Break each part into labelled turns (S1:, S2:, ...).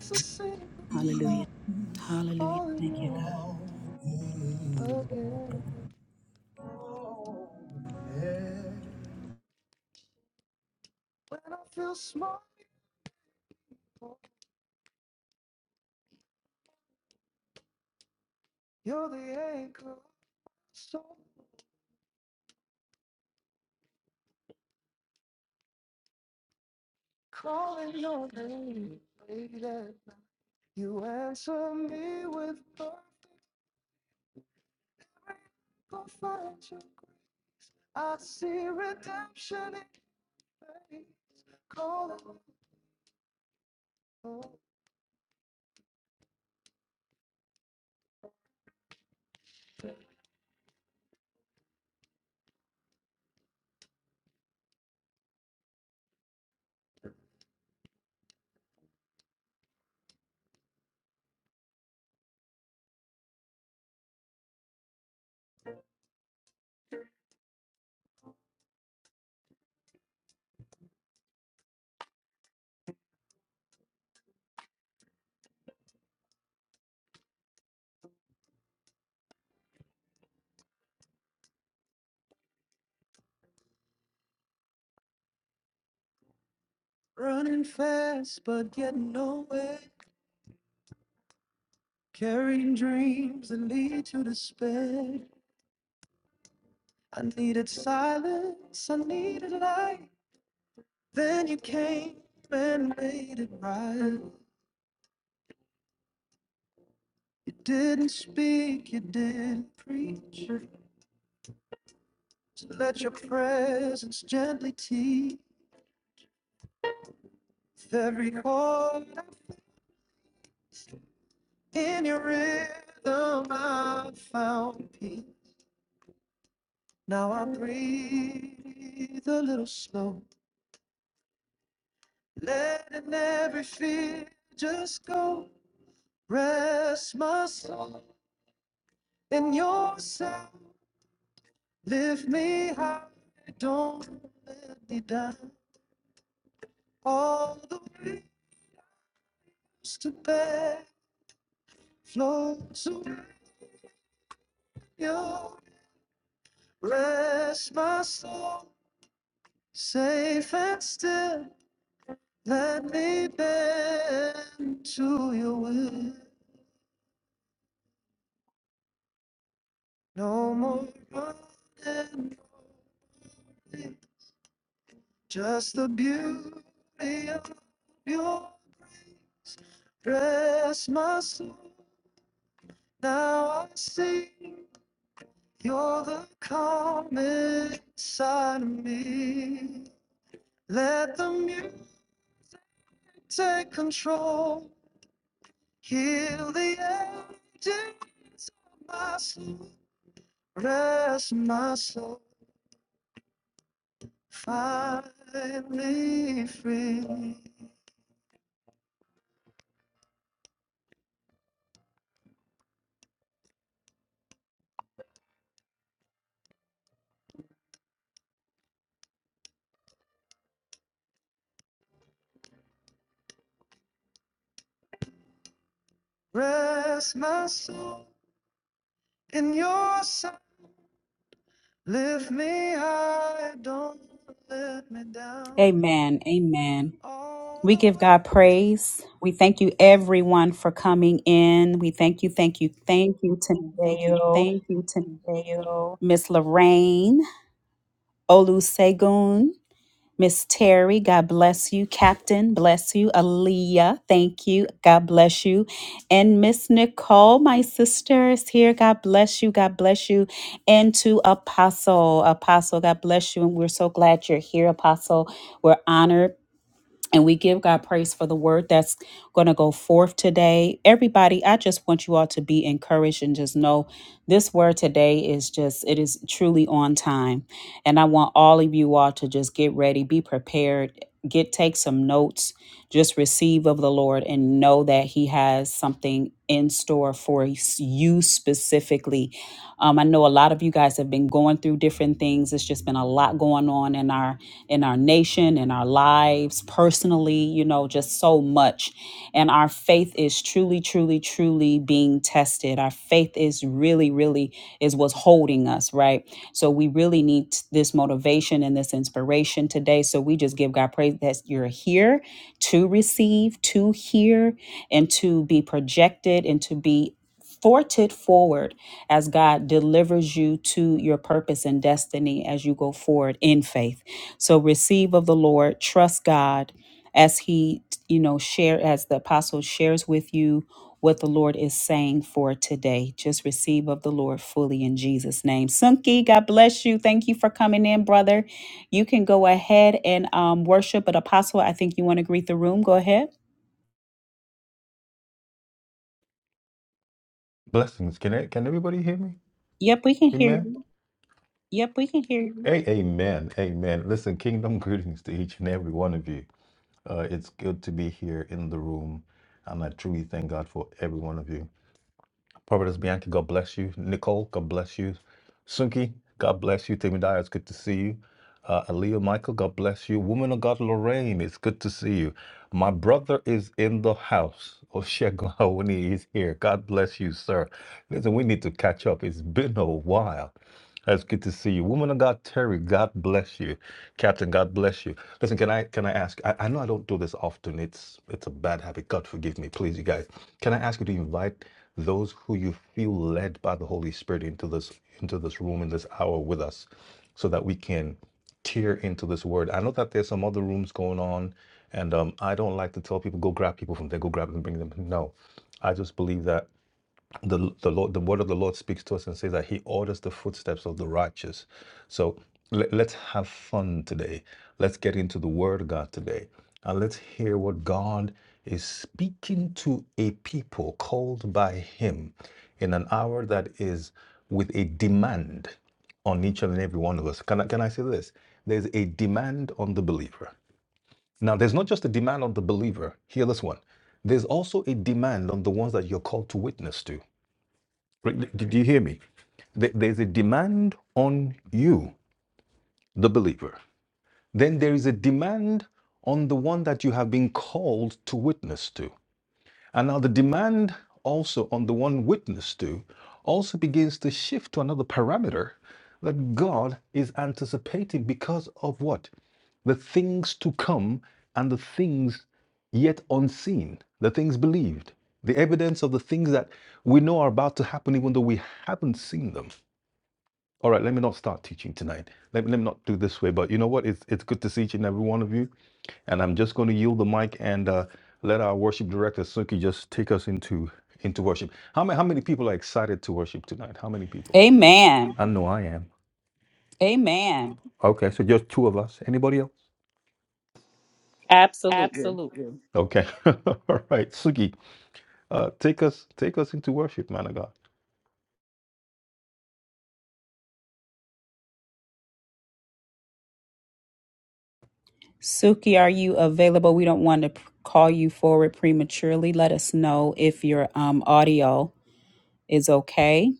S1: It's a single
S2: Hallelujah.
S1: call
S2: Hallelujah.
S1: calling your name again. When I feel small, you're the anchor. So calling your name late at night. You answer me with perfect perfection. I see redemption in faith. Calling you. Running fast, but getting nowhere. Carrying dreams that lead to despair. I needed silence, I needed light. Then you came and made it right. You didn't speak, you didn't preach. So let your presence gently teach every chord in your rhythm. I found peace. Now I breathe a little slow, letting every fear just go. Rest my soul in your sound. Lift me high, don't let me down. All the waves to bear flows away. You rest my soul, safe and still. Let me bend to your will. No more running, away, just the beauty of your dress. My soul, now I see. You're the calm inside of me. Let the music take control. Heal the edges of my soul. Rest my soul, find me free. Rest my soul in your sight. Lift me high, don't let me down.
S2: Amen. Amen.
S1: All
S2: We
S1: the
S2: give God
S1: ways
S2: praise. We thank you, everyone, for coming in. We thank you, thank you, thank you to
S1: Thank you.
S2: Nail,
S1: Thank you, Tadeo.
S2: Miss Lorraine, Olusegun, Miss Terry. God bless you. Captain, bless you. Aaliyah, thank you. God bless you. And Miss Nicole, my sister, is here. God bless you. God bless you. And to Apostle, Apostle, God bless you. And we're so glad you're here, Apostle. We're honored And we give God praise for the word that's going to go forth today. Everybody, I just want you all to be encouraged and just know this word today is just, it is truly on time. And I want all of you all to just get ready, be prepared, get, take some notes. Just receive of the Lord and know that He has something in store for you specifically. Um, I know a lot of you guys have been going through different things. It's just been a lot going on in our in our nation, in our lives, personally. You know, just so much, and our faith faith is truly, truly, truly being tested. Our faith is really, really is what's holding us, right? So we really need t- this motivation and this inspiration today. So we just give God praise that you're here to receive, to hear, and to be projected and to be. Fortit forward as God delivers you to your purpose and destiny as you go forward in faith. So receive of the Lord, trust God as he, you know, share as the apostle shares with you what the Lord is saying for today. Just receive of the Lord fully in Jesus name. Sunki, God bless you. Thank you for coming in, brother. You can go ahead and um worship, but apostle, I think you want to greet the room. Go ahead.
S1: Blessings. Can I, can everybody hear me?
S2: Yep, we can hear
S1: Amen.
S2: you.
S1: Yep, we can hear you. Hey, amen. Amen. Listen, kingdom greetings to each and every one of you. Uh, it's good to be here in the room, and I truly thank God for every one of you. Prophetess Bianca, God bless you. Nicole, God bless you. Sunki, God bless you. Timmy Dyer, it's good to see you. Uh, Aaliyah Michael, God bless you. Woman of God, Lorraine, it's good to see you. My brother is in the house. Oshegun Awuni is here. God bless you, sir. Listen, we need to catch up. It's been a while. That's good to see you. Woman of God, Terry, God bless you. Captain, God bless you. Listen, can I can I ask? I, I know I don't do this often. It's it's a bad habit. God forgive me, please, you guys. Can I ask you to invite? those who you feel led by the Holy Spirit into this into this room in this hour with us so that we can tear into this word. I know that there's some other rooms going on and um, I don't like to tell people go grab people from there, go grab them, bring them. No. I just believe that the the Lord, the word of the Lord speaks to us and says that He orders the footsteps of the righteous. So let, let's have fun today. Let's get into the Word of God today, and let's hear what God is speaking to a people called by Him in an hour that is with a demand on each and every one of us. Can I can I say this? There's a demand on the believer. Now, there's not just a demand on the believer. Hear this one. There's also a demand on the ones that you're called to witness to. Right, Did you hear me? There's a demand on you, the believer. Then there is a demand on the one that you have been called to witness to. And now the demand also on the one witness to also begins to shift to another parameter that God is anticipating because of what? The things to come and the things yet unseen, the things believed, the evidence of the things that we know are about to happen even though we haven't seen them. All right, let me not start teaching tonight. Let me, let me not do this way, but you know what? It's, it's good to see each and every one of you. And I'm just going to yield the mic and uh, let our worship director Suki just take us into into worship. How many how many people are excited to worship tonight? How many people?
S2: Amen.
S1: I know I am. Amen. Okay, so just two of us. Anybody else?
S3: Absolutely.
S1: Absolutely. Okay. All right, Suki, uh, take us take us into worship, man of God.
S2: Suki, are you available? We don't want to p- call you forward prematurely. Let us know if your um, audio is okay.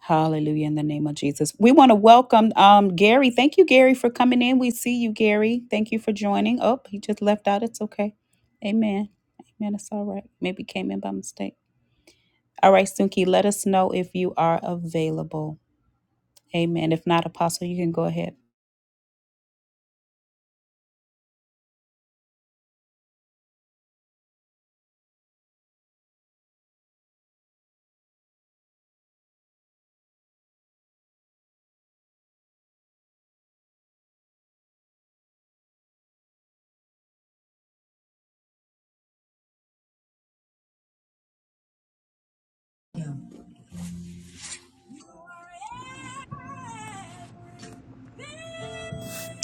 S2: Hallelujah in the name of Jesus. We want to welcome um, Gary. Thank you, Gary, for coming in. We see you, Gary. Thank you for joining. Oh, he just left out. It's okay. Amen. Amen. It's all right. Maybe came in by mistake. All right, Suki, let us know if you are available. Amen. If not, Apostle, you can go ahead.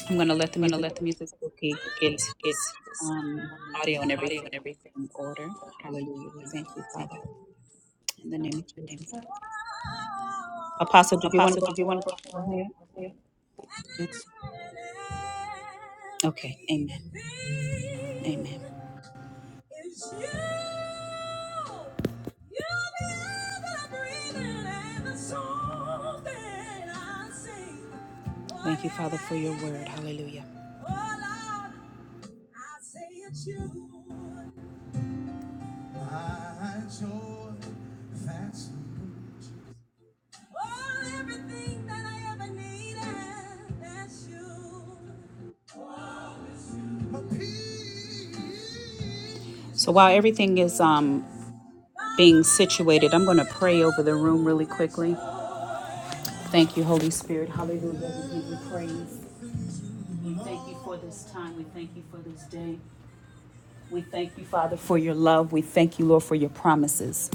S2: I'm going to let the
S1: I'm going to
S2: music
S1: let the music
S2: Suki get
S1: get to this
S2: um,
S1: um,
S2: audio and
S1: audio
S2: everything
S1: and everything.
S2: in order. Hallelujah. We thank you, Father, in the name of Jesus. Apostle, did you want to
S1: Apostle,
S2: go
S1: did you want
S2: forward?
S1: to go
S2: Go ahead.
S1: forward? It's
S2: Okay. Amen. Amen. Thank you, Father, for your word. Hallelujah. So while everything is um, being situated, I'm going to pray over the room really quickly. Thank you, Holy Spirit. Hallelujah. We give you praise. We thank you for this time. We thank you for this day. We thank you, Father, for your love. We thank you, Lord, for your promises.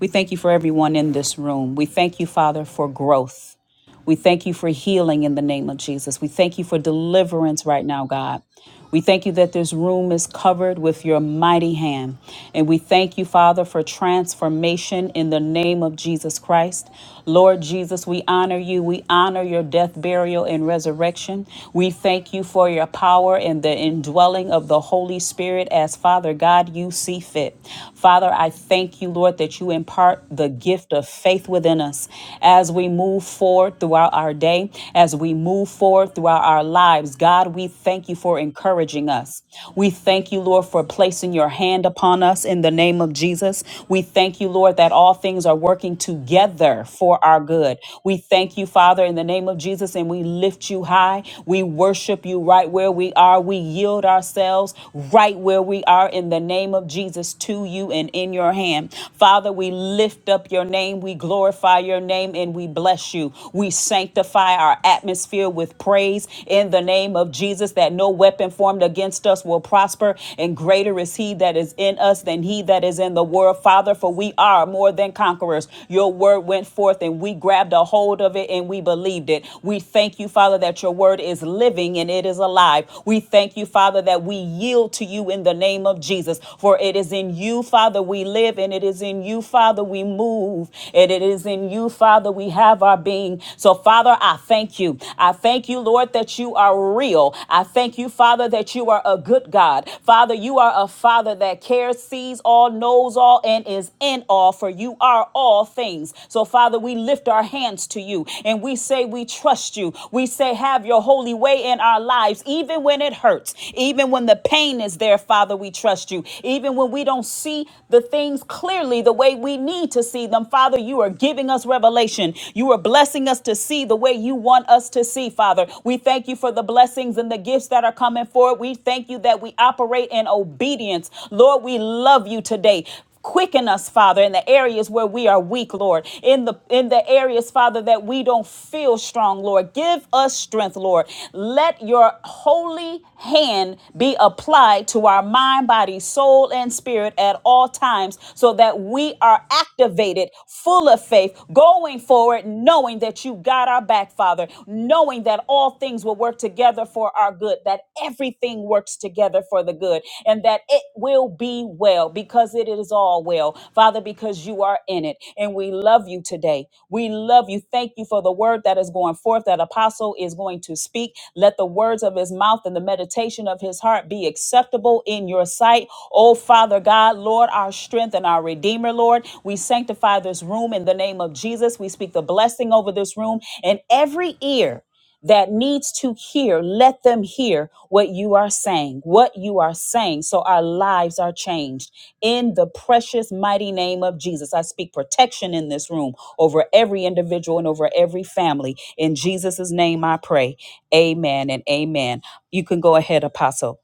S2: We thank you for everyone in this room. We thank you, Father, for growth. We thank you for healing in the name of Jesus. We thank you for deliverance right now, God. We thank you that this room is covered with your mighty hand. And we thank you, Father, for transformation in the name of Jesus Christ. Lord Jesus, we honor you. We honor your death, burial, and resurrection. We thank you for your power and the indwelling of the Holy Spirit as Father God, you see fit. Father, I thank you, Lord, that you impart the gift of faith within us as we move forward throughout our day, as we move forward throughout our lives. God, we thank you for encouraging us. We thank you, Lord, for placing your hand upon us in the name of Jesus. We thank you, Lord, that all things are working together for our good. We thank you, Father, in the name of Jesus, and we lift you high. We worship you right where we are. We yield ourselves right where we are in the name of Jesus to you and in your hand. Father, we lift up your name. We glorify your name and we bless you. We sanctify our atmosphere with praise in the name of Jesus. Jesus that no weapon formed against us will prosper, and greater is he that is in us than he that is in the world. Father, for we are more than conquerors. Your word went forth, and we grabbed a hold of it and we believed it. We thank you, Father, that your word is living and it is alive. We thank you, Father, that we yield to you in the name of Jesus, for it is in you, Father, we live, and it is in you, Father, we move, and it is in you, Father, we have our being. So, Father, I thank you. I thank you, Lord, that you are real. I thank you, Father, that you are a good God. Father, you are a Father that cares, sees all, knows all, and is in all, for you are all things. So, Father, we lift our hands to you and we say we trust you. We say, have your holy way in our lives, even when it hurts, even when the pain is there, Father, we trust you. Even when we don't see the things clearly the way we need to see them, Father, you are giving us revelation. You are blessing us to see the way you want us to see, Father. We thank you thank you for the blessings and the gifts that are coming forward. We thank you that we operate in obedience. Lord, we love you today. Quicken us, Father, in the areas where we are weak, Lord. In the in the areas, Father, that we don't feel strong, Lord. Give us strength, Lord. Let your holy hand be applied to our mind, body, soul, and spirit at all times so that we are activated, full of faith, going forward, knowing that you got our back, Father, knowing that all all things will work together for our good, that everything works together for the good, and that it will be well because it is all well, Father, because you are in it. And we love you today. We love you. Thank you for the word that is going forth, that apostle is going to speak. Let the words of his mouth and the meditation of his heart be acceptable in your sight. Oh, Father God, Lord, our strength and our Redeemer, Lord, we sanctify this room in the name of Jesus. We speak the blessing over this room and every ear that needs to hear, let them hear what you are saying, what you are saying, so our lives are changed. In the precious, mighty name of Jesus, I speak protection in this room over every individual and over every family. In Jesus' name I pray. Amen and amen. You can go ahead, Apostle.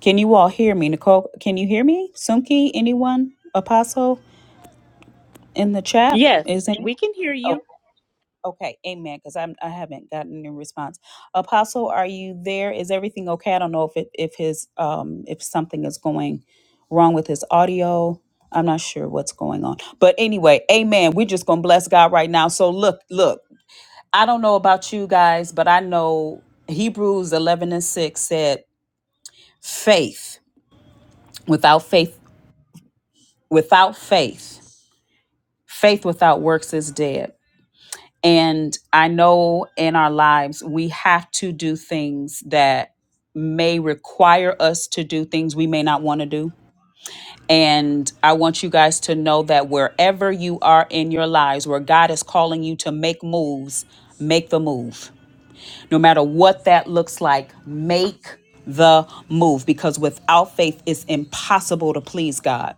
S2: Can you all hear me? Nicole, can you hear me? Sumki, anyone? Apostle in the chat?
S3: Yes,
S2: Is anyone?
S3: we can hear you.
S2: Okay, amen. Because I'm I haven't gotten any response. Apostle, are you there? Is everything okay? I don't know if it if his um if something is going wrong with his audio. I'm not sure what's going on. But anyway, amen. We're just gonna bless God right now. So look, look, I don't know about you guys, but I know Hebrews eleven and six said faith without faith without faith. Faith without works is dead. And I know in our lives, we have to do things that may require us to do things we may not want to do. And I want you guys to know that wherever you are in your lives, where God is calling you to make moves, make the move no matter what that looks like, make the move because without faith, it's impossible to please God.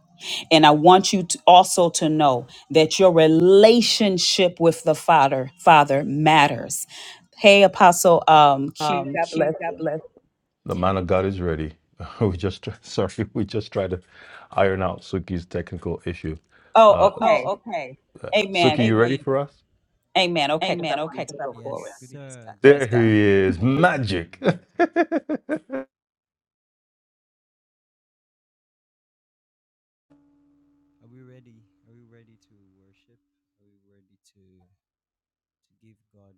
S2: And I want you to also to know that your relationship with the Father, Father matters. Hey, Apostle um, Q,
S1: Um,
S2: God bless
S1: Q, God
S2: you.
S1: bless. The man of God is ready. We just sorry, we just tried to iron out Suki's technical issue. Uh,
S2: Oh, okay.
S1: Oh, okay. uh,
S2: Amen.
S1: Suki, you ready Amen. for us?
S2: Amen. Okay, because I
S1: Amen. Okay.
S2: wanted
S1: 'cause
S2: to
S1: I
S2: go
S1: want
S2: forward.
S1: to
S4: Yes,
S1: praise God.
S4: sir. Good
S2: Praise
S1: There
S2: God.
S4: evening,
S1: he
S4: everyone,
S1: is,
S4: or good afternoon,
S1: magic.
S4: whatever time. Are we ready? Are we ready to worship? Are we ready to to give God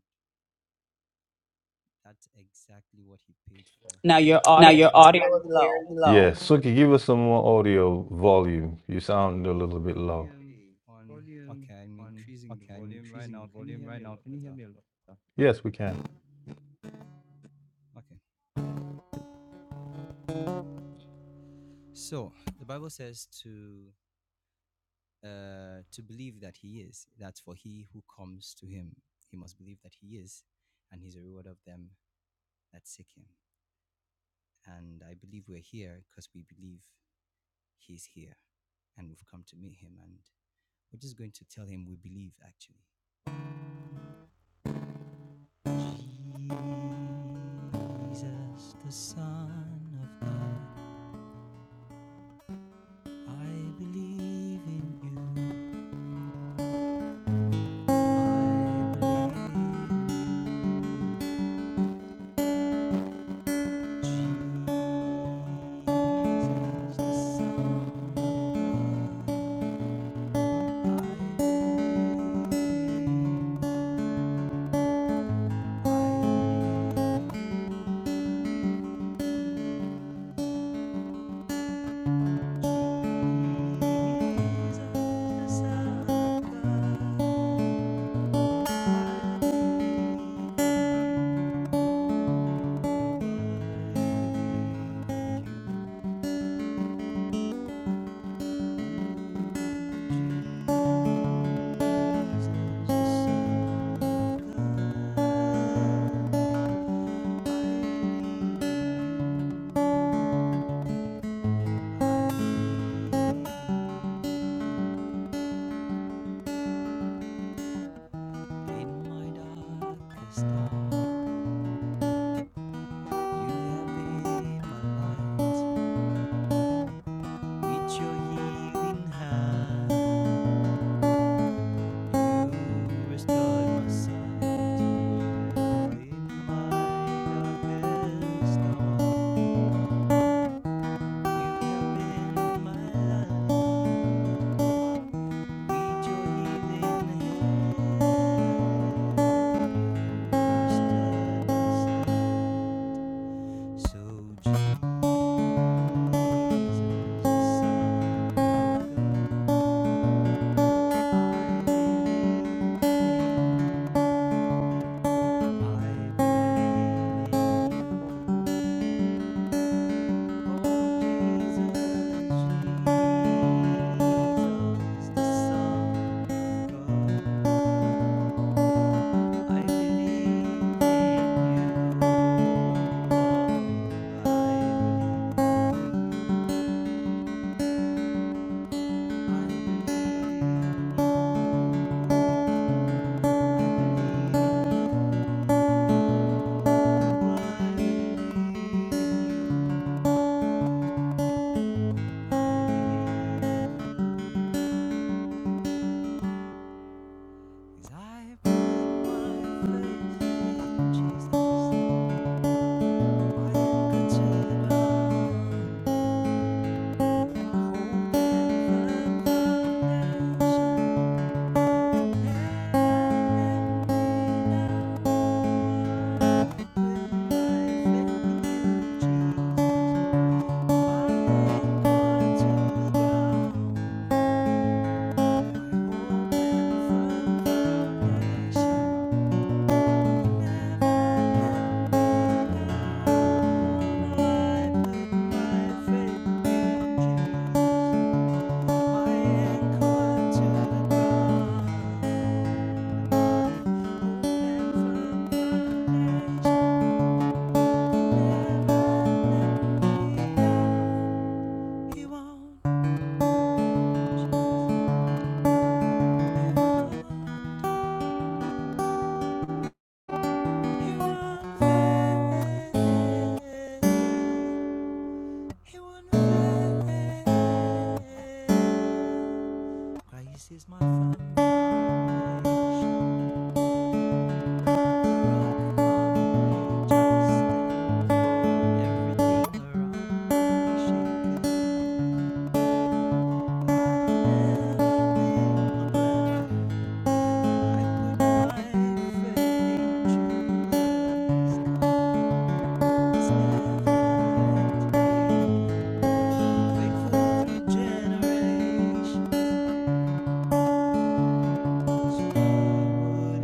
S4: that's exactly what He paid for?
S1: Now your
S2: Now
S1: audio is
S2: your audio
S1: very
S2: is
S1: low.
S2: very
S1: Yeah,
S2: low.
S1: Suki, give us some more audio volume. You sound a little
S4: Okay,
S1: bit low.
S4: volume
S1: Okay,
S4: on.
S1: volume
S4: Okay, I'm
S1: one.
S4: increasing the
S1: Okay, I'm
S4: volume right
S1: increasing
S4: now.
S1: the
S4: Can you
S1: volume
S4: hear
S1: right
S4: me a
S1: now.
S4: lot
S1: Can you hear
S4: better?
S1: me a lot better? Yes, we can.
S4: Okay.
S1: Okay.
S4: So the Bible says to uh to believe that He is. That's for he who comes to Him. He must believe that He is, and He's a reward of them that seek Him. And I believe we're here because we believe he's here and we've come to meet him. And we're just going to tell him we believe actually. Jesus, the Son of God, I believe in you. I you have been my light. With your healing hand, you restored my sight. In my darkest hour, you have been my light. With your healing hand, restored my So I praise you, Jesus, the Son of I believe in you. He won't. Christ is my foundation. Generation Jesus, and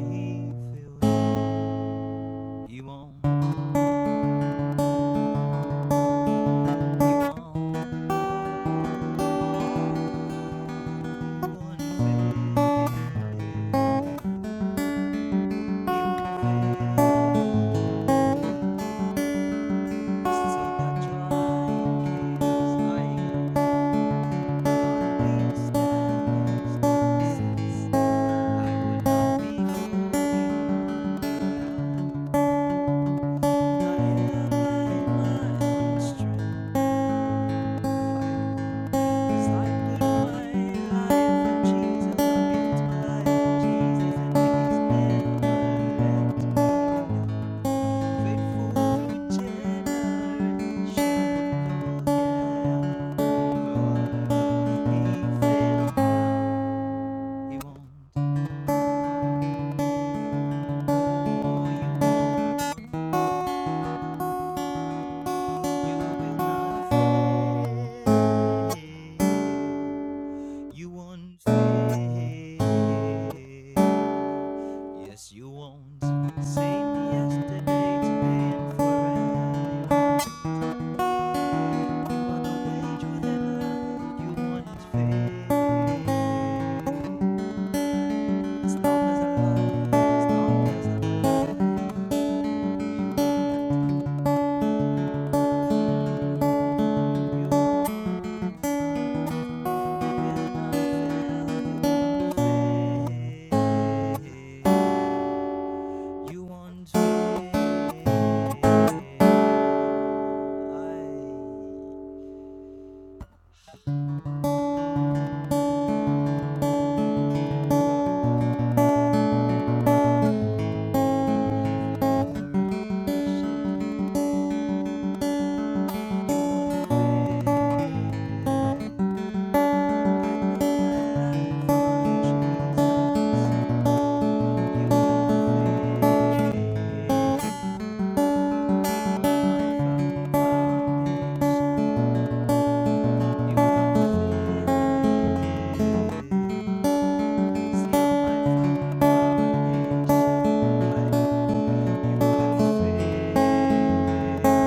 S4: his never left me. You won't fail. Yes, you won't. Same yesterday, today, and forever. You'll age with ever. You won't fail. As long as I love, as long as I love. you. You want me,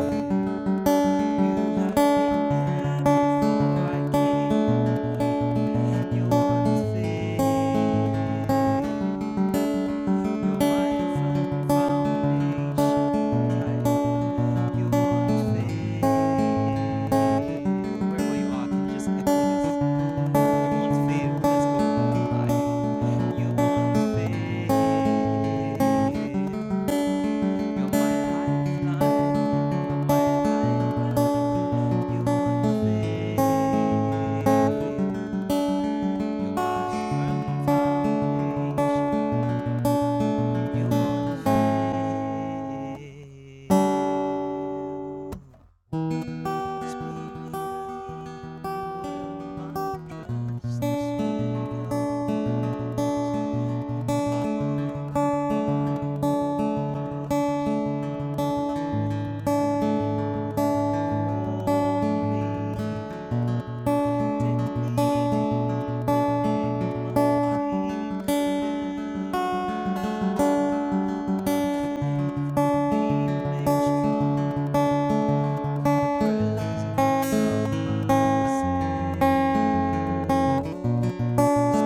S4: I You're my lifeline. You're my lifeline. Thank you Thank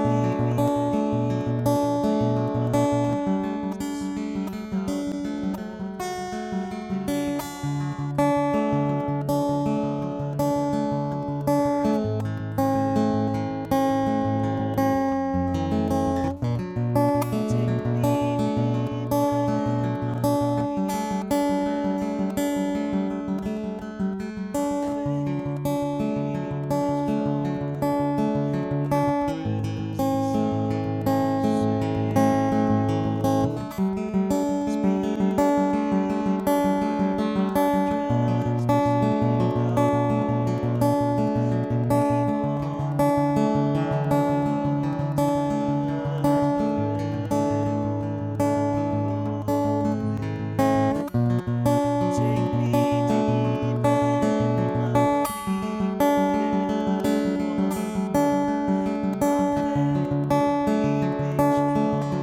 S4: you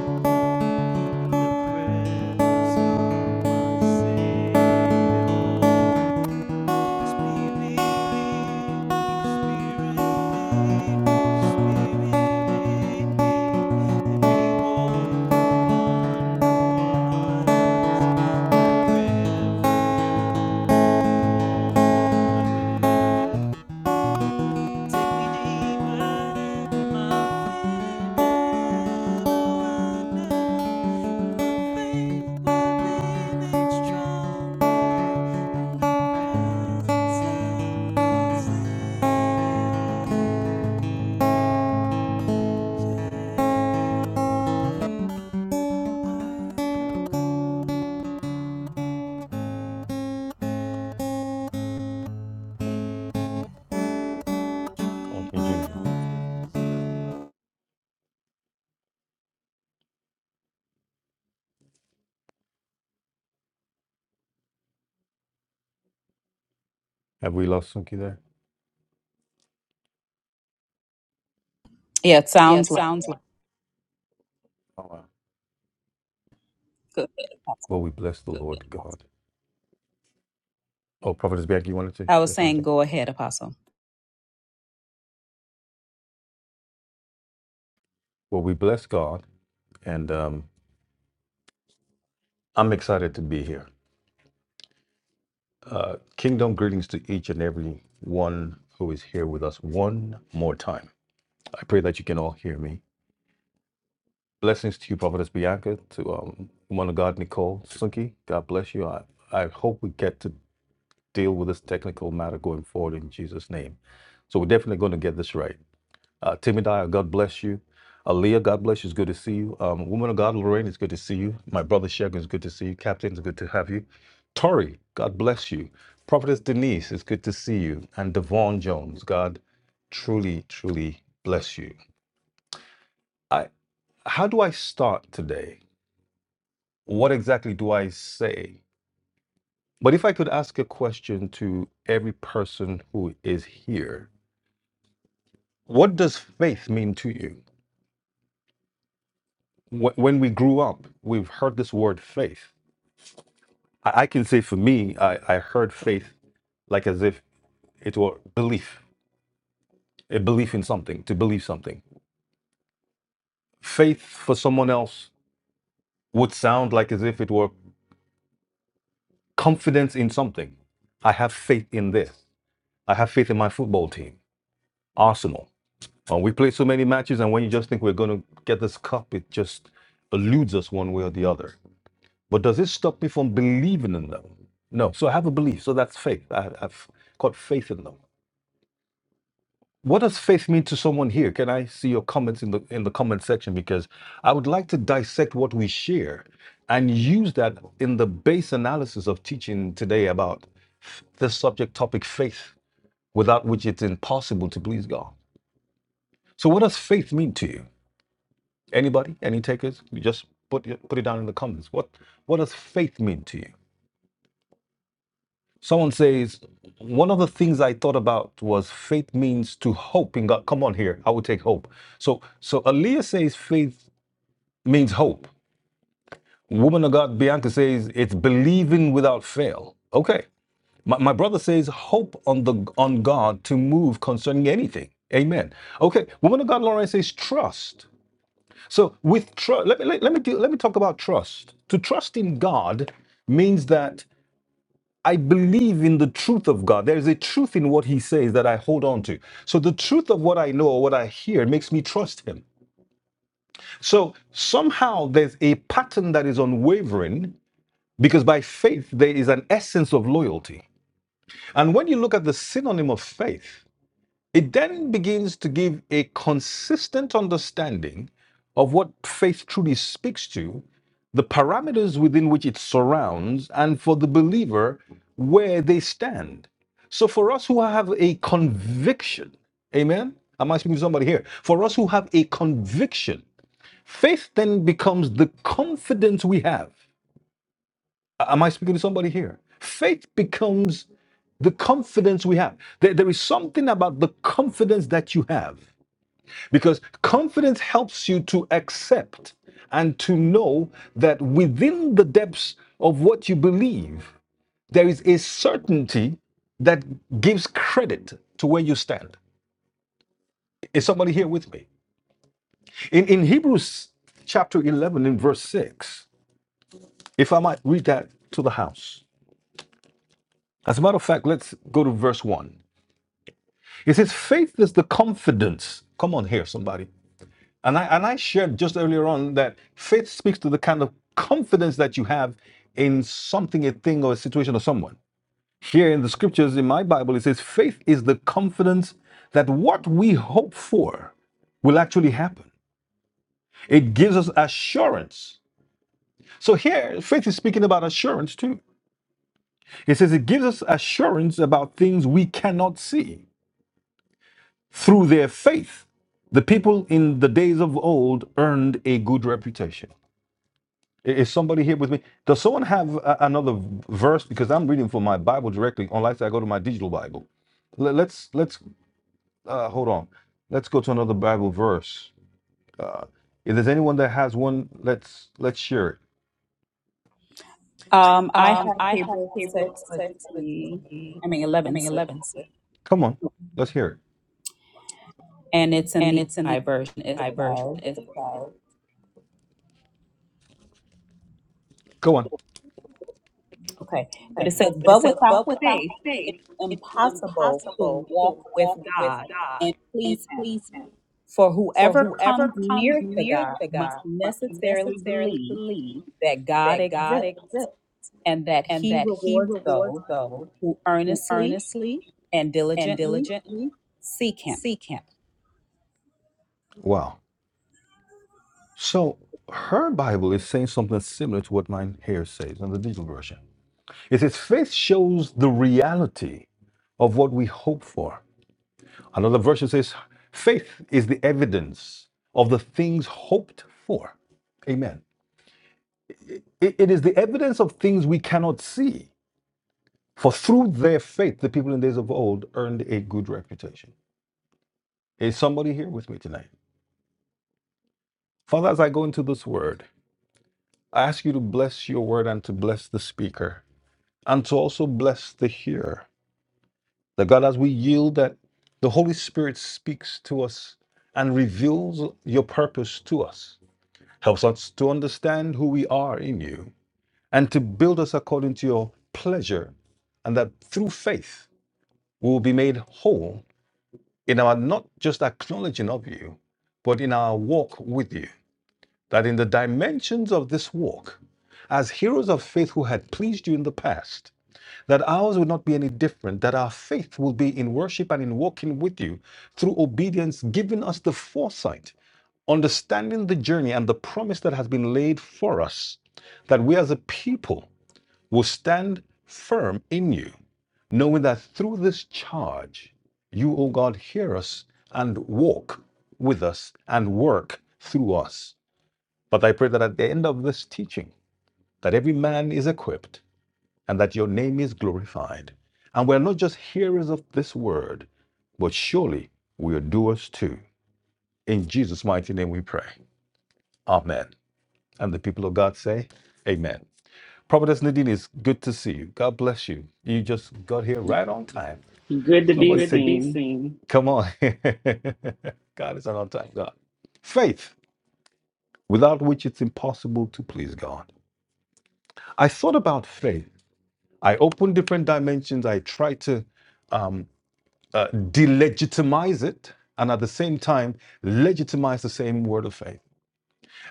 S4: It's Strong. Okay.
S1: Thank you, Jesus. Have we lost Suki there?
S2: Yeah, it
S1: Yeah,
S2: sounds
S1: it
S2: like.
S1: sounds like Oh, wow.
S2: Good.
S1: Well, we bless the Lord God. Oh, Prophetess Bianca, you wanted to
S2: I was
S1: share
S2: saying,
S1: something?
S2: go ahead, Apostle.
S1: Well, we bless God, and um, I'm excited to be here. Uh, kingdom greetings to each and every one who is here with us one more time. I pray that you can all hear me. Blessings to you, Prophetess Bianca, to um, woman of God, Nicole Sunke. God bless you. I, I hope we get to deal with this technical matter going forward in Jesus' name. So we're definitely going to get this right. Uh, Timothy, God bless you. Aaliyah, God bless you. It's good to see you. Um, woman of God, Lorraine, it's good to see you. My brother Shegun, it's good to see you. Captain, it's good to have you. Tori, God bless you. Prophetess Denise, it's good to see you. And Devon Jones, God truly, truly bless you. I. how do I start today? What exactly do I say? But if I could ask a question to every person who is here, what does faith mean to you? Wh- When we grew up, we've heard this word faith. I I can say for me, I, I heard faith like as if it were belief, a belief in something, to believe something. Faith for someone else would sound like as if it were confidence in something. I have faith in this. I have faith in my football team, Arsenal. Uh, we play so many matches, and when you just think we're going to get this cup, it just eludes us one way or the other. But does it stop me from believing in them? No. So I have a belief. So that's faith. I, I've got faith in them. What does faith mean to someone here? Can I see your comments in the in the comment section? Because I would like to dissect what we share and use that in the base analysis of teaching today about f- this subject topic, faith, without which it's impossible to please God. So, what does faith mean to you? Anybody? Any takers? You just put it, put it down in the comments. What what does faith mean to you? Someone says one of the things I thought about was faith means to hope in God. Come on here, I would take hope. So so Aaliyah says faith means hope. Woman of God Bianca says it's believing without fail. Okay. My, my brother says hope on the on God to move concerning anything. Amen. Okay. Woman of God Lauren says trust. So with trust, let me let, let me do- let me talk about trust. To trust in God means that I believe in the truth of God. There is a truth in what He says that I hold on to. So the truth of what I know or what I hear makes me trust Him. So somehow there's a pattern that is unwavering because by faith there is an essence of loyalty. And when you look at the synonym of faith, It then begins to give a consistent understanding of what faith truly speaks to, the parameters within which it surrounds, and for the believer, where they stand. So, for us who have a conviction, amen? Am I speaking to somebody here? For us who have a conviction, faith then becomes the confidence we have Am I speaking to somebody here? Faith becomes the confidence we have. There, there is something about the confidence that you have because confidence helps you to accept and to know that within the depths of what you believe, there is a certainty that gives credit to where you stand. Is somebody here with me? In, in Hebrews chapter 11, in verse 6, if I might read that to the house. As a matter of fact, let's go to verse 1. He says, faith is the confidence. Come on here, somebody. And I and I shared just earlier on that faith speaks to the kind of confidence that you have in something, a thing, or a situation or someone. Here in the scriptures in my Bible, it says, faith is the confidence that what we hope for will actually happen. It gives us assurance. So here, faith is speaking about assurance too. It says it gives us assurance about things we cannot see. Through their faith, the people in the days of old earned a good reputation. Is somebody here with me? Does someone have a- another verse? Because I'm reading from my Bible directly, unless I go to my digital Bible. Le- Let's let's uh, hold on. Let's go to another Bible verse. Uh, if there's anyone that has one, let's let's share it.
S2: Um, I
S1: Um,
S2: have
S1: I
S2: Hebrews
S1: have Hebrews
S2: 6, let's
S1: six, but
S2: see,
S1: mm,
S2: I mean
S1: I
S2: 11
S1: mean
S2: 6,
S1: eleven six, Come on, let's hear it.
S2: and it's in
S1: and
S2: the
S1: it's in
S2: I
S1: the
S2: version. It
S1: I version.
S2: says,
S1: It's about Go on.
S2: okay, but it says,
S1: Okay. But it
S2: but
S1: says,
S2: without
S1: but without
S2: faith, it's
S1: faith, it's
S2: impossible to
S1: impossible
S2: walk
S1: to
S2: with
S1: walk with
S2: God
S1: God
S2: and
S1: and
S2: please Him.
S1: please Him.
S2: For
S1: For
S2: whoever
S1: whoever
S2: comes
S1: comes
S2: near to
S1: near
S2: God
S1: to
S2: must
S1: God must
S2: necessarily
S1: necessarily
S2: believe
S1: believe
S2: that God
S1: that God
S2: exists
S1: exists
S2: and that
S1: and
S2: He
S1: that He
S2: rewards
S1: rewards
S2: those
S1: those
S2: who
S1: who
S2: earnestly
S1: earnestly
S2: and
S1: and
S2: diligently
S1: diligently
S2: seek Him.
S1: seek Him. Wow. So her Bible is saying something similar to what mine here says in the digital version. It says faith shows the reality of what we hope for. Another version says, faith is the evidence of the things hoped for. Amen. It- it is the evidence of things we cannot see. For through their faith, the people in days of old earned a good reputation. Is somebody here with me tonight? Father, as I go into this word, I ask you to bless your word and to bless the speaker and to also bless the hearer. That God, as we yield, that the Holy Spirit speaks to us and reveals your purpose to us Helps us to understand who we are in you and to build us according to your pleasure, and that through faith we will be made whole in our not just acknowledging of you, but in our walk with you. That in the dimensions of this walk, as heroes of faith who had pleased you in the past, that ours would not be any different, that our faith will be in worship and in walking with you through obedience, giving us the foresight understanding the journey and the promise that has been laid for us, that we as a people will stand firm in you, knowing that through this charge, you, O God, hear us and walk with us and work through us. But I pray that at the end of this teaching, that every man is equipped and that your name is glorified. And we're not just hearers of this word, but surely we are doers too. In Jesus' mighty name we pray. Amen. And the people of God say, Amen. Prophetess Nadine, it's good to see you. God bless you. You just got here right on time.
S5: Good to be
S1: Somebody Good to said, be.
S5: seen.
S1: Come on. God is an on time God. Faith, without which it's impossible to please God. I thought about faith. I opened different dimensions. I tried to um, uh, delegitimize it and at the same time legitimize the same word of faith.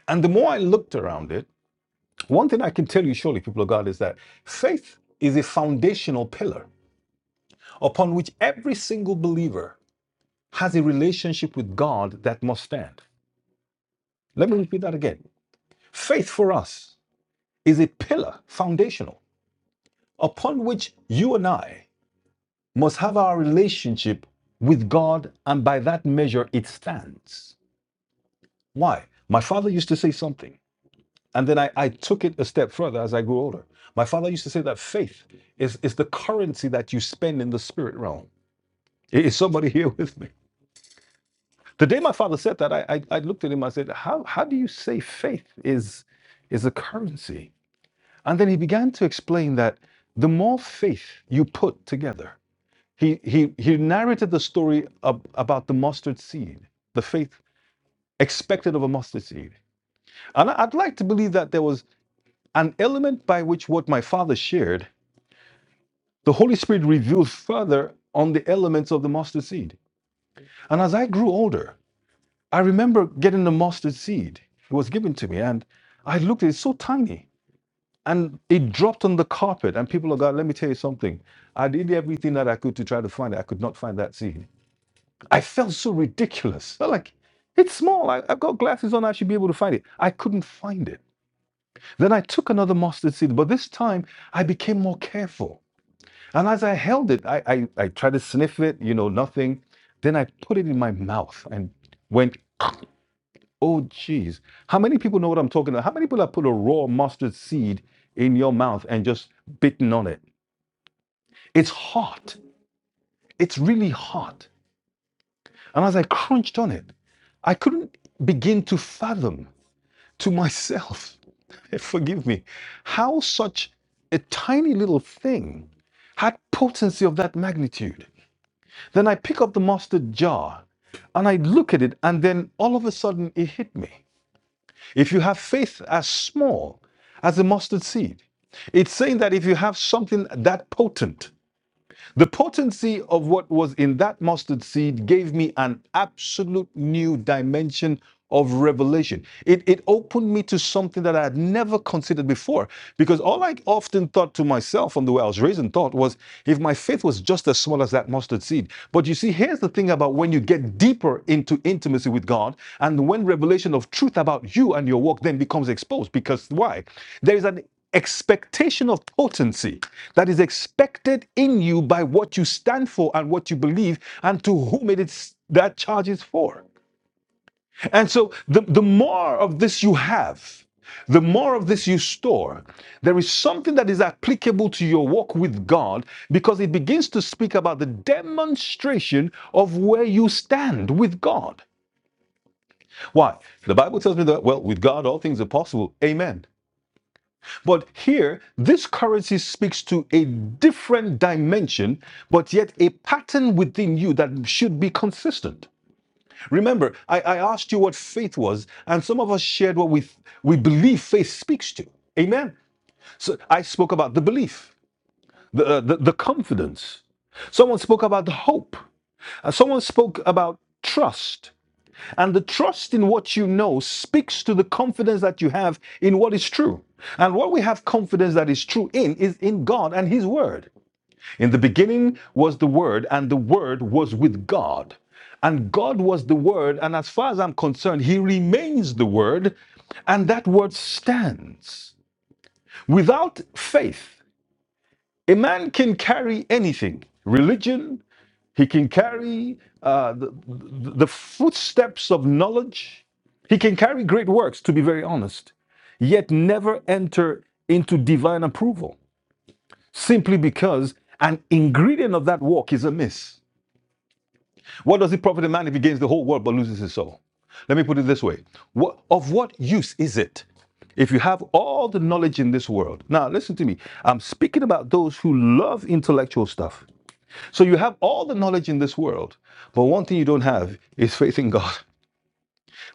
S1: And the more I looked around it, One thing I can tell you surely, people of God, is that faith is a foundational pillar upon which every single believer has a relationship with God that must stand. Let me repeat that again. Faith for us is a pillar, foundational, upon which you and I must have our relationship with God, and by that measure, it stands. Why? My father used to say something. And then I, I took it a step further as I grew older. My father used to say that faith is, is the currency that you spend in the spirit realm. Is somebody here with me? The day my father said that, I, I, I looked at him, I said, how, how do you say faith is, is a currency? And then he began to explain that the more faith you put together, he, he, he narrated the story ab- about the mustard seed, the faith expected of a mustard seed. And I'd like to believe that there was an element by which what my father shared the Holy Spirit revealed further on the elements of the mustard seed. And as I grew older, I remember getting the mustard seed. It was given to me, and I looked at it, it's so tiny. And it dropped on the carpet, and people are going, let me tell you something. I did everything that I could to try to find it. I could not find that seed. I felt so ridiculous. i felt like, it's small. I, I've got glasses on. I should be able to find it. I couldn't find it. Then I took another mustard seed, but this time I became more careful. And as I held it, I, I, I tried to sniff it, you know, nothing. Then I put it in my mouth and went, oh, geez. How many people know what I'm talking about? How many people have put a raw mustard seed in your mouth and just bitten on it? It's hot. It's really hot. And as I crunched on it, I couldn't begin to fathom to myself, forgive me, how such a tiny little thing had potency of that magnitude. Then I pick up the mustard jar and I look at it, and then all of a sudden it hit me. If you have faith as small as a mustard seed, it's saying that if you have something that potent, the potency of what was in that mustard seed gave me an absolute new dimension of revelation. It, it opened me to something that I had never considered before. Because all I often thought to myself from the way I was raised and thought, was if my faith was just as small as that mustard seed. But you see, here's the thing about when you get deeper into intimacy with God and when revelation of truth about you and your walk then becomes exposed. Because why? There is an expectation of potency that is expected in you by what you stand for and what you believe and to whom it is that charge is for. And so the, the more of this you have, the more of this you store, there is something that is applicable to your walk with God because it begins to speak about the demonstration of where you stand with God. Why? The Bible tells me that, well, with God all things are possible. Amen. But here, this currency speaks to a different dimension, but yet a pattern within you that should be consistent. Remember, I, I asked you what faith was, and some of us shared what we, we believe faith speaks to. Amen. So I spoke about the belief, the, uh, the, the confidence. Someone spoke about the hope. Uh, Someone spoke about trust. And the trust in what you know speaks to the confidence that you have in what is true. And what we have confidence that is true in is in God and His Word. In the beginning was the Word, and the Word was with God. And God was the Word, and as far as I'm concerned, He remains the Word, and that Word stands. Without faith, a man can carry anything religion, he can carry uh, the, the footsteps of knowledge. He can carry great works, to be very honest, yet never enter into divine approval simply because an ingredient of that walk is amiss. What does it profit a man if he gains the whole world but loses his soul? Let me put it this way what, Of what use is it if you have all the knowledge in this world? Now, listen to me. I'm speaking about those who love intellectual stuff. So you have all the knowledge in this world, but one thing you don't have is faith in God.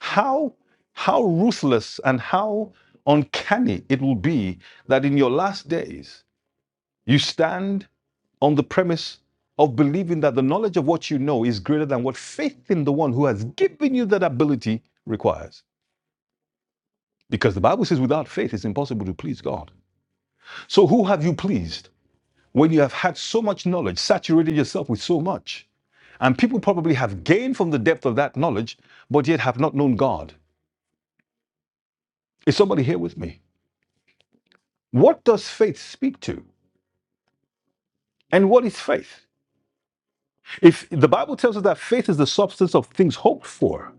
S1: How how ruthless and how uncanny it will be that in your last days you stand on the premise of believing that the knowledge of what you know is greater than what faith in the one who has given you that ability requires. Because the Bible says without faith it's impossible to please God. So who have you pleased when you have had so much knowledge, saturated yourself with so much? And people probably have gained from the depth of that knowledge, but yet have not known God. Is somebody here with me? What does faith speak to? And what is faith? If the Bible tells us that faith is the substance of things hoped for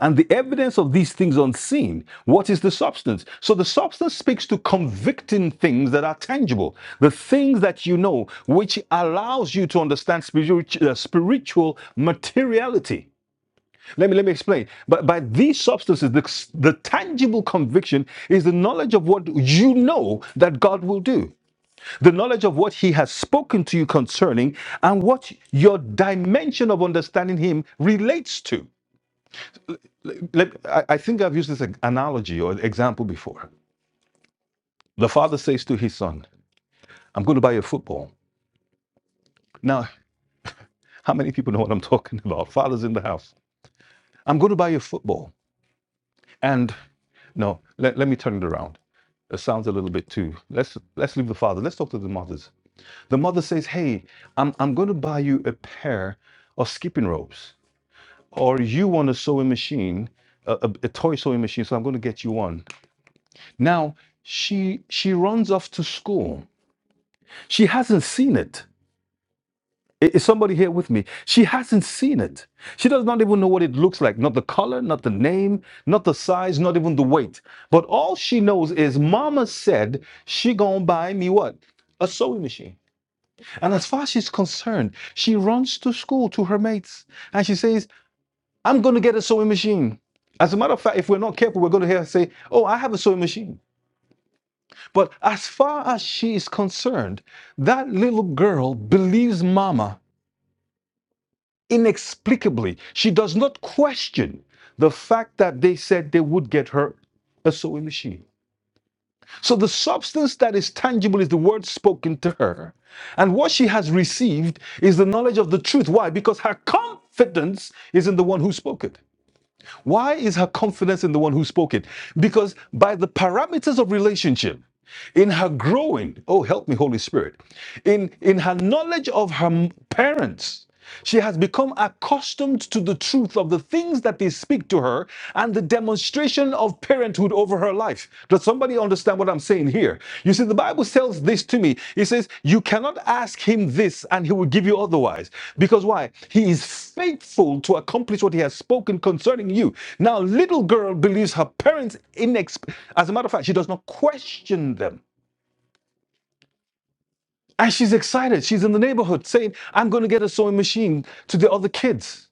S1: and the evidence of these things unseen, what is the substance? So the substance speaks to convicting things that are tangible, the things that you know, which allows you to understand spiritual, uh, spiritual materiality. Let me let me explain. But by these substances, the, the tangible conviction is the knowledge of what you know that God will do, the knowledge of what He has spoken to you concerning, and what your dimension of understanding Him relates to. Let- I I think I've used this analogy or example before. The father says to his son, "I'm going to buy you a football." Now, how many people know what I'm talking about? Fathers in the house. I'm going to buy you a football, and no, let, let me turn it around. That sounds a little bit too. Let's let's leave the father. Let's talk to the mothers. The mother says, "Hey, I'm I'm going to buy you a pair of skipping ropes, or you want a sewing machine, a, a, a toy sewing machine. So I'm going to get you one." Now she she runs off to school. She hasn't seen it. Is somebody here with me? She hasn't seen it. She does not even know what it looks like, not the color, not the name, not the size, not even the weight. But all she knows is mama said she gonna buy me what? A sewing machine. And as far as she's concerned, she runs to school to her mates and she says, I'm gonna get a sewing machine. As a matter of fact, if we're not careful, we're gonna hear her say, Oh, I have a sewing machine. But as far as she is concerned, that little girl believes mama inexplicably. She does not question the fact that they said they would get her a sewing machine. So the substance that is tangible is the word spoken to her. And what she has received is the knowledge of the truth. Why? Because her confidence is in the one who spoke it. Why is her confidence in the one who spoke it? Because by the parameters of relationship, in her growing. Oh, help me, Holy Spirit. In, in her knowledge of her parents, she has become accustomed to the truth of the things that they speak to her and the demonstration of parenthood over her life. Does somebody understand what I'm saying here? You see, the Bible tells this to me. It says, You cannot ask him this and he will give you otherwise. Because why? He is faithful to accomplish what he has spoken concerning you. Now, little girl believes her parents, inex- as a matter of fact, she does not question them. And she's excited. She's in the neighborhood saying, I'm going to get a sewing machine to the other kids.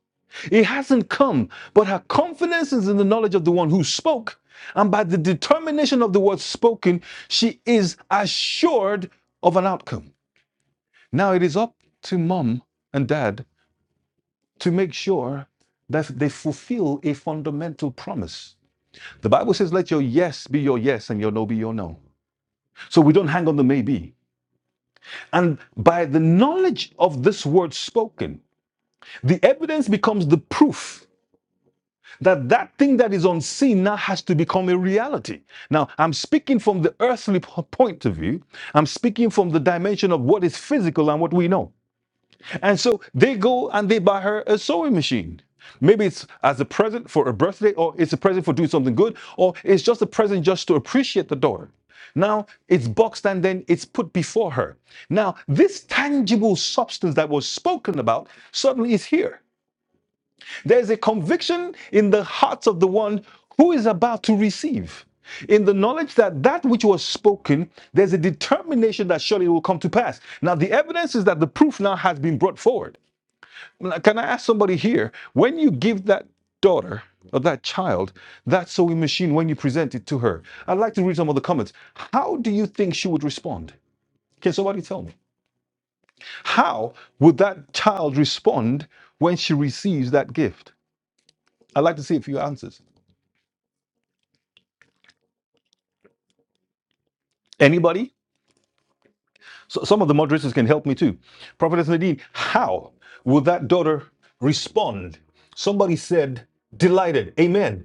S1: It hasn't come, but her confidence is in the knowledge of the one who spoke. And by the determination of the word spoken, she is assured of an outcome. Now it is up to mom and dad to make sure that they fulfill a fundamental promise. The Bible says, let your yes be your yes and your no be your no. So we don't hang on the maybe. And by the knowledge of this word spoken, The evidence becomes the proof that that thing that is unseen now has to become a reality. Now, I'm speaking from the earthly point of view. I'm speaking from the dimension of what is physical and what we know. And so they go and they buy her a sewing machine. Maybe it's as a present for a birthday, or it's a present for doing something good, or it's just a present just to appreciate the daughter. Now it's boxed and then it's put before her. Now, this tangible substance that was spoken about suddenly is here. There's a conviction in the hearts of the one who is about to receive. In the knowledge that that which was spoken, there's a determination that surely it will come to pass. Now, the evidence is that the proof now has been brought forward. Can I ask somebody here, when you give that daughter or that child that sewing machine, when you present it to her, I'd like to read some of the comments. How do you think she would respond? Can somebody tell me? How would that child respond when she receives that gift? I'd like to see a few answers. Anybody? So some of the moderators can help me too. Prophetess Nadine, how will that daughter respond? Somebody said, delighted. Amen.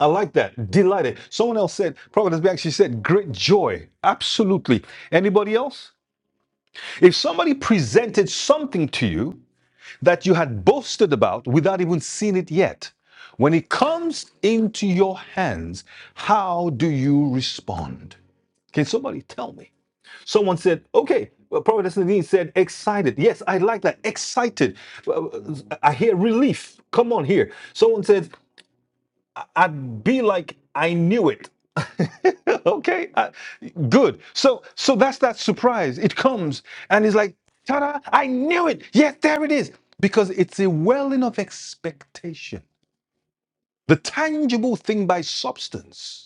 S1: I like that. Delighted. Someone else said, Prophetess Bianca, she said, great joy. Absolutely. Anybody else? If somebody presented something to you that you had boasted about without even seeing it yet, when it comes into your hands, how do you respond? Can somebody tell me? Someone said, okay, well, Prophet Nadine said, excited. Yes, I like that. Excited. Well, I hear relief. Come on here. Someone said, I'd be like, I knew it. okay, I- good. So, so that's that surprise. It comes and it's like, ta-da! I knew it. Yes, there it is. Because it's a welling of expectation, the tangible thing by substance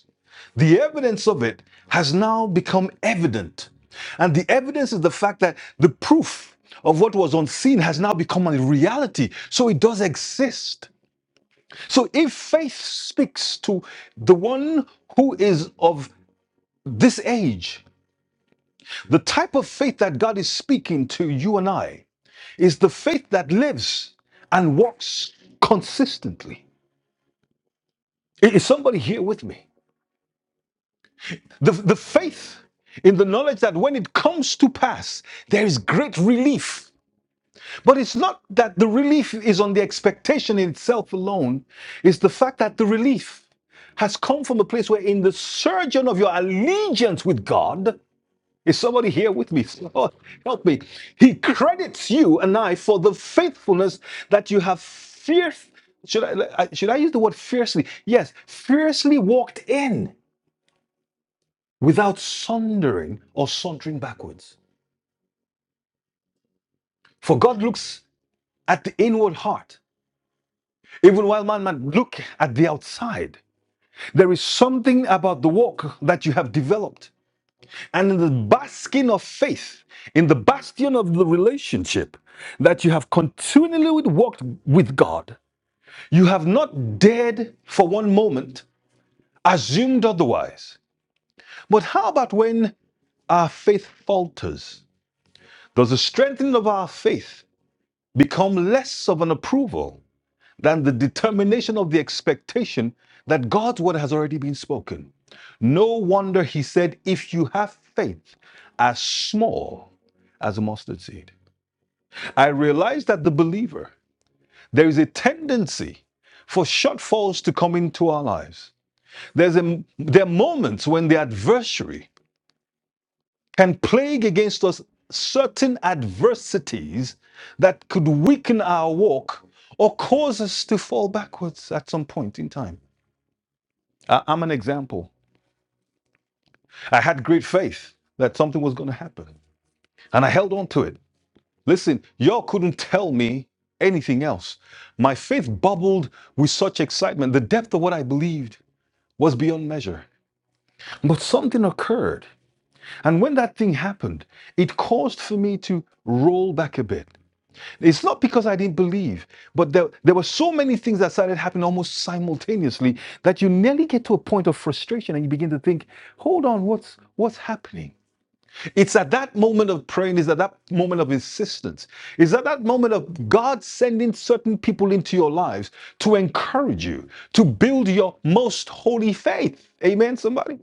S1: the evidence of it has now become evident. And the evidence is the fact that the proof of what was unseen has now become a reality. So it does exist. So if faith speaks to the one who is of this age, the type of faith that God is speaking to you and I is the faith that lives and walks consistently. I- Is somebody here with me? The, the faith in the knowledge that when it comes to pass, there is great relief. But it's not that the relief is on the expectation in itself alone, it's the fact that the relief has come from a place where, in the surgeon of your allegiance with God, is somebody here with me? Lord, help me. He credits you and I for the faithfulness that you have fierce. Should I, should I use the word fiercely? Yes, fiercely walked in without sundering or sauntering backwards. For God looks at the inward heart, even while man might look at the outside. There is something about the walk that you have developed. And in the basking of faith, in the bastion of the relationship that you have continually walked with God, you have not dared for one moment assumed otherwise. But how about when our faith falters? Does the strengthening of our faith become less of an approval than the determination of the expectation that God's word has already been spoken. No wonder he said, If you have faith as small as a mustard seed. I realize that the believer, there is a tendency for shortfalls to come into our lives. There's a, there are moments when the adversary can plague against us certain adversities that could weaken our walk or cause us to fall backwards at some point in time. I- I'm an example. I had great faith that something was going to happen, and I held on to it. Listen, y'all couldn't tell me anything else. My faith bubbled with such excitement. The depth of what I believed was beyond measure. But something occurred. And when that thing happened, it caused for me to roll back a bit. It's not because I didn't believe, but there, there were so many things that started happening almost simultaneously that you nearly get to a point of frustration and you begin to think, hold on, what's what's happening? It's at that moment of praying, is at that moment of insistence, is at that moment of God sending certain people into your lives to encourage you, to build your most holy faith. Amen, somebody?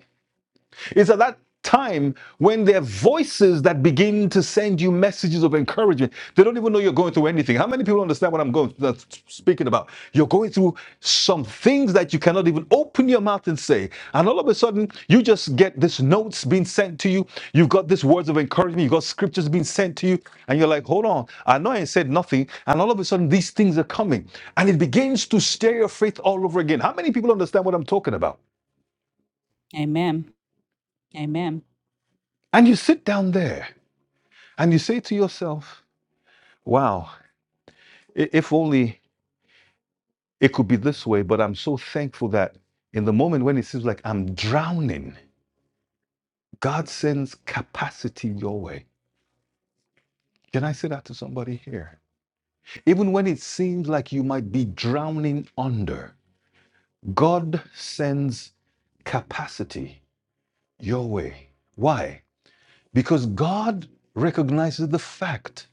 S1: It's at that time when there are voices that begin to send you messages of encouragement. They don't even know you're going through anything. How many people understand what I'm going that's speaking about? You're going through some things that you cannot even open your mouth and say. And all of a sudden, you just get these notes being sent to you. You've got these words of encouragement. You've got scriptures being sent to you. And you're like, hold on, I know I ain't said nothing. And all of a sudden, these things are coming. And it begins to stir your faith all over again. How many people understand what I'm talking about?
S2: Amen.
S1: Amen. And you sit down there And you say to yourself, wow, if only it could be this way, but I'm so thankful that in the moment when it seems like I'm drowning, God sends capacity your way. Can I say that to somebody here? Even when it seems like you might be drowning under, God sends capacity your way. Why? Because God recognizes the fact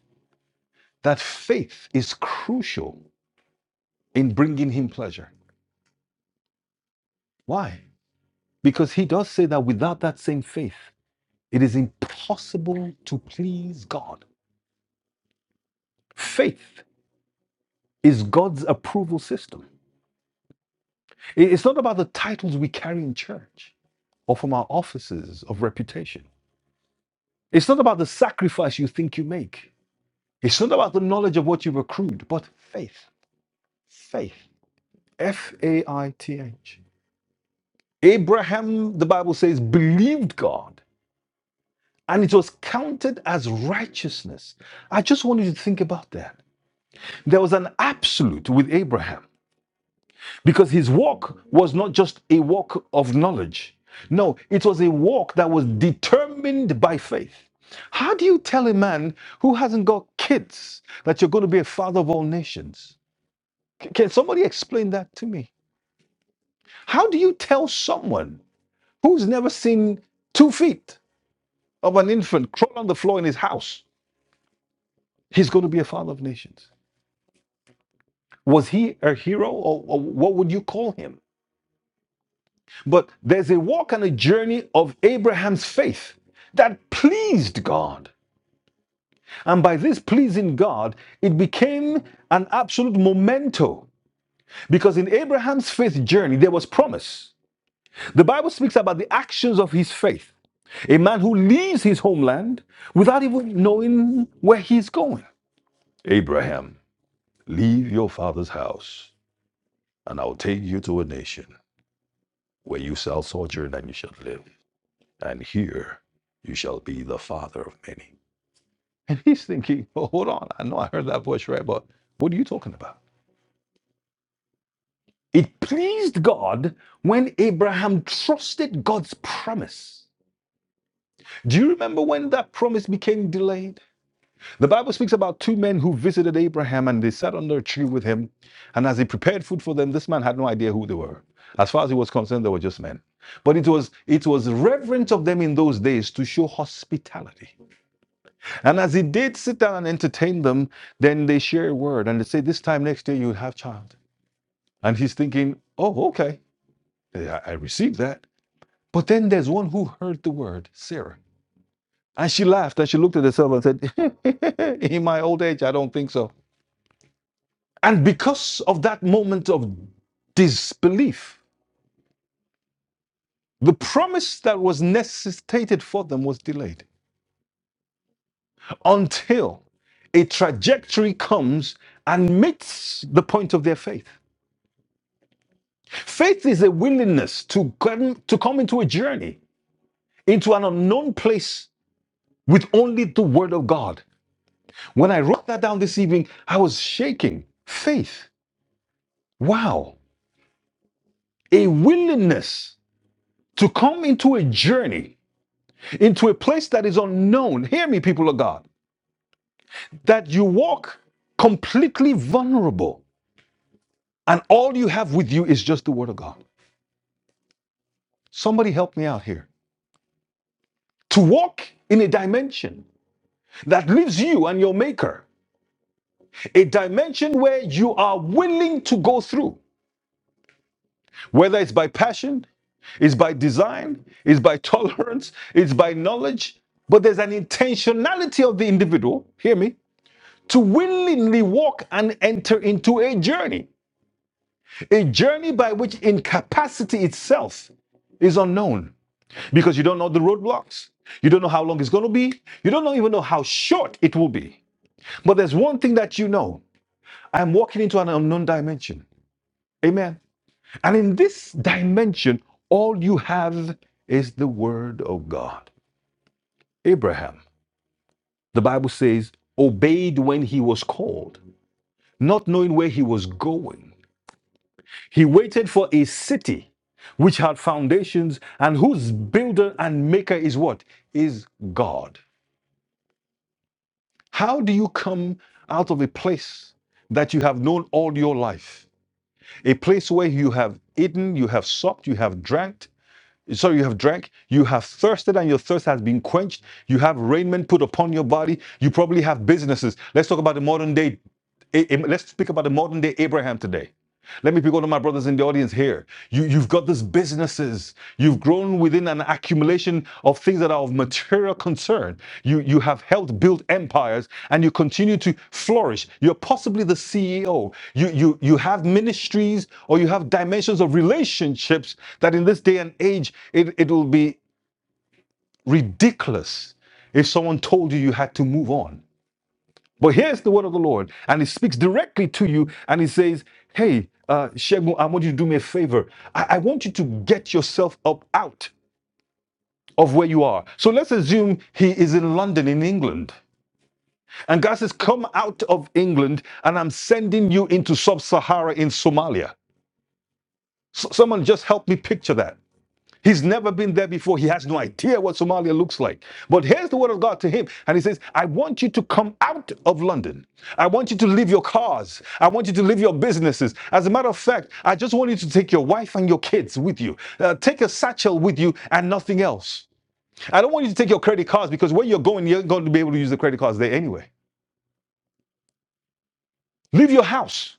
S1: that faith is crucial in bringing Him pleasure. Why? Because he does say that without that same faith, it is impossible to please God. Faith is God's approval system. It's not about the titles we carry in church or from our offices of reputation. It's not about the sacrifice you think you make. It's not about the knowledge of what you've accrued, but faith. Faith. F A I T H. Abraham, the Bible says, believed God and it was counted as righteousness. I just want you to think about that There was an absolute with Abraham because his walk was not just a walk of knowledge. No, it was a walk that was determined by faith. How do you tell a man who hasn't got kids that you're going to be a father of all nations? C- Can somebody explain that to me? How do you tell someone who's never seen two feet of an infant crawl on the floor in his house he's going to be a father of nations? Was he a hero or, or what would you call him? But there's a walk and a journey of Abraham's faith that pleased God. And by this pleasing God, it became an absolute memento. Because in Abraham's faith journey, there was promise. The Bible speaks about the actions of his faith. A man who leaves his homeland without even knowing where he's going. Abraham, leave your father's house, and I'll take you to a nation where you shall sojourn and you shall live. and here you shall be the father of many. And he's thinking, well, hold on, I know I heard that voice right, but what are you talking about? It pleased God when Abraham trusted God's promise. Do you remember when that promise became delayed? The Bible speaks about two men who visited Abraham and they sat under a tree with him. And as he prepared food for them, this man had no idea who they were. As far as he was concerned, they were just men. But it was it was reverent of them in those days to show hospitality. And as he did sit down and entertain them, then they share a word and they say, This time next year you'll have child. And he's thinking, Oh, okay, I, I received that. But then there's one who heard the word, Sarah. And she laughed and she looked at herself and said, In my old age, I don't think so. And because of that moment of disbelief, the promise that was necessitated for them was delayed until a trajectory comes and meets the point of their faith. Faith is a willingness to come, to come into a journey, into an unknown place with only the Word of God. When I wrote that down this evening, I was shaking. Faith. Wow. A willingness to come into a journey, into a place that is unknown. Hear me, people of God, that you walk completely vulnerable and all you have with you is just the Word of God. Somebody help me out here. To walk in a dimension that leaves you and your Maker a dimension where you are willing to go through, whether it's by passion, it's by design, it's by tolerance, it's by knowledge, but there's an intentionality of the individual, hear me, to willingly walk and enter into a journey, a journey by which incapacity itself is unknown because you don't know the roadblocks. You don't know how long it's going to be. You don't even know how short it will be. But there's one thing that you know I'm walking into an unknown dimension. Amen. And in this dimension, all you have is the word of God. Abraham, the Bible says, obeyed when he was called, not knowing where he was going. He waited for a city which had foundations and whose builder and maker is what? Is God. How do you come out of a place that you have known all your life? A place where you have eaten, you have supped, you have drank, So you have drank, you have thirsted, and your thirst has been quenched. You have raiment put upon your body. You probably have businesses. Let's talk about the modern day. Let's speak about the modern day Abraham today. Let me pick one of my brothers in the audience here. You, you've got these businesses. You've grown within an accumulation of things that are of material concern. You, you have helped build empires and you continue to flourish. You're possibly the CEO. You, you, you have ministries or you have dimensions of relationships that in this day and age, it, it will be ridiculous if someone told you you had to move on. But here's the word of the Lord, and He speaks directly to you, and He says, Hey, uh, Shegun, I want you to do me a favor. I, I want you to get yourself up out of where you are. So let's assume He is in London, in England. And God says, Come out of England, and I'm sending you into sub Sahara in Somalia. S- someone just help me picture that. He's never been there before. He has no idea what Somalia looks like. But here's the word of God to him. And he says, I want you to come out of London. I want you to leave your cars. I want you to leave your businesses. As a matter of fact, I just want you to take your wife and your kids with you. Uh, take a satchel with you and nothing else. I don't want you to take your credit cards because where you're going, you're going to be able to use the credit cards there anyway. Leave your house.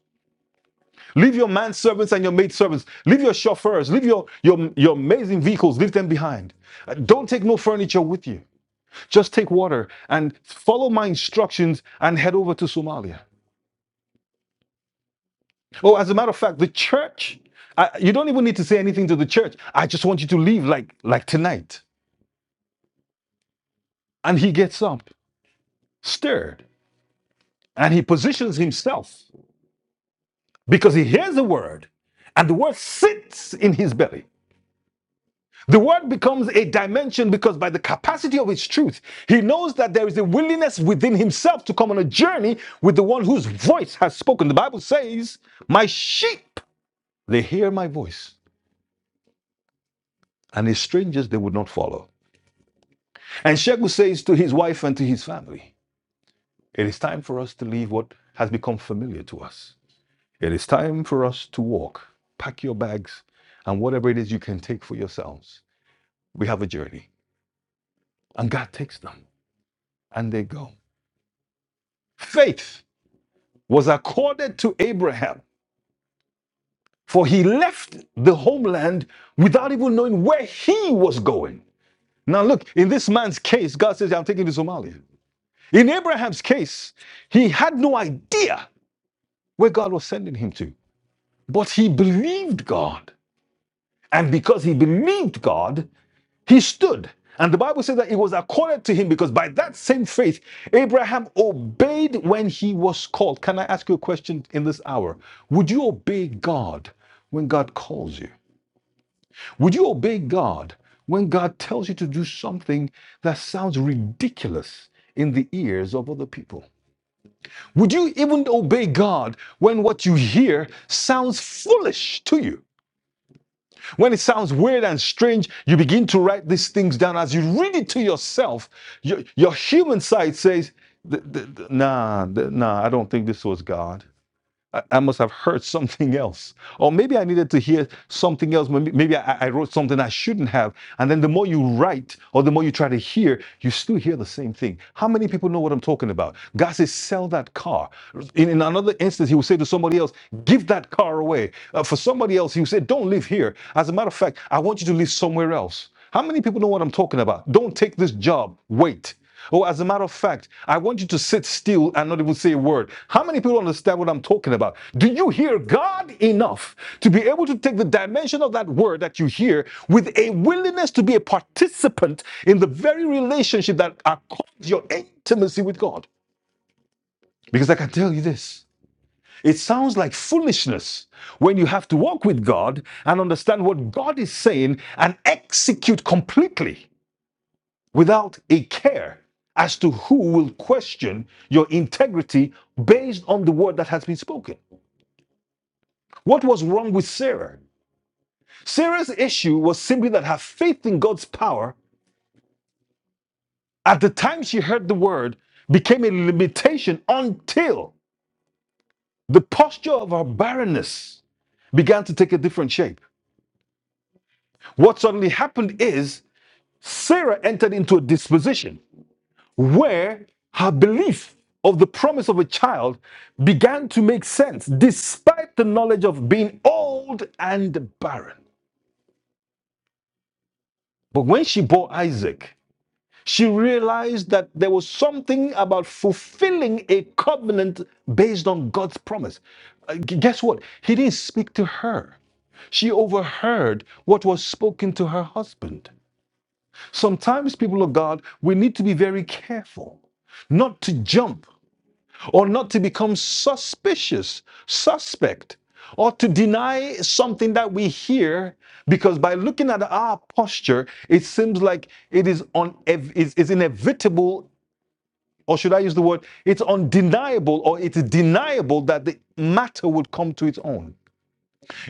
S1: Leave your manservants and your maidservants. Leave your chauffeurs. Leave your, your, your amazing vehicles. Leave them behind. Uh, Don't take no furniture with you. Just take water and follow my instructions and head over to Somalia. Oh, as a matter of fact, the church, I, you don't even need to say anything to the church. I just want you to leave like, like tonight. And he gets up, stirred, and he positions himself because he hears the word and the word sits in his belly. The word becomes a dimension because by the capacity of its truth, he knows that there is a willingness within himself to come on a journey with the one whose voice has spoken. The Bible says, My sheep They hear my voice, and as strangers they would not follow. And Sheku says to his wife and to his family, It is time for us to leave what has become familiar to us. It is time for us to walk. Pack your bags and whatever it is you can take for yourselves. We have a journey. And God takes them, and they go. Faith was accorded to Abraham, for he left the homeland without even knowing where he was going. Now, look, in this man's case, God says, "Yeah, I'm taking you to Somalia. In Abraham's case, he had no idea where God was sending him to, but he believed God. And because he believed God, he stood. And the Bible says that it was accorded to him because by that same faith, Abraham obeyed when he was called. Can I ask you a question in this hour? Would you obey God when God calls you? Would you obey God when God tells you to do something that sounds ridiculous in the ears of other people? Would you even obey God when what you hear sounds foolish to you? When it sounds weird and strange, you begin to write these things down. As you read it to yourself, your, your human side says, nah, nah, I don't think this was God. I, must have heard something else. Or maybe I needed to hear something else. Maybe maybe I, I wrote something I shouldn't have. And then the more you write or the more you try to hear, you still hear the same thing. How many people know what I'm talking about? God says, sell that car. In, in another instance, he will say to somebody else, give that car away. Uh, for somebody else, he will say, don't live here. As a matter of fact, I want you to live somewhere else. How many people know what I'm talking about? Don't take this job. Wait. Oh, as a matter of fact, I want you to sit still and not even say a word. How many people understand what I'm talking about? Do you hear God enough to be able to take the dimension of that word that you hear with a willingness to be a participant in the very relationship that accords your intimacy with God? Because I can tell you this. It sounds like foolishness when you have to walk with God and understand what God is saying and execute completely without a care as to who will question your integrity based on the word that has been spoken. What was wrong with Sarah? Sarah's issue was simply that her faith in God's power at the time she heard the word became a limitation until the posture of her barrenness began to take a different shape. What suddenly happened is Sarah entered into a disposition where her belief of the promise of a child began to make sense despite the knowledge of being old and barren. But when she bore Isaac, she realized that there was something about fulfilling a covenant based on God's promise. Uh, guess what? He didn't speak to her. She overheard what was spoken to her husband. Sometimes, people of God, we need to be very careful not to jump or not to become suspicious, suspect, or to deny something that we hear, because by looking at our posture, it seems like it is un- ev- inevitable, or should I use the word, it's undeniable, or it's deniable that the matter would come to its own.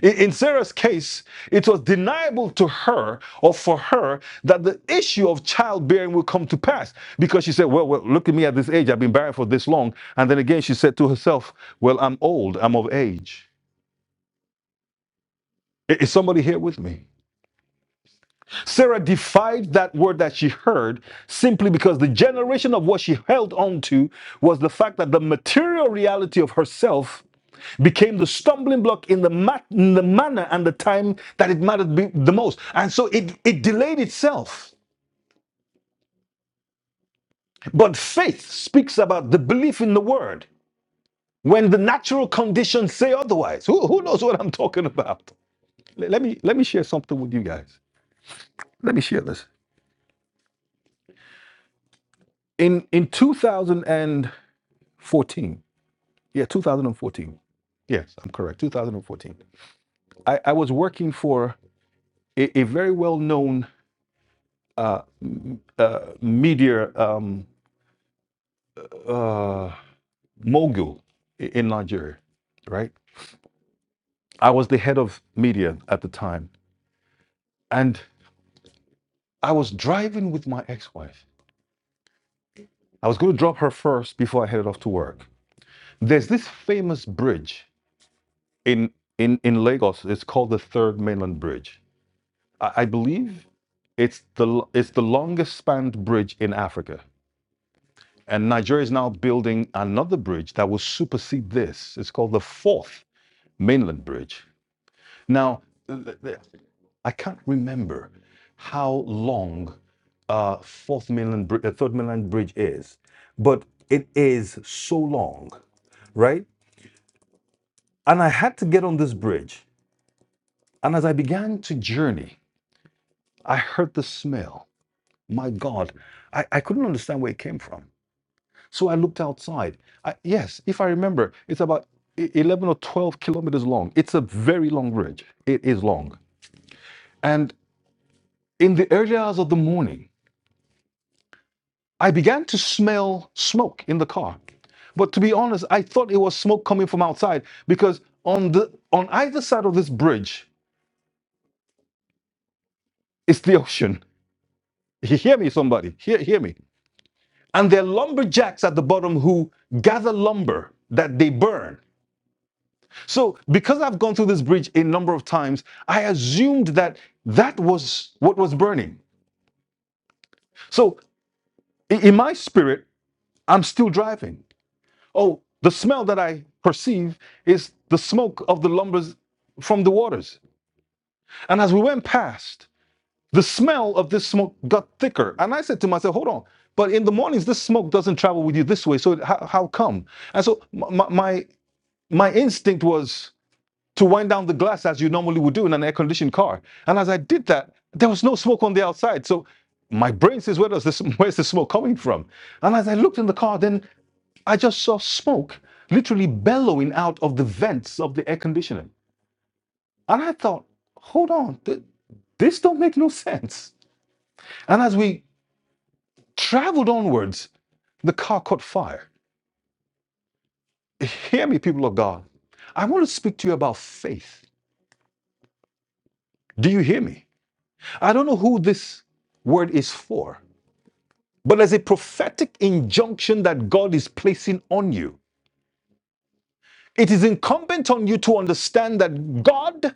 S1: In Sarah's case, it was deniable to her or for her that the issue of childbearing would come to pass because she said, well, well, look at me at this age. I've been married for this long. And then again, she said to herself, Well, I'm old. I'm of age. Is somebody here with me? Sarah defied that word that she heard simply because the generation of what she held on to was the fact that the material reality of herself became the stumbling block in the, ma- in the manner and the time that it mattered be- the most. And so it, it delayed itself. But faith speaks about the belief in the word when the natural conditions say otherwise. Who, who knows what I'm talking about? Let let me, let me share something with you guys. Let me share this. In, in 2014, Yeah, 2014. Yes, I'm correct. 2014. I, I was working for a, a very well known uh, m- uh, media um, uh, mogul i- in Nigeria, right? I was the head of media at the time. And I was driving with my ex wife. I was going to drop her first before I headed off to work. There's this famous bridge in, in, in Lagos. It's called the Third Mainland Bridge. I, believe it's the it's the longest spanned bridge in Africa, and Nigeria is now building another bridge that will supersede this. It's called the fourth mainland bridge. Now, I can't remember how long uh, fourth mainland bri- uh, third mainland bridge is, but it is so long, right? And I had to get on this bridge, and as I began to journey, I heard the smell. My God, I, I couldn't understand where it came from. So I looked outside. I, yes, if I remember, it's about e- 11 or 12 kilometers long. It's a very long bridge. It is long. And in the early hours of the morning, I began to smell smoke in the car. But to be honest, I thought it was smoke coming from outside because on the on either side of this bridge is the ocean. hear me, somebody? Hear, hear me. And there are lumberjacks at the bottom who gather lumber that they burn So, because I've gone through this bridge a number of times, I assumed that that was what was burning. So, in my spirit, I'm still driving. Oh, the smell that I perceive is the smoke of the lumbers from the waters. And as we went past, the smell of this smoke got thicker. And I said to myself, hold on, but in the mornings, this smoke doesn't travel with you this way. So, how, how come? And so, my, my, my instinct was, to wind down the glass as you normally would do in an air conditioned car. And as I did that, there was no smoke on the outside. So my brain says, Where does this, where's the smoke coming from? And as I looked in the car, then I just saw smoke literally bellowing out of the vents of the air conditioning. And I thought, hold on, th- this don't make no sense. And as we traveled onwards, the car caught fire. Hear me, people of God. I want to speak to you about faith. Do you hear me? I don't know who this word is for. but as a prophetic injunction that God is placing on you. It is incumbent on you to understand that God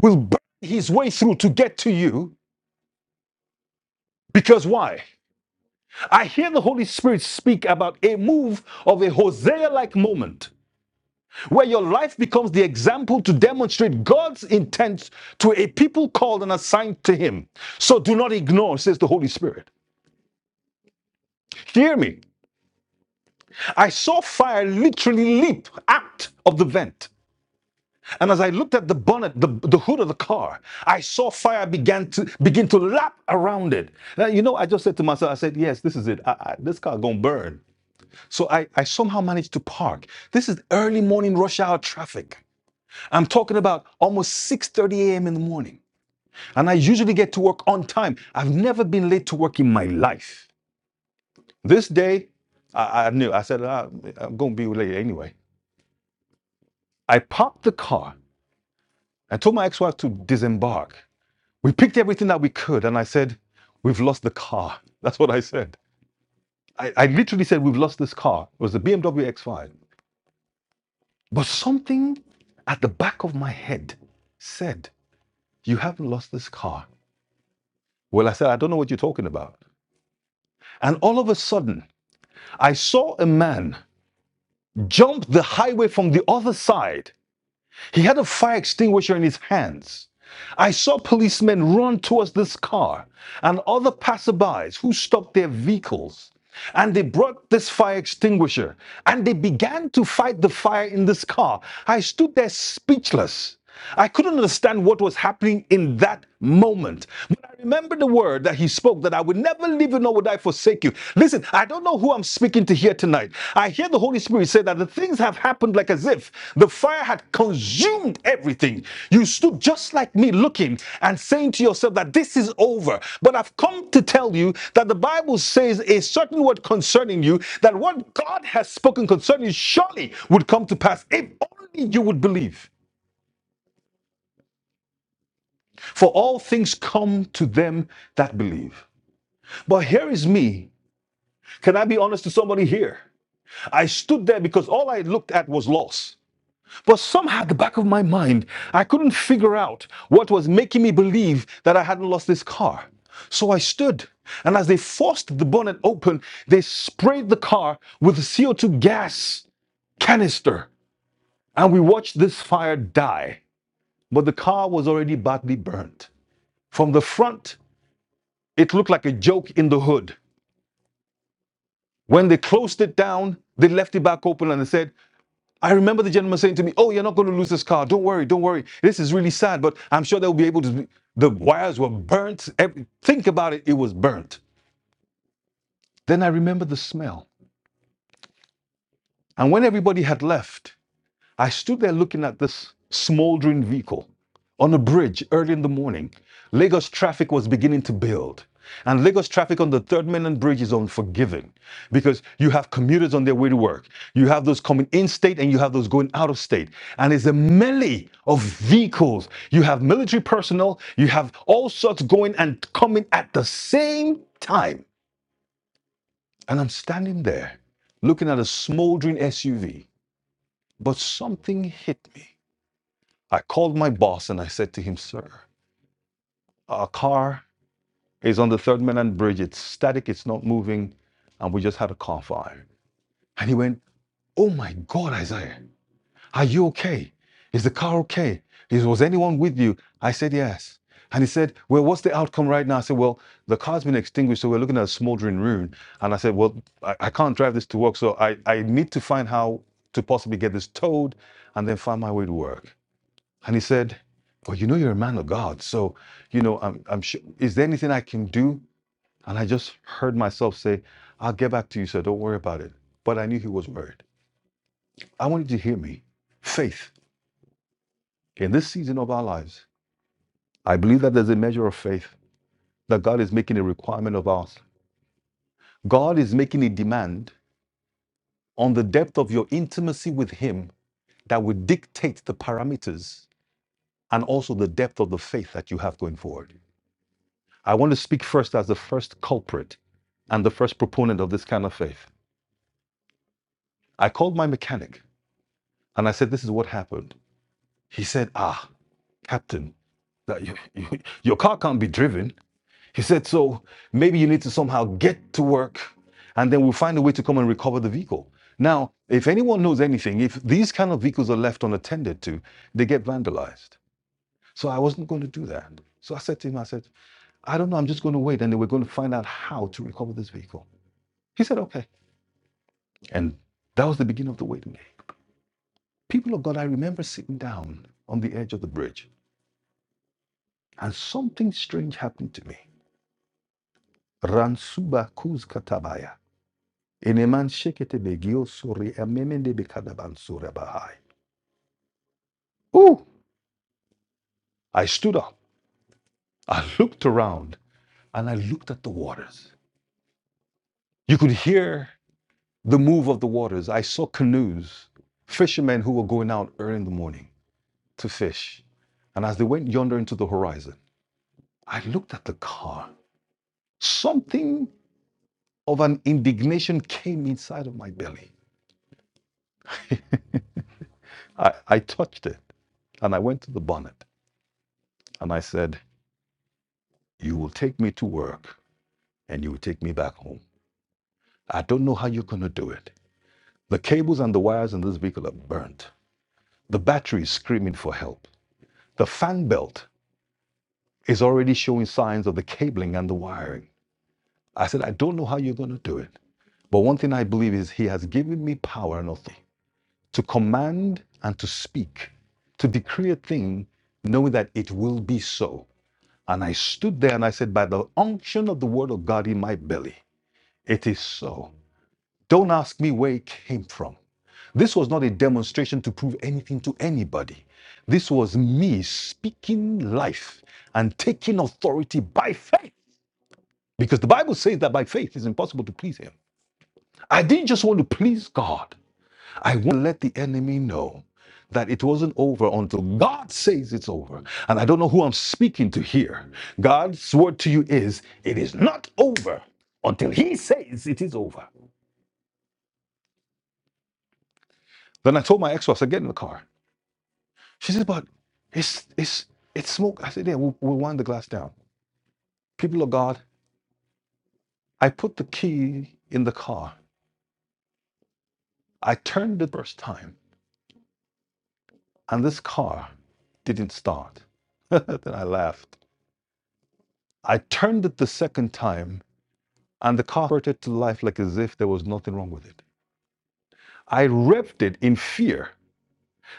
S1: will burn his way through to get to you. Because why? I hear the Holy Spirit speak about a move of a Hosea like moment where your life becomes the example to demonstrate God's intent to a people called and assigned to Him. So do not ignore, says the Holy Spirit. Hear me. I saw fire literally leap out of the vent. And as I looked at the bonnet, the, the hood of the car, I saw fire began to begin to lap around it. Now, you know, I just said to myself, I said, yes, this is it. I, I, this car gonna burn. So I, I somehow managed to park. This is early morning rush hour traffic. I'm talking about almost 6:30 a.m. in the morning. And I usually get to work on time. I've never been late to work in my life. This day, I, I knew. I said, "Ah, I'm gonna be late anyway. I parked the car. I told my ex-wife to disembark. We picked everything that we could, and I said, We've lost the car. That's what I said. I, I literally said, We've lost this car. It was the BMW X5. But something at the back of my head said, You haven't lost this car. Well, I said, I don't know what you're talking about. And all of a sudden, I saw a man jump the highway from the other side He had a fire extinguisher in his hands. I saw policemen run towards this car and other passerbys who stopped their vehicles. And they brought this fire extinguisher and they began to fight the fire in this car. I stood there speechless. I couldn't understand what was happening in that moment. But I remember the word that he spoke that I would never leave you nor would I forsake you. Listen, I don't know who I'm speaking to here tonight. I hear the Holy Spirit say that the things have happened like as if the fire had consumed everything. You stood just like me looking and saying to yourself that this is over. But I've come to tell you that the Bible says a certain word concerning you that what God has spoken concerning you surely would come to pass if only you would believe. For all things come to them that believe. But here is me. Can I be honest to somebody here? I stood there because all I looked at was loss. But somehow at the back of my mind, I couldn't figure out what was making me believe that I hadn't lost this car. So I stood, and as they forced the bonnet open, they sprayed the car with a CO2 gas canister, and we watched this fire die. But the car was already badly burnt. From the front, it looked like a joke in the hood. When they closed it down, they left it back open and they said, I remember the gentleman saying to me, Oh, you're not going to lose this car. Don't worry, don't worry. This is really sad, but I'm sure they'll be able to. Be. The wires were burnt. Every- Think about it, it was burnt. Then I remember the smell. And when everybody had left, I stood there looking at this smoldering vehicle on a bridge early in the morning. Lagos traffic was beginning to build. And Lagos traffic on the Third Mainland Bridge is unforgiving because you have commuters on their way to work. You have those coming in state and you have those going out of state. And it's a melee of vehicles. You have military personnel, you have all sorts going and coming at the same time. And I'm standing there looking at a smoldering SUV, but something hit me. I called my boss and I said to him, Sir, our car is on the Third Mainland Bridge. It's static, it's not moving, and we just had a car fire. And he went, Oh my God, Isaiah, are you okay? Is the car okay? Is, was anyone with you? I said, Yes. And he said, Well, what's the outcome right now? I said, Well, the car's been extinguished, so we're looking at a smoldering ruin. And I said, Well, I, I can't drive this to work, so I, I need to find how to possibly get this towed and then find my way to work. And he said, Well, you know, you're a man of God. So, you know, I'm, I'm sure, is there anything I can do? And I just heard myself say, I'll get back to you, sir. Don't worry about it. But I knew he was worried. I wanted you to hear me. Faith in this season of our lives, I believe that there's a measure of faith that God is making a requirement of us. God is making a demand on the depth of your intimacy with Him that would dictate the parameters and also the depth of the faith that you have going forward. I want to speak first as the first culprit and the first proponent of this kind of faith. I called my mechanic and I said, This is what happened. He said, Ah, Captain, that you, you- your car can't be driven. He said, So maybe you need to somehow get to work and then we'll find a way to come and recover the vehicle. Now, if anyone knows anything, if these kind of vehicles are left unattended to, they get vandalized. So I wasn't going to do that. So I said to him, I said, I don't know, I'm just going to wait and then we're going to find out how to recover this vehicle. He said, okay. And that was the beginning of the waiting game. People of God, I remember sitting down on the edge of the bridge and something strange happened to me. Ransuba kuzkatabaya. Eneman shekete begio sori amemende bekadaban sora bahai. Ooh, I stood up. I looked around and I looked at the waters. You could hear the move of the waters. I saw canoes, fishermen who were going out early in the morning to fish. And as they went yonder into the horizon, I looked at the car. Something of an indignation came inside of my belly. I, I touched it and I went to the bonnet and I said, You will take me to work and you will take me back home. I don't know how you're going to do it. The cables and the wires in this vehicle are burnt. The battery is screaming for help. The fan belt is already showing signs of the cabling and the wiring. I said, I don't know how you're going to do it. But one thing I believe is He has given me power and authority. to command and to speak, to decree a thing, knowing that it will be so. And I stood there and I said, By the unction of the word of God in my belly, it is so. Don't ask me where it came from. This was not a demonstration to prove anything to anybody. This was me speaking life and taking authority by faith. Because the Bible says that by faith it's impossible to please Him. I didn't just want to please God, I want to let the enemy know that it wasn't over until God says it's over. And I don't know who I'm speaking to here. God's word to you is, it is not over until He says it is over. Then I told my ex-wife, I said, get in the car. She said, but it's it's it's smoke. I said, yeah, we'll, we'll wind the glass down. People of God, I put the key in the car. I turned it the first time, and this car didn't start. then I laughed. I turned it the second time and the car spurted to life like as if there was nothing wrong with it. I revved it in fear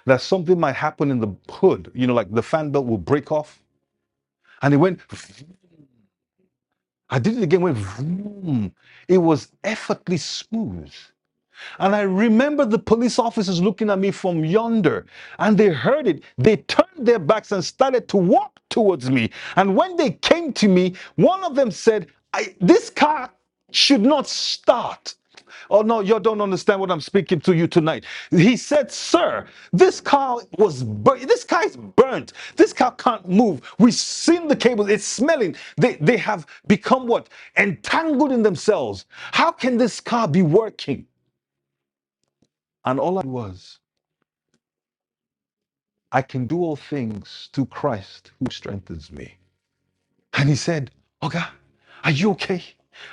S1: that something might happen in the hood, you know, like the fan belt will break off. And it went, I did it again, went, vroom. it was effortlessly smooth. And I remember the police officers looking at me from yonder, and they heard it. They turned their backs and started to walk towards me. And when they came to me, one of them said, I, This car should not start. Oh no, you don't understand what I'm speaking to you tonight. He said, "Sir, this car was bur- this car is burnt. This car can't move. We've seen the cables. It's smelling. They they have become what entangled in themselves. How can this car be working?" And all I was, I can do all things through Christ who strengthens me. And he said, Oga, are you okay?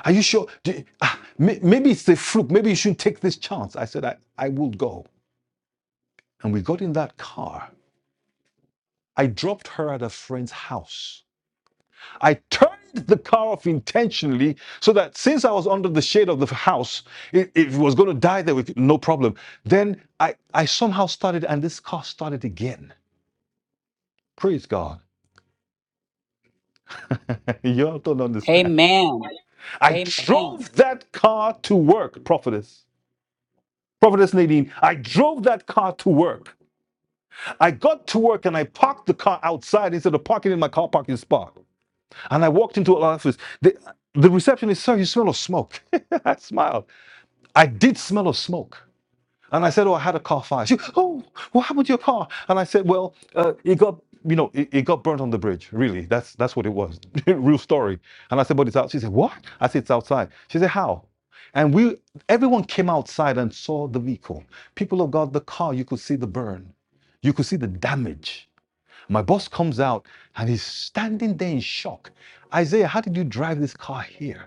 S1: Are you sure? Do you- ah, may- maybe it's a fluke. Maybe you should not take this chance. I said, I, I will go. And we got in that car. I dropped her at a friend's house. I turned the car off intentionally so that since I was under the shade of the house, it, it was going to die there with no problem. Then I, I somehow started, and this car started again. Praise God. Y'all don't understand.
S2: Amen.
S1: I Amen. drove that car to work, prophetess. Prophetess Nadine, I drove that car to work. I got to work and I parked the car outside instead of parking in my car parking spot. And I walked into an office. The, the receptionist, sir, you smell of smoke. I smiled. I did smell of smoke. And I said, "Oh, I had a car fire." She, "Oh, what happened to your car?" And I said, "Well, uh, it got, you know, it, it got burnt on the bridge. Really, that's that's what it was, real story." And I said, "But it's out." She said, "What?" I said, "It's outside." She said, "How?" And we, everyone came outside and saw the vehicle. People of God, the car, you could see the burn, you could see the damage. My boss comes out and he's standing there in shock. Isaiah, how did you drive this car here?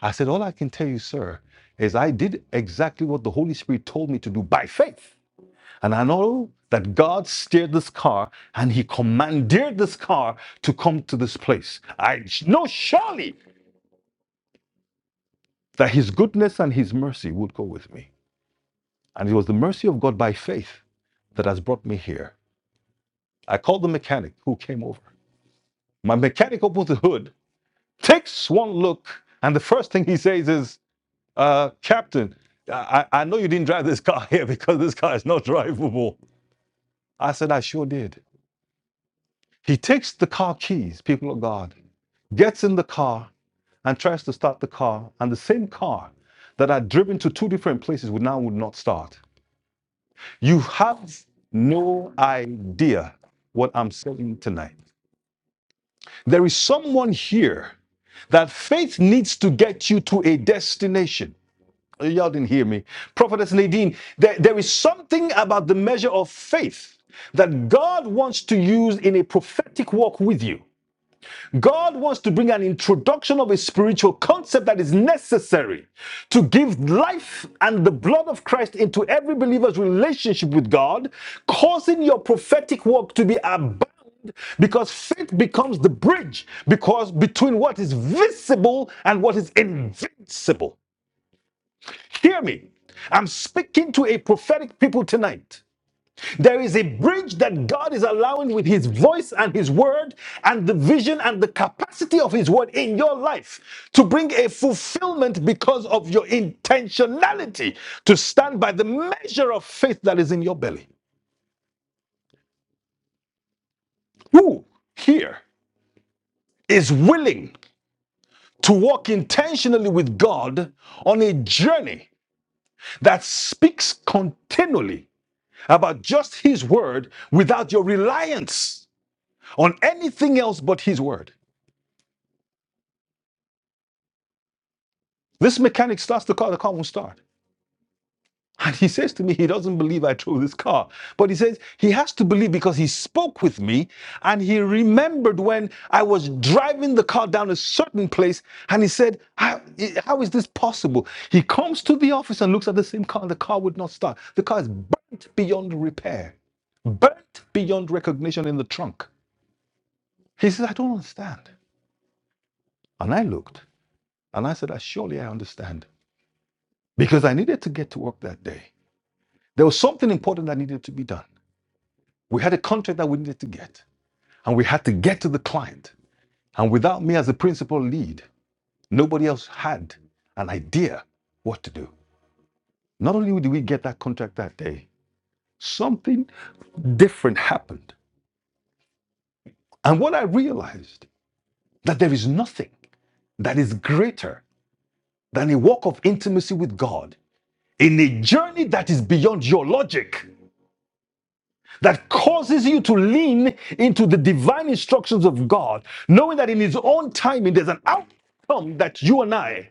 S1: I said, All I can tell you, sir, is I did exactly what the Holy Spirit told me to do by faith. And I know that God steered this car and He commandeered this car to come to this place. I know surely that His goodness and His mercy would go with me. And it was the mercy of God by faith that has brought me here. I called the mechanic who came over. My mechanic opens the hood, takes one look, and the first thing he says is, Uh, Captain, I, I know you didn't drive this car here because this car is not drivable. I said, I sure did. He takes the car keys, people of God, gets in the car and tries to start the car. And the same car that had driven to two different places would now would not start. You have no idea what I'm saying tonight. There is someone here that faith needs to get you to a destination. Y'all didn't hear me. Prophetess Nadine, there, there is something about the measure of faith that God wants to use in a prophetic walk with you. God wants to bring an introduction of a spiritual concept that is necessary to give life and the blood of Christ into every believer's relationship with God, causing your prophetic walk to be abound because faith becomes the bridge because between what is visible and what is invincible. Hear me. I'm speaking to a prophetic people tonight. There is a bridge that God is allowing with His voice and His word and the vision and the capacity of His word in your life to bring a fulfillment because of your intentionality to stand by the measure of faith that is in your belly. Who here is willing to walk intentionally with God on a journey that speaks continually about just His word without your reliance on anything else but His word. This mechanic starts the car, the car won't start. And he says to me, he doesn't believe I drove this car. But he says he has to believe because he spoke with me and he remembered when I was driving the car down a certain place and he said, how, how is this possible? He comes to the office and looks at the same car and the car would not start. The car is burnt beyond repair, burnt beyond recognition in the trunk. He says, I don't understand. And I looked and I said, "Ah, Surely I understand. Because I needed to get to work that day. There was something important that needed to be done. We had a contract that we needed to get, and we had to get to the client. And without me as the principal lead, nobody else had an idea what to do. Not only did we get that contract that day, something different happened. And what I realized that there is nothing that is greater than a walk of intimacy with God in a journey that is beyond your logic. that causes you to lean into the divine instructions of God, knowing that in His own timing, there's an outcome that you and I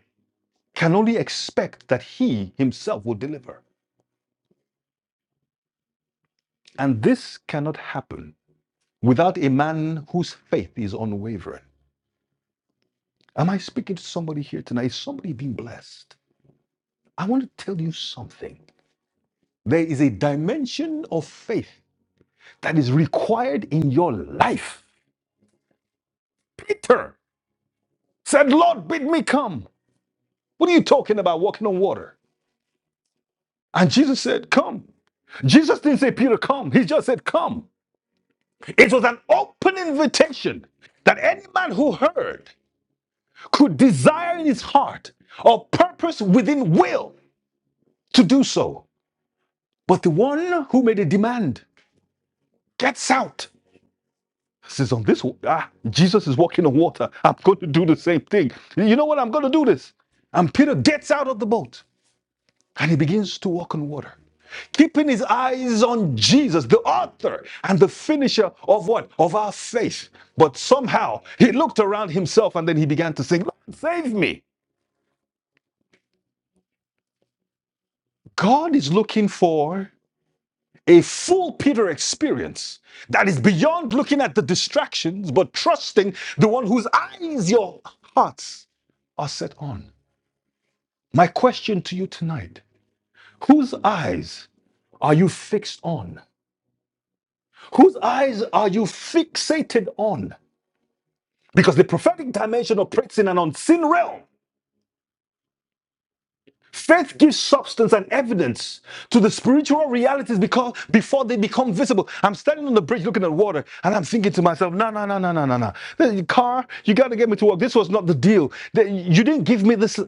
S1: can only expect that He Himself will deliver. And this cannot happen without a man whose faith is unwavering. Am I speaking to somebody here tonight? Is somebody being blessed? I want to tell you something. There is a dimension of faith that is required in your life. Peter said, Lord, bid me come. What are you talking about walking on water? And Jesus said, Come. Jesus didn't say, Peter, come. He just said, Come. It was an open invitation that any man who heard could desire in his heart or purpose within will to do so. But the one who made a demand gets out. Says on this, ah, Jesus is walking on water. I'm going to do the same thing. You know what? I'm going to do this. And Peter gets out of the boat and he begins to walk on water. keeping his eyes on Jesus, the author and the finisher of what? Of our faith. But somehow he looked around himself and then he began to sing, Lord, save me. God is looking for a full Peter experience that is beyond looking at the distractions, but trusting the one whose eyes your hearts are set on. My question to you tonight whose eyes are you fixed on? Whose eyes are you fixated on? Because the prophetic dimension operates in an unseen realm. Faith gives substance and evidence to the spiritual realities because before they become visible. I'm standing on the bridge looking at water and I'm thinking to myself, no, no, no, no, no, no, no. The car, you got to get me to work. This was not the deal. The- You didn't give me this.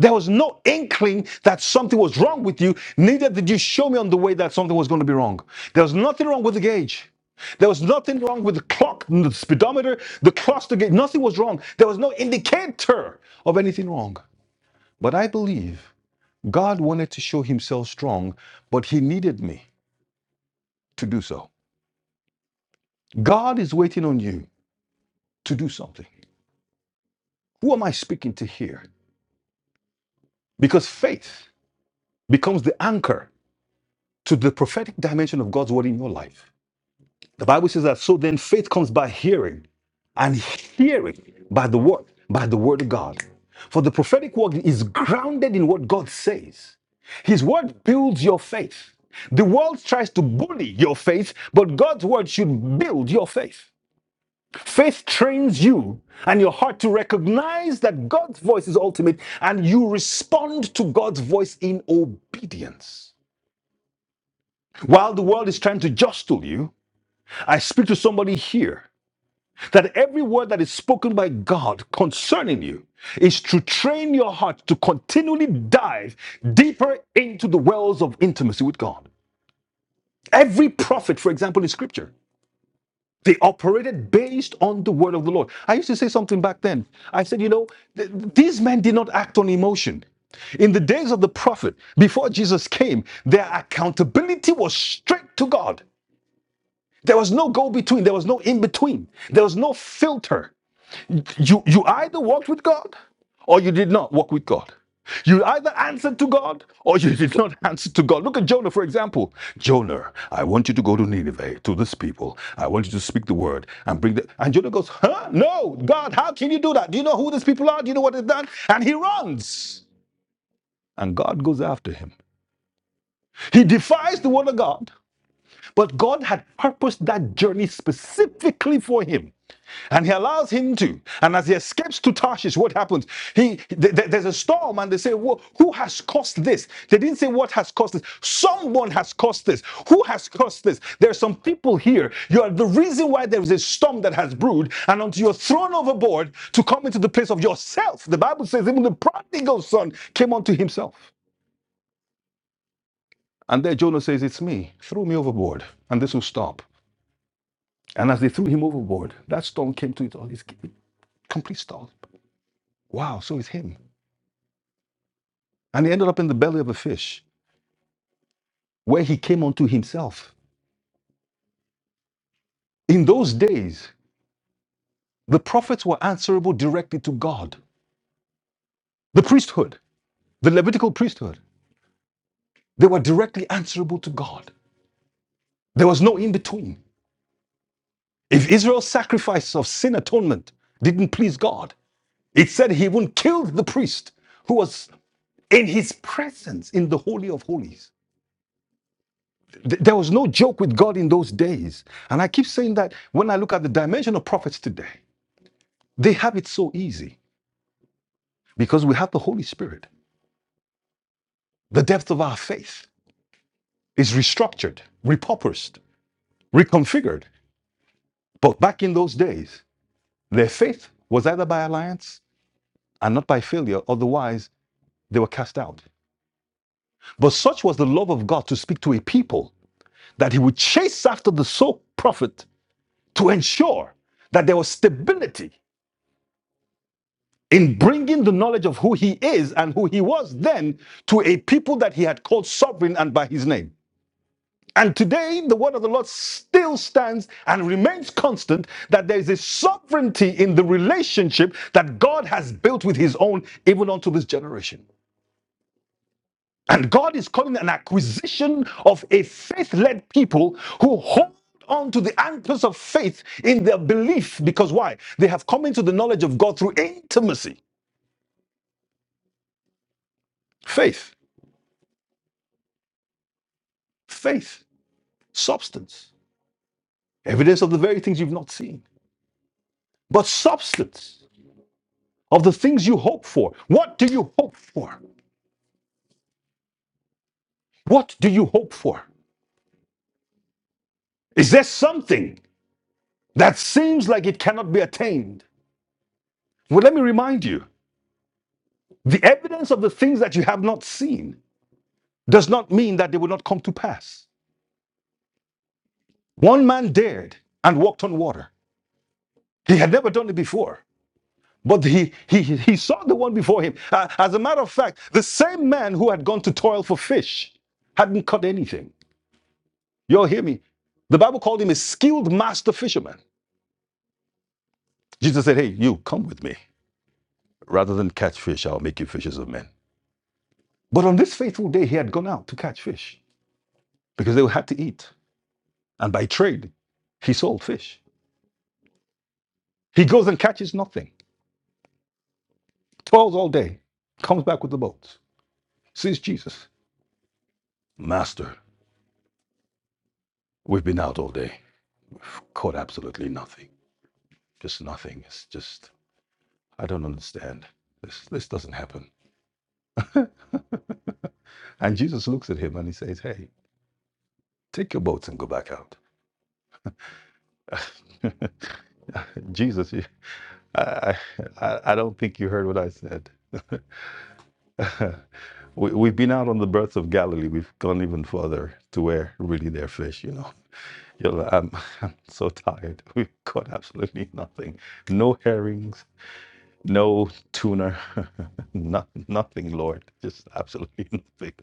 S1: There was no inkling that something was wrong with you. Neither did you show me on the way that something was going to be wrong. There was nothing wrong with the gauge. There was nothing wrong with the clock, the speedometer, the cluster gauge. Nothing was wrong. There was no indicator of anything wrong. But I believe God wanted to show himself strong, but he needed me to do so. God is waiting on you to do something. Who am I speaking to here? Because faith becomes the anchor to the prophetic dimension of God's word in your life. The Bible says that so then faith comes by hearing, and hearing by the word, by the word of God. For the prophetic word is grounded in what God says. His word builds your faith. The world tries to bully your faith, but God's word should build your faith. Faith trains you and your heart to recognize that God's voice is ultimate and you respond to God's voice in obedience. While the world is trying to jostle you, I speak to somebody here that every word that is spoken by God concerning you is to train your heart to continually dive deeper into the wells of intimacy with God. Every prophet, for example, in scripture, They operated based on the word of the Lord. I used to say something back then. I said, you know, th- these men did not act on emotion. In the days of the prophet, before Jesus came, their accountability was straight to God. There was no go between, there was no in between, there was no filter. You, you either walked with God or you did not walk with God. You either answered to God or you did not answer to God. Look at Jonah, for example. Jonah, I want you to go to Nineveh, to this people. I want you to speak the word and bring the. And Jonah goes, Huh? No, God, how can you do that? Do you know who these people are? Do you know what they've done? And he runs. And God goes after him. He defies the word of God, but God had purposed that journey specifically for him. And he allows him to. And as he escapes to Tarshish, what happens? He th- th- there's a storm, and they say, well, "Who has caused this?" They didn't say what has caused this. Someone has caused this. Who has caused this? There are some people here. You are the reason why there is a storm that has brewed, and until you're thrown overboard to come into the place of yourself. The Bible says even the prodigal son came unto himself. And there Jonah says, It's me. Throw me overboard, and this will stop. And as they threw him overboard, that storm came to it all. It's complete stop. Wow, so it's him. and he ended up in the belly of a fish, where he came unto himself. In those days, the prophets were answerable directly to God. The priesthood, the Levitical priesthood, they were directly answerable to God. There was no in between. If Israel's sacrifice of sin atonement didn't please God, it said he even killed the priest who was in his presence in the Holy of Holies. Th- There was no joke with God in those days. And I keep saying that when I look at the dimension of prophets today, they have it so easy. because we have the Holy Spirit. The depth of our faith is restructured, repurposed, reconfigured. But back in those days, their faith was either by alliance and not by failure, otherwise, they were cast out. But such was the love of God to speak to a people that he would chase after the sole prophet to ensure that there was stability in bringing the knowledge of who he is and who he was then to a people that he had called sovereign and by his name. And today, the word of the Lord still stands and remains constant that there is a sovereignty in the relationship that God has built with his own, even unto this generation. And God is calling an acquisition of a faith led people who hold on to the anchors of faith in their belief. Because why? They have come into the knowledge of God through intimacy, faith, faith, substance, evidence of the very things you've not seen, but substance. of the things you hope for. What do you hope for? What do you hope for? Is there something that seems like it cannot be attained? Well, let me remind you the evidence of the things that you have not seen does not mean that they will not come to pass. One man dared and walked on water. He had never done it before, but he, he, he saw the one before him. Uh, as a matter of fact, the same man who had gone to toil for fish hadn't caught anything. You'll hear me. The Bible called him a skilled master fisherman. Jesus said, Hey, you, come with me. Rather than catch fish, I'll make you fishers of men. But on this faithful day, he had gone out to catch fish because they had to eat. And by trade, he sold fish. He goes and catches nothing, toils all day, comes back with the boat, sees Jesus. Master, we've been out all day, caught absolutely nothing. Just nothing. It's just, I don't understand. This, this doesn't happen. And Jesus looks at him and he says, Hey, take your boats and go back out. Jesus, I, I, I don't think you heard what I said. we, we've been out on the Birth of Galilee. We've gone even further to where really they're fish, you know. You're like, I'm, I'm so tired. We've caught absolutely nothing. No herrings, no tuna, not, nothing, Lord. Just absolutely nothing.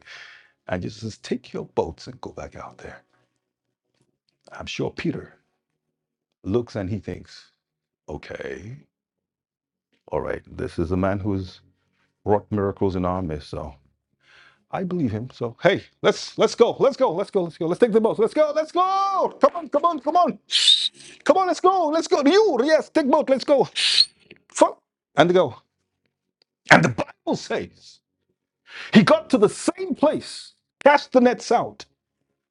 S1: And Jesus says, take your boats and go back out there. I'm sure Peter looks and he thinks, okay, all right, this is a man who's wrought miracles in our midst. So. I believe him. So hey, let's let's go, let's go, let's go, let's go, let's take the boat, let's go, let's go. Come on, come on, come on, come on, let's go, let's go. You yes, take boat, let's go. Fuck and go. And the Bible says he got to the same place, cast the nets out.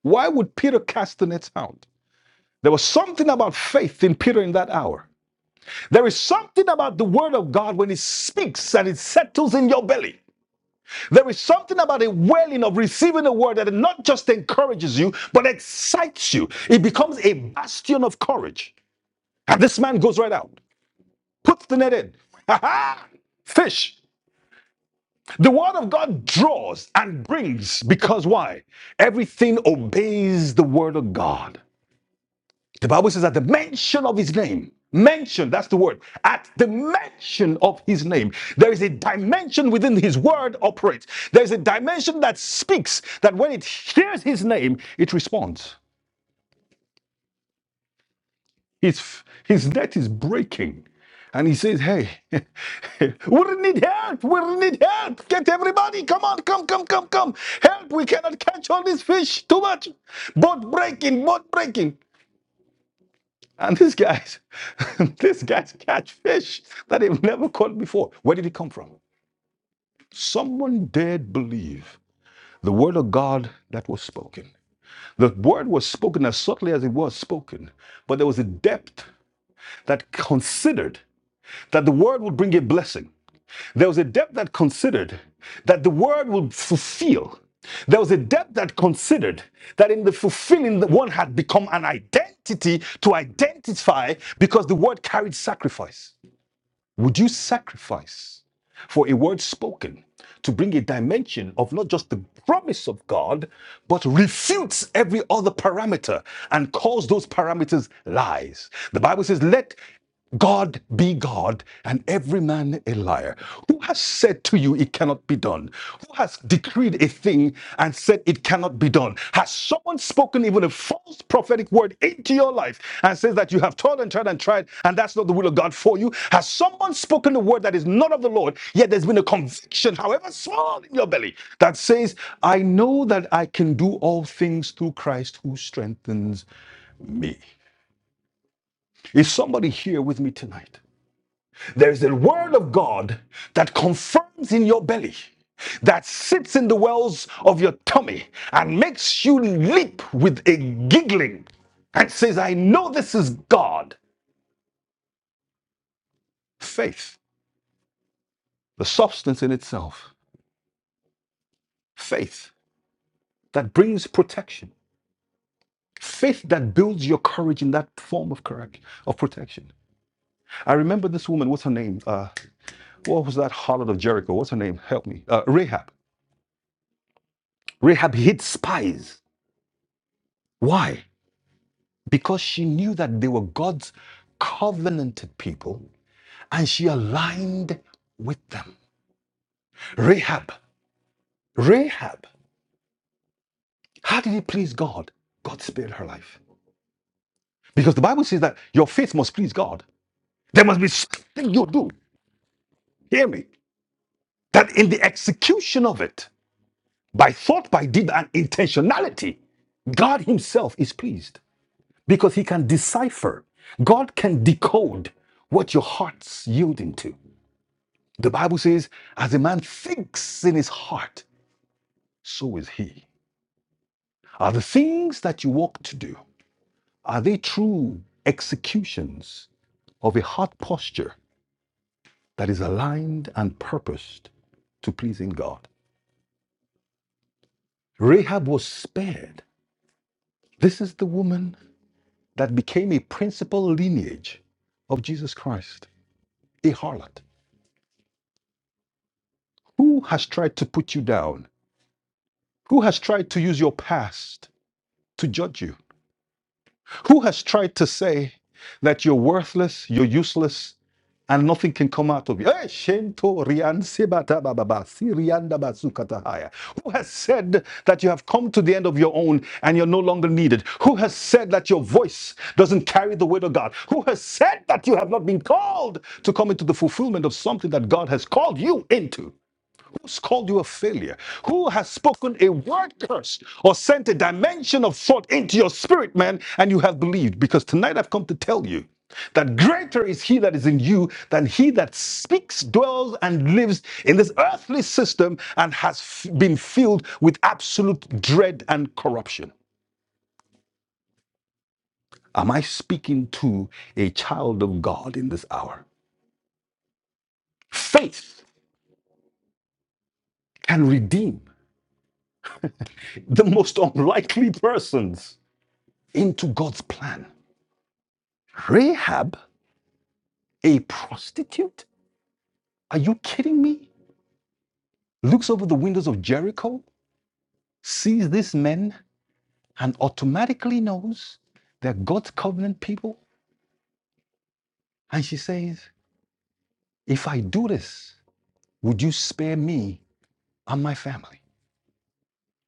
S1: Why would Peter cast the nets out? There was something about faith in Peter in that hour. There is something about the word of God when it speaks and it settles in your belly. There is something about a wailing of receiving a word that not just encourages you, but excites you. It becomes a bastion of courage. And this man goes right out, puts the net in. Ha ha! Fish. The word of God draws and brings because why? Everything obeys the word of God. The Bible says at the mention of his name, mention, that's the word. At the mention of his name, there is a dimension within his word operates. There is a dimension that speaks that when it hears his name, it responds. His, his net is breaking. And he says, Hey, we need help. We need help. Get everybody. Come on. Come, come, come, come. Help. We cannot catch all these fish. Too much. Boat breaking. Boat breaking. And this guy's, this guy's catch fish that they've never caught before. Where did it come from? Someone dared believe the word of God that was spoken. The word was spoken as subtly as it was spoken, but there was a depth that considered that the word would bring a blessing. There was a depth that considered that the word would fulfill. There was a depth that considered that in the fulfilling, one had become an identity to identify because the word carried sacrifice. Would you sacrifice for a word spoken to bring a dimension of not just the promise of God, but refutes every other parameter and calls those parameters lies? The Bible says, let God be God and every man a liar. Who has said to you it cannot be done? Who has decreed a thing and said it cannot be done? Has someone spoken even a false prophetic word into your life and says that you have toiled and tried and tried and that's not the will of God for you? Has someone spoken a word that is not of the Lord, yet there's been a conviction, however small, in your belly that says, I know that I can do all things through Christ who strengthens me? Is somebody here with me tonight? There is a word of God that confirms in your belly, that sits in the wells of your tummy and makes you leap with a giggling and says, I know this is God. Faith, the substance in itself, faith that brings protection. Faith that builds your courage in that form of correct of protection. I remember this woman. What's her name? Uh, what was that harlot of Jericho? What's her name? Help me. Uh, Rahab. Rahab hid spies. Why? because she knew that they were God's covenanted people and she aligned with them. Rahab, Rahab, how did it please God? God spared her life. Because the Bible says that your faith must please God. There must be something you do, hear me, that in the execution of it, by thought, by deed, and intentionality, God Himself is pleased because He can decipher, God can decode what your heart's yielding to. The Bible says, as a man thinks in his heart, so is he. Are the things that you walk to do, are they true executions of a heart posture that is aligned and purposed to pleasing God? Rahab was spared. This is the woman that became a principal lineage of Jesus Christ, a harlot. Who has tried to put you down? Who has tried to use your past to judge you? Who has tried to say that you're worthless, you're useless, and nothing can come out of you? Eh, si Who has said that you have come to the end of your own and you're no longer needed? Who has said that your voice doesn't carry the weight of God? Who has said that you have not been called to come into the fulfillment of something that God has called you into? called you a failure? Who has spoken a word curse or sent a dimension of thought into your spirit, man, and you have believed? Because tonight I've come to tell you that greater is he that is in you than he that speaks, dwells, and lives in this earthly system and has f- been filled with absolute dread and corruption. Am I speaking to a child of God in this hour? Faith can redeem the most unlikely persons into God's plan. Rahab, a prostitute? Are you kidding me? Looks over the windows of Jericho, sees these men, and automatically knows they're God's covenant people. And she says, If I do this, would you spare me and my family?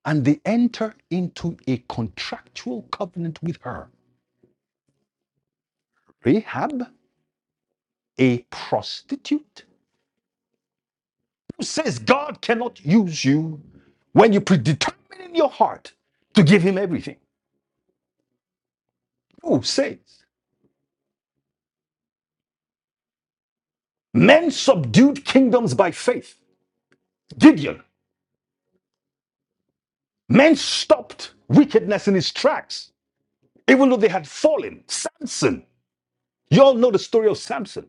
S1: And they enter into a contractual covenant with her. Rahab, a prostitute, who says God cannot use you when you predetermine in your heart to give him everything. Who says Men subdued kingdoms by faith. Gideon. Men stopped wickedness in his tracks, even though they had fallen. Samson. You all know the story of Samson.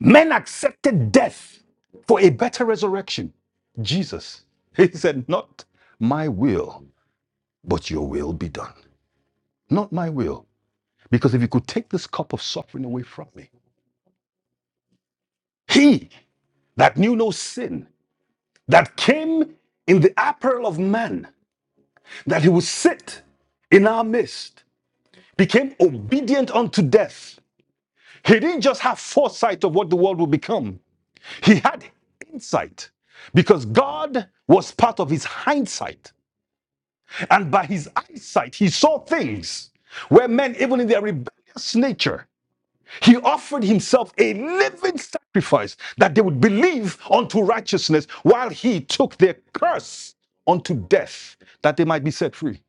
S1: Men accepted death for a better resurrection. Jesus. He said, Not my will, but your will be done. Not my will. Because if you could take this cup of suffering away from me, he that knew no sin, that came in the apparel of man, that he would sit in our midst, became obedient unto death. He didn't just have foresight of what the world would become, he had insight because God was part of his hindsight. And by his eyesight, he saw things where men, even in their rebellious nature, he offered himself a living sacrifice that they would believe unto righteousness while he took their curse unto death that they might be set free.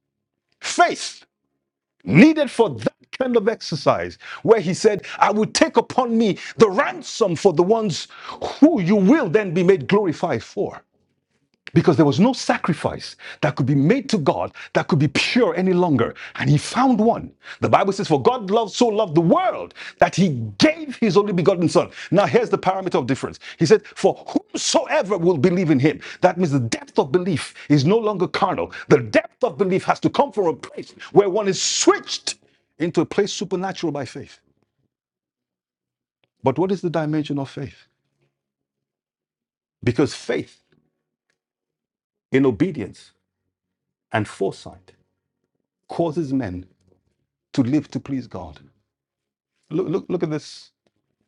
S1: Faith needed for that kind of exercise, where he said, I will take upon me the ransom for the ones who you will then be made glorified for because there was no sacrifice that could be made to God that could be pure any longer. And he found one. The Bible says, For God loved, so loved the world that he gave his only begotten Son. Now, here's the parameter of difference. He said, For whomsoever will believe in him. That means the depth of belief is no longer carnal. The depth of belief has to come from a place where one is switched into a place supernatural by faith. But what is the dimension of faith? Because faith in obedience and foresight causes men to live to please God. Look, look, look at this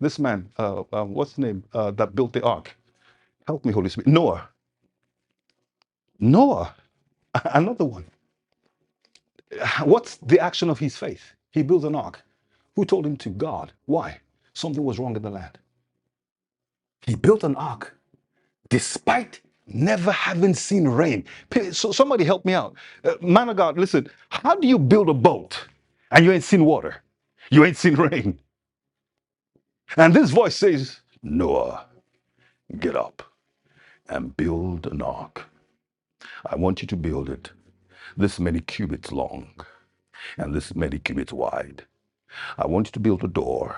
S1: this man. Uh, uh, what's his name? Uh, that built the ark. Help me, Holy Spirit. Noah. Noah. Another one. What's the action of his faith? He built an ark. Who told him to God? Why? Something was wrong in the land. He built an ark despite never having seen rain. So somebody help me out. Uh, man of God, listen, how do you build a boat and you ain't seen water? You ain't seen rain? And this voice says, Noah, get up. and build an ark. I want you to build it this many cubits long and this many cubits wide. I want you to build a door,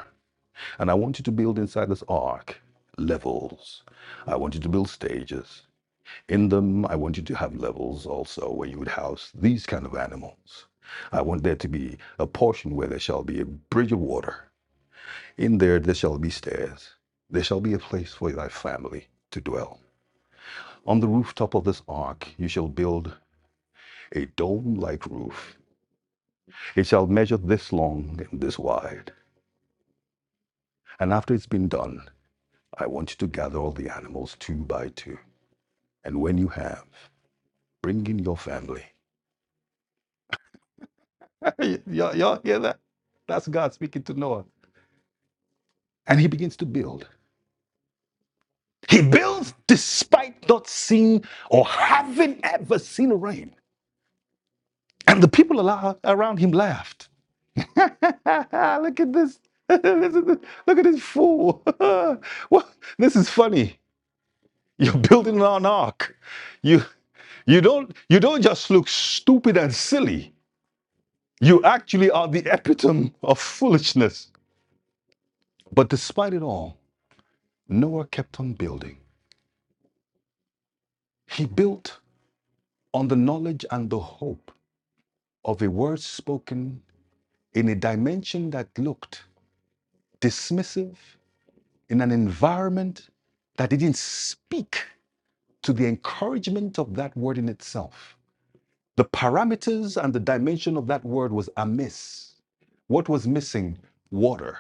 S1: and I want you to build inside this ark levels. I want you to build stages. In them, I want you to have levels also where you would house these kind of animals. I want there to be a portion where there shall be a bridge of water. In there, there shall be stairs. There shall be a place for thy family to dwell. On the rooftop of this ark, you shall build a dome like roof. It shall measure this long and this wide. And after it's been done, I want you to gather all the animals two by two. And when you have, bring in your family. y'all, hear that? That's God speaking to Noah. And he begins to build. He builds despite not seeing or having ever seen rain. And the people around him laughed. Look at this. Look at this fool. What? This is funny. You're building an ark. You you don't you don't just look stupid and silly. You actually are the epitome of foolishness. But despite it all, Noah kept on building. He built on the knowledge and the hope of a word spoken in a dimension that looked dismissive, in an environment that didn't speak to the encouragement of that word in itself. The parameters and the dimension of that word was amiss. What was missing? Water.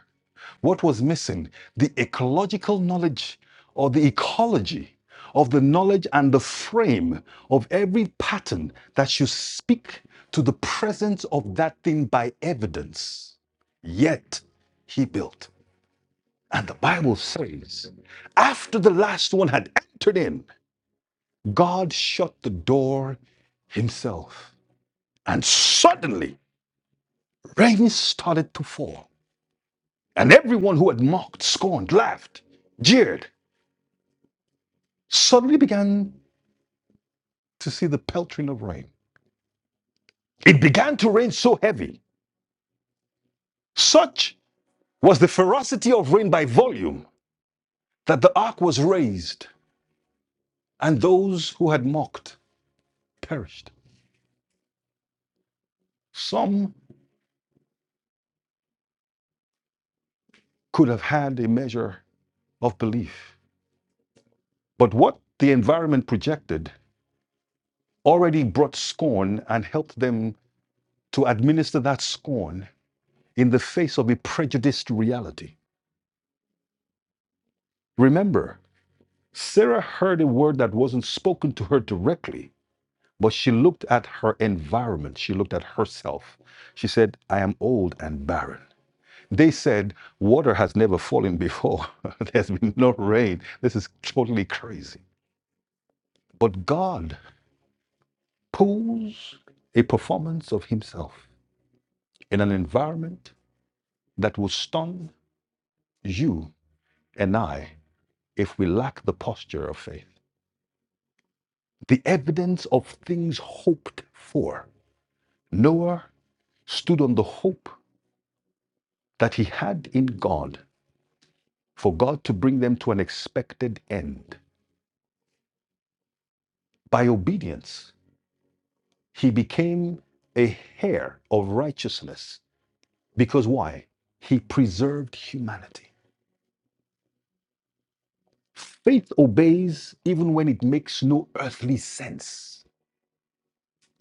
S1: What was missing? The ecological knowledge or the ecology of the knowledge and the frame of every pattern that should speak to the presence of that thing by evidence. Yet he built. And the Bible says, after the last one had entered in, God shut the door himself. And suddenly, Rain started to fall, and everyone who had mocked, scorned, laughed, jeered, suddenly began to see the peltering of rain. It began to rain so heavy, such was the ferocity of rain by volume, that the ark was raised, and those who had mocked perished. Some could have had a measure of belief, but what the environment projected already brought scorn and helped them to administer that scorn in the face of a prejudiced reality. Remember, Sarah heard a word that wasn't spoken to her directly, but she looked at her environment. She looked at herself. She said, I am old and barren. They said, Water has never fallen before. There's been no rain. This is totally crazy. But God pulls a performance of Himself in an environment that will stun you and I if we lack the posture of faith. the evidence of things hoped for. Noah stood on the hope that he had in God for God to bring them to an expected end. By obedience, he became a heir of righteousness. Because why? He preserved humanity. Faith obeys even when it makes no earthly sense.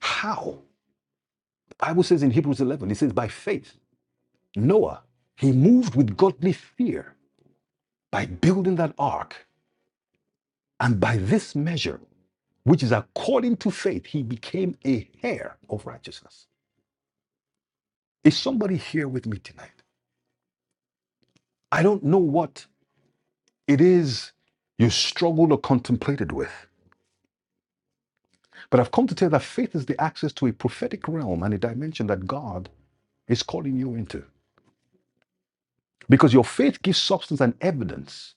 S1: How? The Bible says in Hebrews 11, it says, by faith, Noah, he moved with godly fear by building that ark and by this measure which is according to faith he became a heir of righteousness is somebody here with me tonight i don't know what it is you struggled or contemplated with but i've come to tell you that faith is the access to a prophetic realm and a dimension that god is calling you into because your faith gives substance and evidence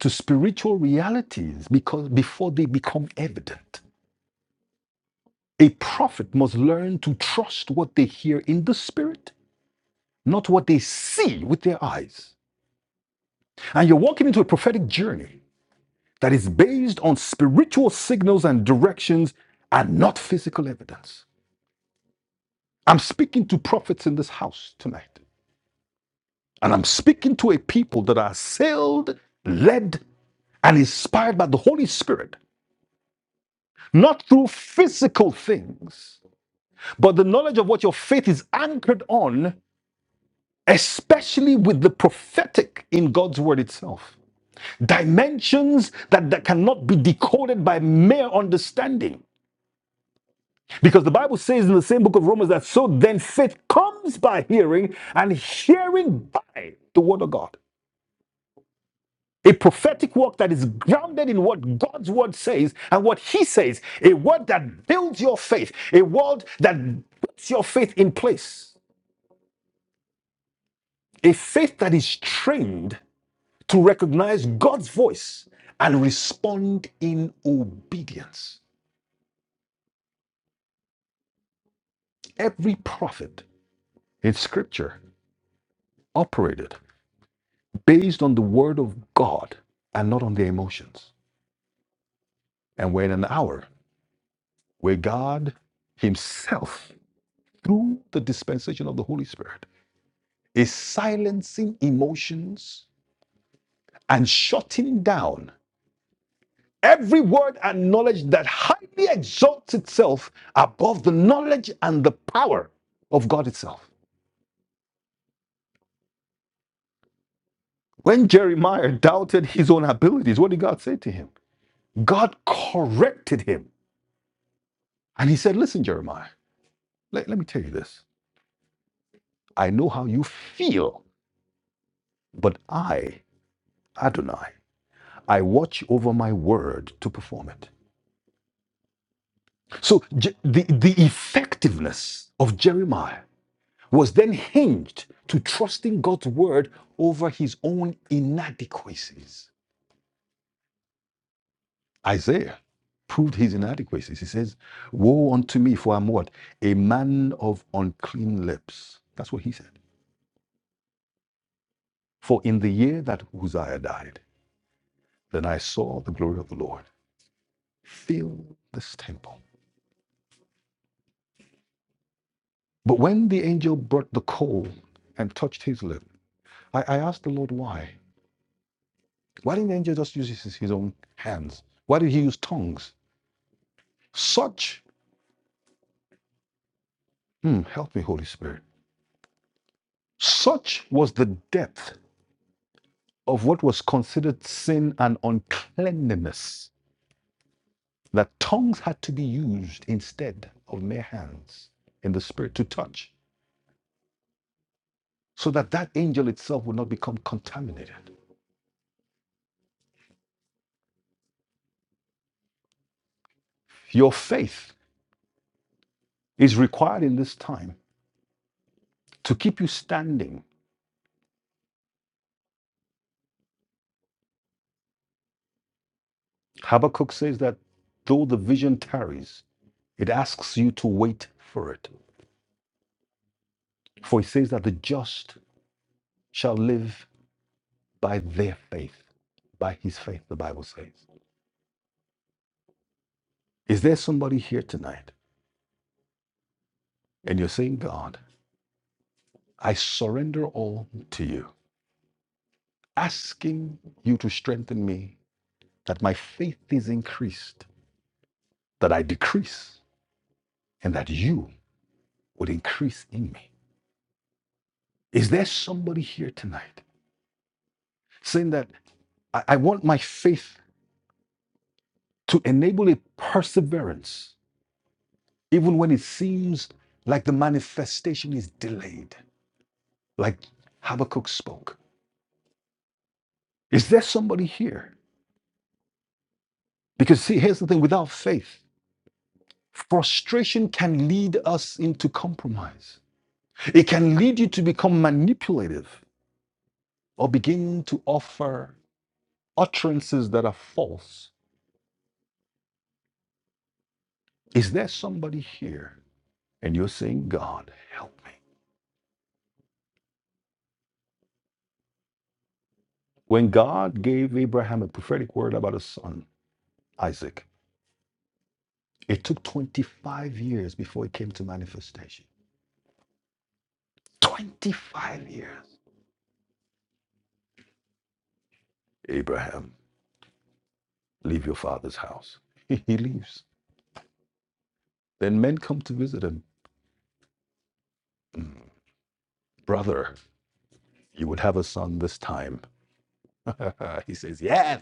S1: to spiritual realities because before they become evident A prophet must learn to trust what they hear in the spirit, not what they see with their eyes. And you're walking into a prophetic journey that is based on spiritual signals and directions and not physical evidence. I'm speaking to prophets in this house tonight, and I'm speaking to a people that are assailed, led, and inspired by the Holy Spirit, not through physical things, but the knowledge of what your faith is anchored on especially with the prophetic in God's word itself. Dimensions that, that cannot be decoded by mere understanding. Because the Bible says in the same book of Romans that so then faith comes by hearing, and hearing by the word of God. A prophetic work that is grounded in what God's word says and what He says. A word that builds your faith, a word that puts your faith in place. A faith that is trained to recognize God's voice and respond in obedience. Every prophet in scripture operated based on the word of God and not on their emotions. And we're in an hour where God Himself, through the dispensation of the Holy Spirit, is silencing emotions and shutting down every word and knowledge that highly exalts itself above the knowledge and the power of God itself. When Jeremiah doubted his own abilities, what did God say to him? God corrected him. And he said, Listen, Jeremiah, let, let me tell you this. I know how you feel, but I, Adonai, I watch over my word to perform it. So Je- the, the effectiveness of Jeremiah was then hinged to trusting God's word over his own inadequacies. Isaiah proved his inadequacies. He says, Woe unto me, for I'm what? A man of unclean lips. That's what he said. For in the year that Uzziah died, then I saw the glory of the Lord fill this temple. But when the angel brought the coal and touched his lip, I, I asked the Lord why. Why didn't the angel just use his, his own hands? Why did he use tongues? Such, hmm, help me, Holy Spirit, such was the depth of what was considered sin and uncleanliness, that tongues had to be used instead of mere hands in the spirit to touch, so that that angel itself would not become contaminated. Your faith is required in this time to keep you standing. Habakkuk says that though the vision tarries, it asks you to wait for it. For it says that the just shall live by their faith, by his faith, the Bible says. Is there somebody here tonight? and you're saying, God, I surrender all to you, asking you to strengthen me, that my faith is increased, that I decrease, and that you would increase in me. Is there somebody here tonight saying that I, I want my faith to enable a perseverance, even when it seems like the manifestation is delayed, like Habakkuk spoke? Is there somebody here? Because see, here's the thing without faith, Frustration can lead us into compromise. It can lead you to become manipulative or begin to offer utterances that are false. Is there somebody here and you're saying, God, help me? When God gave Abraham a prophetic word about his son, Isaac, it took 25 years before it came to manifestation. 25 years. Abraham, leave your father's house. he leaves. Then men come to visit him. Mm, Brother, You would have a son this time. he says, Yes.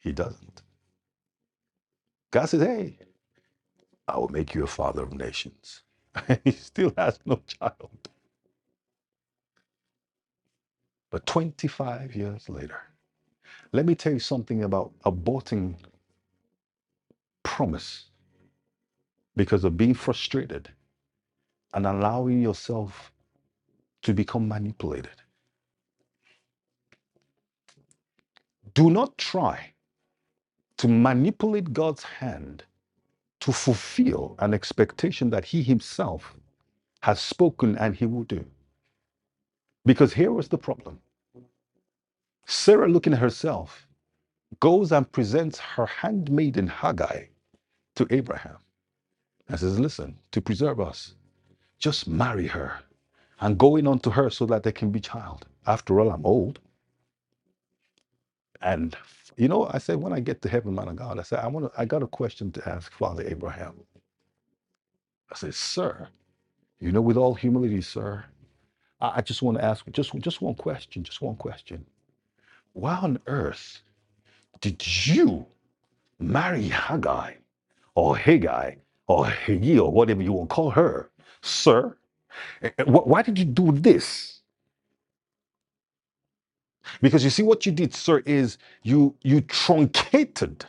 S1: He doesn't. God says, Hey, I will make you a father of nations. he still has no child. But 25 years later, let me tell you something about aborting promise because of being frustrated and allowing yourself to become manipulated. Do not try to manipulate God's hand to fulfill an expectation that He Himself has spoken and He will do. Because here was the problem Sarah, looking at herself, goes and presents her handmaiden Hagar to Abraham and says, Listen, to preserve us, just marry her and go in unto her so that there can be child. After all, I'm old. And you know, I said, when I get to heaven, man of God, I said, I want to, I got a question to ask Father Abraham. I said, Sir, you know, with all humility, sir, I, I just want to ask just just one question, just one question. Why on earth did you Marry Haggai or Haggai or Haggai or whatever you want to call her. Sir, eh, eh, why did you do this? Because you see what you did, sir, is you you truncated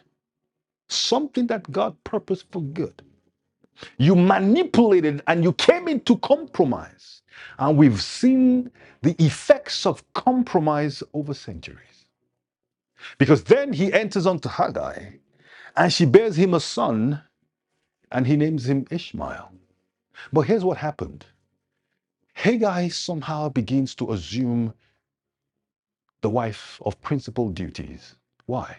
S1: something that God purposed for good. You manipulated and you came into compromise. And we've seen the effects of compromise over centuries. Because then he enters onto Haggai and she bears him a son and he names him Ishmael. But here's what happened Haggai somehow begins to assume the wife of principal duties. Why?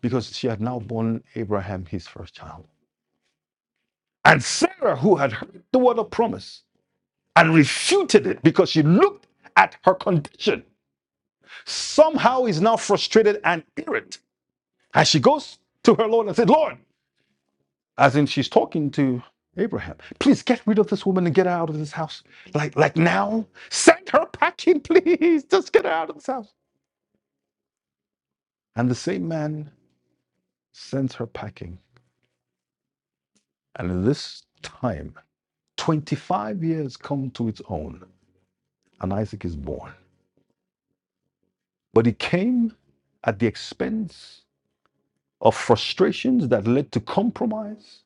S1: Because she had now borne Abraham his first child. And Sarah, who had heard the word of promise and refuted it because she looked at her condition, somehow is now frustrated and irate as she goes to her Lord and said, Lord, as in she's talking to Abraham, please get rid of this woman and get her out of this house. Like, like now, send her packing, please. Just get her out of this house. And the same man sends her packing. And in this time, 25 years come to its own, and Isaac is born. But it came at the expense of frustrations that led to compromise,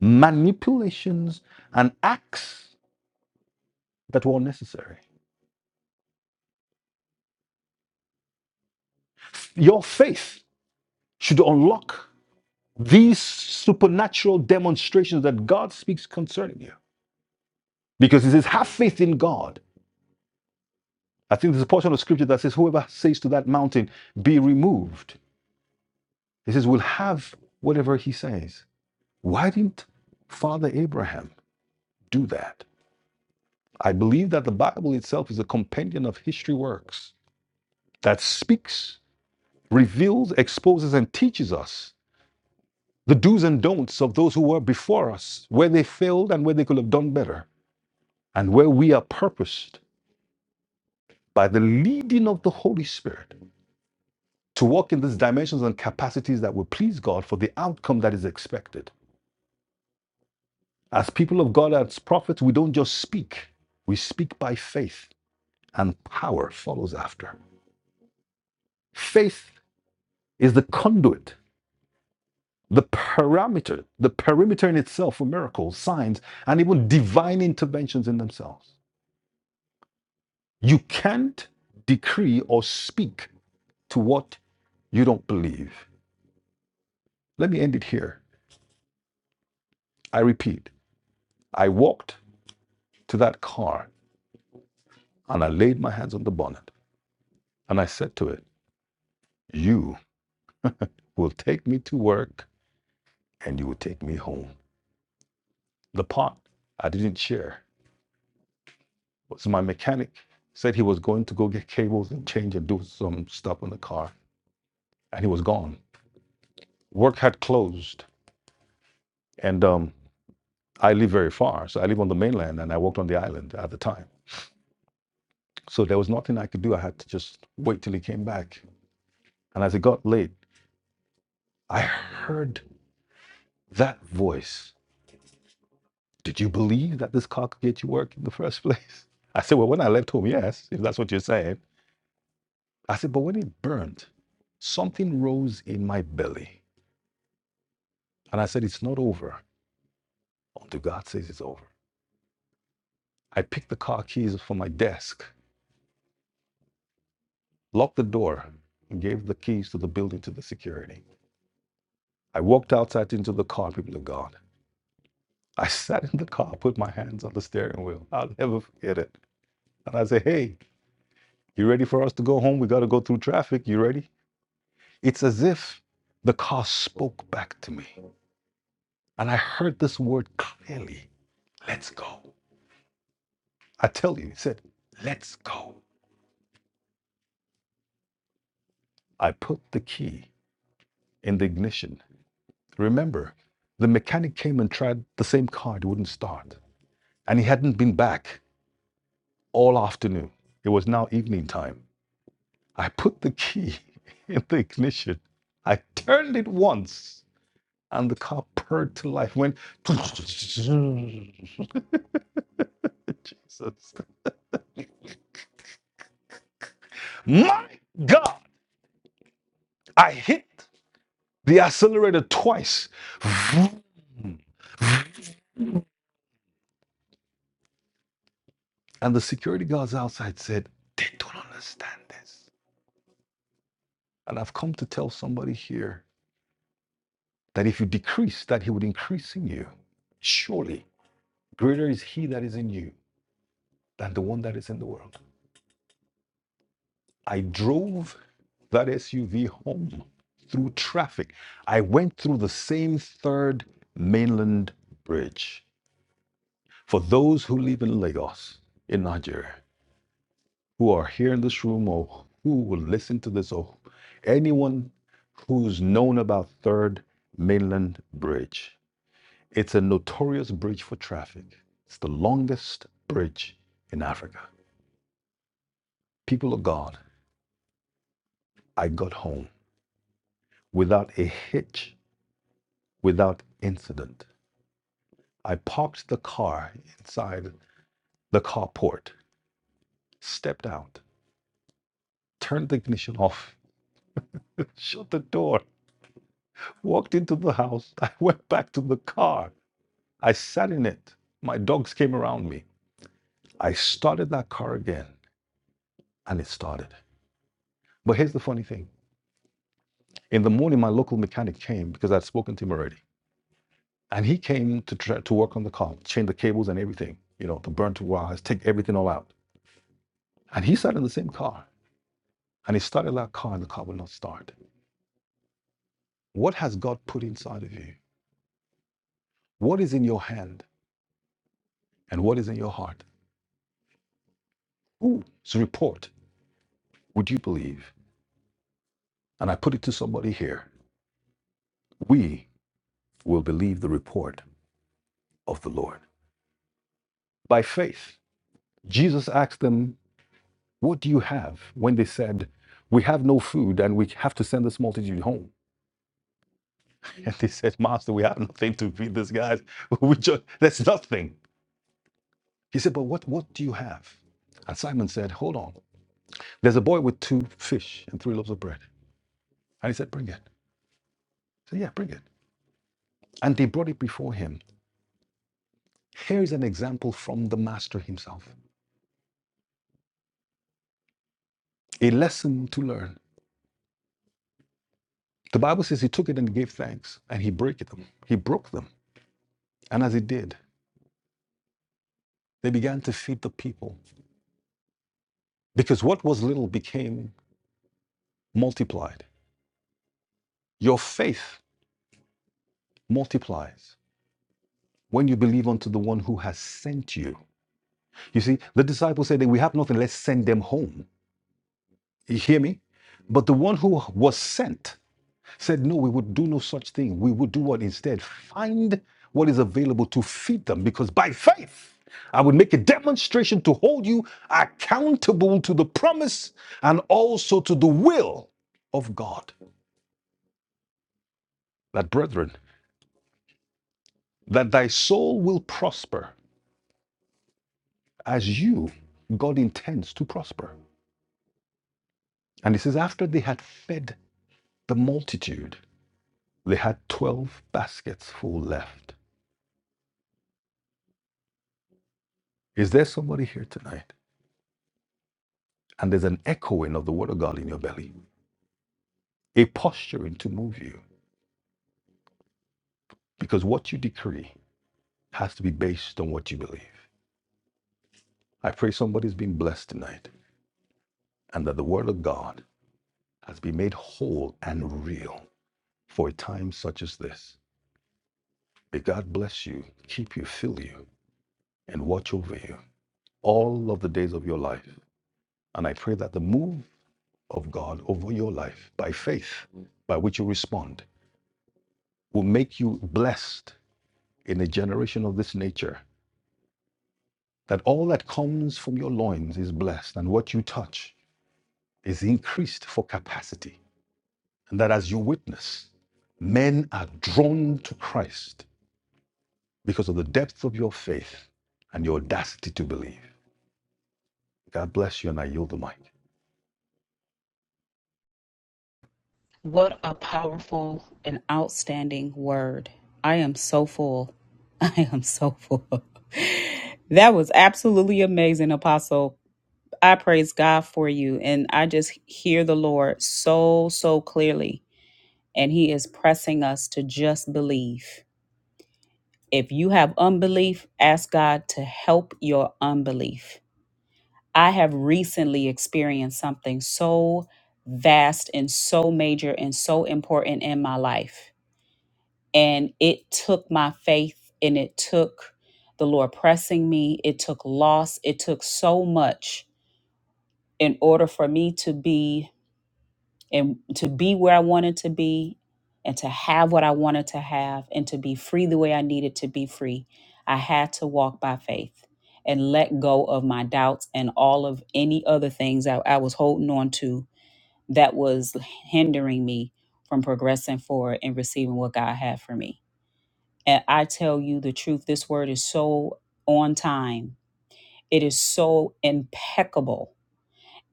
S1: manipulations, and acts that were unnecessary. Your faith should unlock these supernatural demonstrations that God speaks concerning you. Because it says, have faith in God. I think there's a portion of scripture that says, whoever says to that mountain, be removed He says, We'll have whatever he says. Why didn't Father Abraham do that? I believe that the Bible itself is a compendium of history works that speaks, reveals, exposes, and teaches us the do's and don'ts of those who were before us, where they failed and where they could have done better, and where we are purposed by the leading of the Holy Spirit to walk in these dimensions and capacities that will please God for the outcome that is expected. As people of God, as prophets, we don't just speak, we speak by faith, and power follows after. Faith is the conduit, the parameter, the perimeter in itself for miracles, signs, and even divine interventions in themselves. You can't decree or speak to what you don't believe. Let me end it here. I repeat, I walked to that car and I laid my hands on the bonnet and I said to it, You will take me to work and you will take me home. The part I didn't share was my mechanic said he was going to go get cables and change and do some stuff on the car, and he was gone. Work had closed, and um, I live very far, so I live on the mainland, and I worked on the island at the time. So there was nothing I could do. I had to just wait till he came back. And as it got late, I heard that voice. Did you believe that this car could get you work in the first place? I said, Well, when I left home, yes, if that's what you're saying. I said, but when it burned, something rose in my belly. And I said, it's not over until God says it's over. I picked the car keys from my desk, locked the door, and gave the keys to the building to the security. I walked outside into the car, people of God. I sat in the car, put my hands on the steering wheel. I'll never forget it. And I said, hey, you ready for us to go home? We got to go through traffic. You ready? It's as if the car spoke back to me. And I heard this word clearly let's go. I tell you, he said, let's go. I put the key in the ignition. Remember, the mechanic came and tried the same car, it wouldn't start. And he hadn't been back all afternoon. It was now evening time. I put the key in the ignition. I turned it once, and the car purred to life, went. Jesus. My God! I hit the accelerator twice. And the security guards outside said, They don't understand this. And I've come to tell somebody here that if you decrease, that he would increase in you. Surely, greater is he that is in you than the one that is in the world. I drove that SUV home through traffic. I went through the same third mainland bridge. For those who live in Lagos, in Nigeria, who are here in this room or who will listen to this or anyone who's known about Third Mainland Bridge. It's a notorious bridge for traffic. It's the longest bridge in Africa. People of God, I got home without a hitch, without incident. I parked the car inside the carport, stepped out, turned the ignition off, shut the door, walked into the house. I went back to the car I sat in it. My dogs came around me. I started that car again and it started. But here's the funny thing. In the morning, my local mechanic came because I'd spoken to him already. And he came to try, to work on the car, change the cables and everything, you know, the burnt wires, take everything all out. And he sat in the same car and he started that car and the car would not start. What has God put inside of you? What is in your hand and what is in your heart? Whose report would you believe? And I put it to somebody here. We will believe the report of the Lord. By faith, Jesus asked them, What do you have? When they said, We have no food and we have to send this multitude home. And they said, Master, we have nothing to feed these guys. We just, that's nothing. He said, But what, what do you have? And Simon said, Hold on. There's a boy with two fish and three loaves of bread. And he said, Bring it. So Yeah, bring it. And they brought it before him. Here is an example from the master himself, a lesson to learn. The Bible says he took it and gave thanks, and he broke them. He broke them And as it did, they began to feed the people because what was little became multiplied. Your faith multiplies when you believe unto the one who has sent you. You see, the disciples said that we have nothing, let's send them home. You hear me? But the one who was sent said, No, we would do no such thing. We would do what instead? Find what is available to feed them, because by faith, I would make a demonstration to hold you accountable to the promise and also to the will of God. That, brethren, that thy soul will prosper as you, God intends to prosper. And he says, After they had fed the multitude, they had 12 baskets full left. Is there somebody here tonight? and there's an echoing of the word of God in your belly, a posturing to move you, because what you decree has to be based on what you believe. I pray somebody's been blessed tonight and that the word of God has been made whole and real for a time such as this. May God bless you, keep you, fill you, and watch over you all of the days of your life. And I pray that the move of God over your life by faith, by which you respond, will make you blessed in a generation of this nature that all that comes from your loins is blessed, and what you touch is increased for capacity. And that as you witness, men are drawn to Christ because of the depth of your faith and your audacity to believe. God bless you, and I yield the mic.
S2: What a powerful and outstanding word. I am so full. I am so full. that was absolutely amazing, Apostle. I praise God for you. And I just hear the Lord so, so clearly. And He is pressing us to just believe. If you have unbelief, ask God to help your unbelief. I have recently experienced something so vast and so major and so important in my life And it took my faith and it took the Lord pressing me. It took loss. It took so much in order for me to be and to be where I wanted to be and to have what I wanted to have and to be free the way I needed to be free. I had to walk by faith and let go of my doubts and all of any other things I, I was holding on to that was hindering me from progressing forward and receiving what God had for me. And I tell you the truth, this word is so on time. It is so impeccable.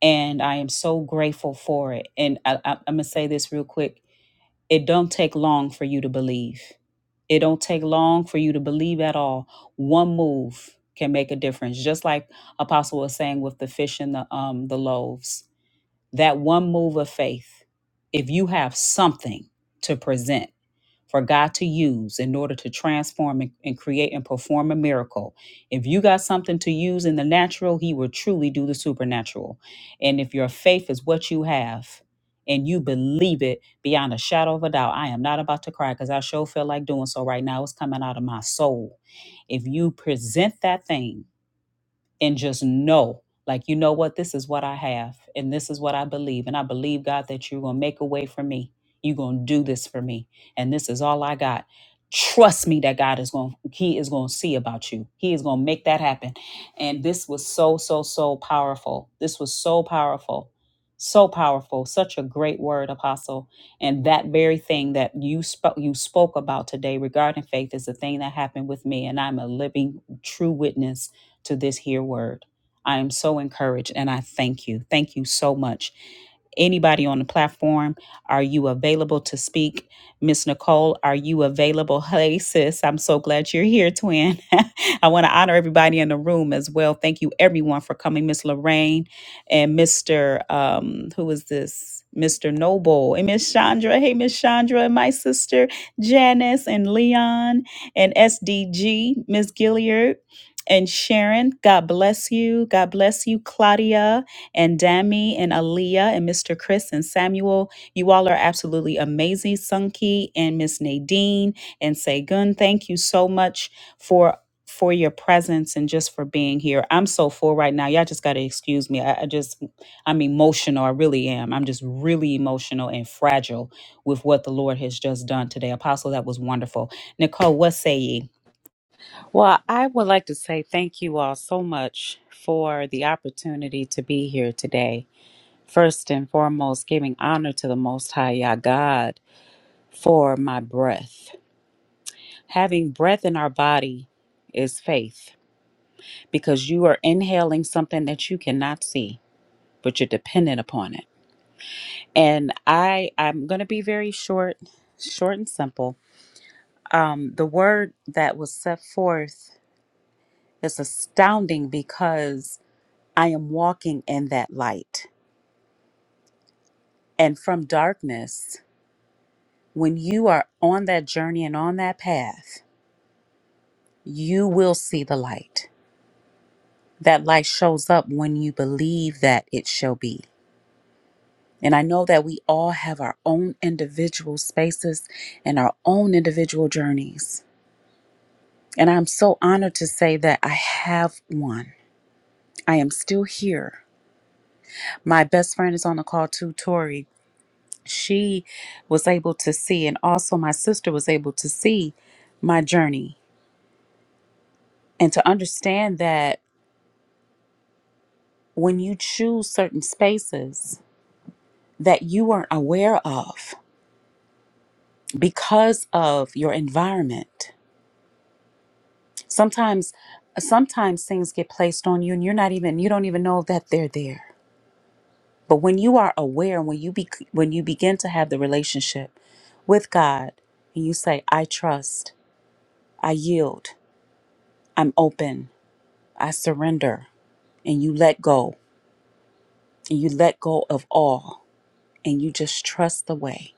S2: And I am so grateful for it. And I, I, I'm going to say this real quick. It don't take long for you to believe. It don't take long for you to believe at all. One move can make a difference. Just like Apostle was saying with the fish and the um the loaves. That one move of faith, if you have something to present for God to use in order to transform and, and create and perform a miracle. If you got something to use in the natural, He will truly do the supernatural. And if your faith is what you have and you believe it beyond a shadow of a doubt, I am not about to cry because I sure feel like doing so right now. It's coming out of my soul. If you present that thing, and just know like you know what this is what i have and this is what i believe and i believe god that you're going to make a way for me you're going to do this for me and this is all i got trust me that god is going he is going to see about you he is going to make that happen and this was so so so powerful this was so powerful so powerful such a great word apostle and that very thing that you spoke you spoke about today regarding faith is the thing that happened with me and i'm a living true witness to this here word. I am so encouraged and I thank you. Thank you so much. Anybody on the platform, are you available to speak? Miss Nicole, are you available? Hey, sis, I'm so glad you're here, twin. I want to honor everybody in the room as well. Thank you, everyone, for coming. Miss Lorraine and Mr. Um, who is this? Mr. Noble and Miss Chandra. Hey, Miss Chandra, and my sister Janice and Leon and SDG, Miss Gilliard and Sharon, God bless you. God bless you, Claudia and Dami and Aaliyah and Mr. Chris and Samuel. You all are absolutely amazing. Sunki and Miss Nadine and Segun, thank you so much for for your presence and just for being here. I'm so full right now. Y'all just gotta excuse me. I, I just I'm emotional. I really am. I'm just really emotional and fragile with what the Lord has just done today. Apostle, that was wonderful. Nicole, what say ye?
S3: Well, I would like to say thank you all so much for the opportunity to be here today. First and foremost, giving honor to the Most High Yah God for my breath. Having breath in our body is faith because you are inhaling something that you cannot see, but you're dependent upon it. And I, I'm going to be very short, short and simple. Um, the word that was set forth It's astounding because I am walking in that light. And from darkness, when you are on that journey and on that path, you will see the light. That light shows up when you believe that it shall be. And I know that we all have our own individual spaces and our own individual journeys. And I'm so honored to say that I have one. I am still here. My best friend is on the call too, Tori she was able to see, and also my sister was able to see my journey and to understand that when you choose certain spaces that you weren't aware of because of your environment, sometimes sometimes things get placed on you and you're not even you don't even know that they're there. But when you are aware, when you be, when you begin to have the relationship with God, and you say, "I trust, I yield, I'm open, I surrender," and you let go and you let go of all and you just trust the way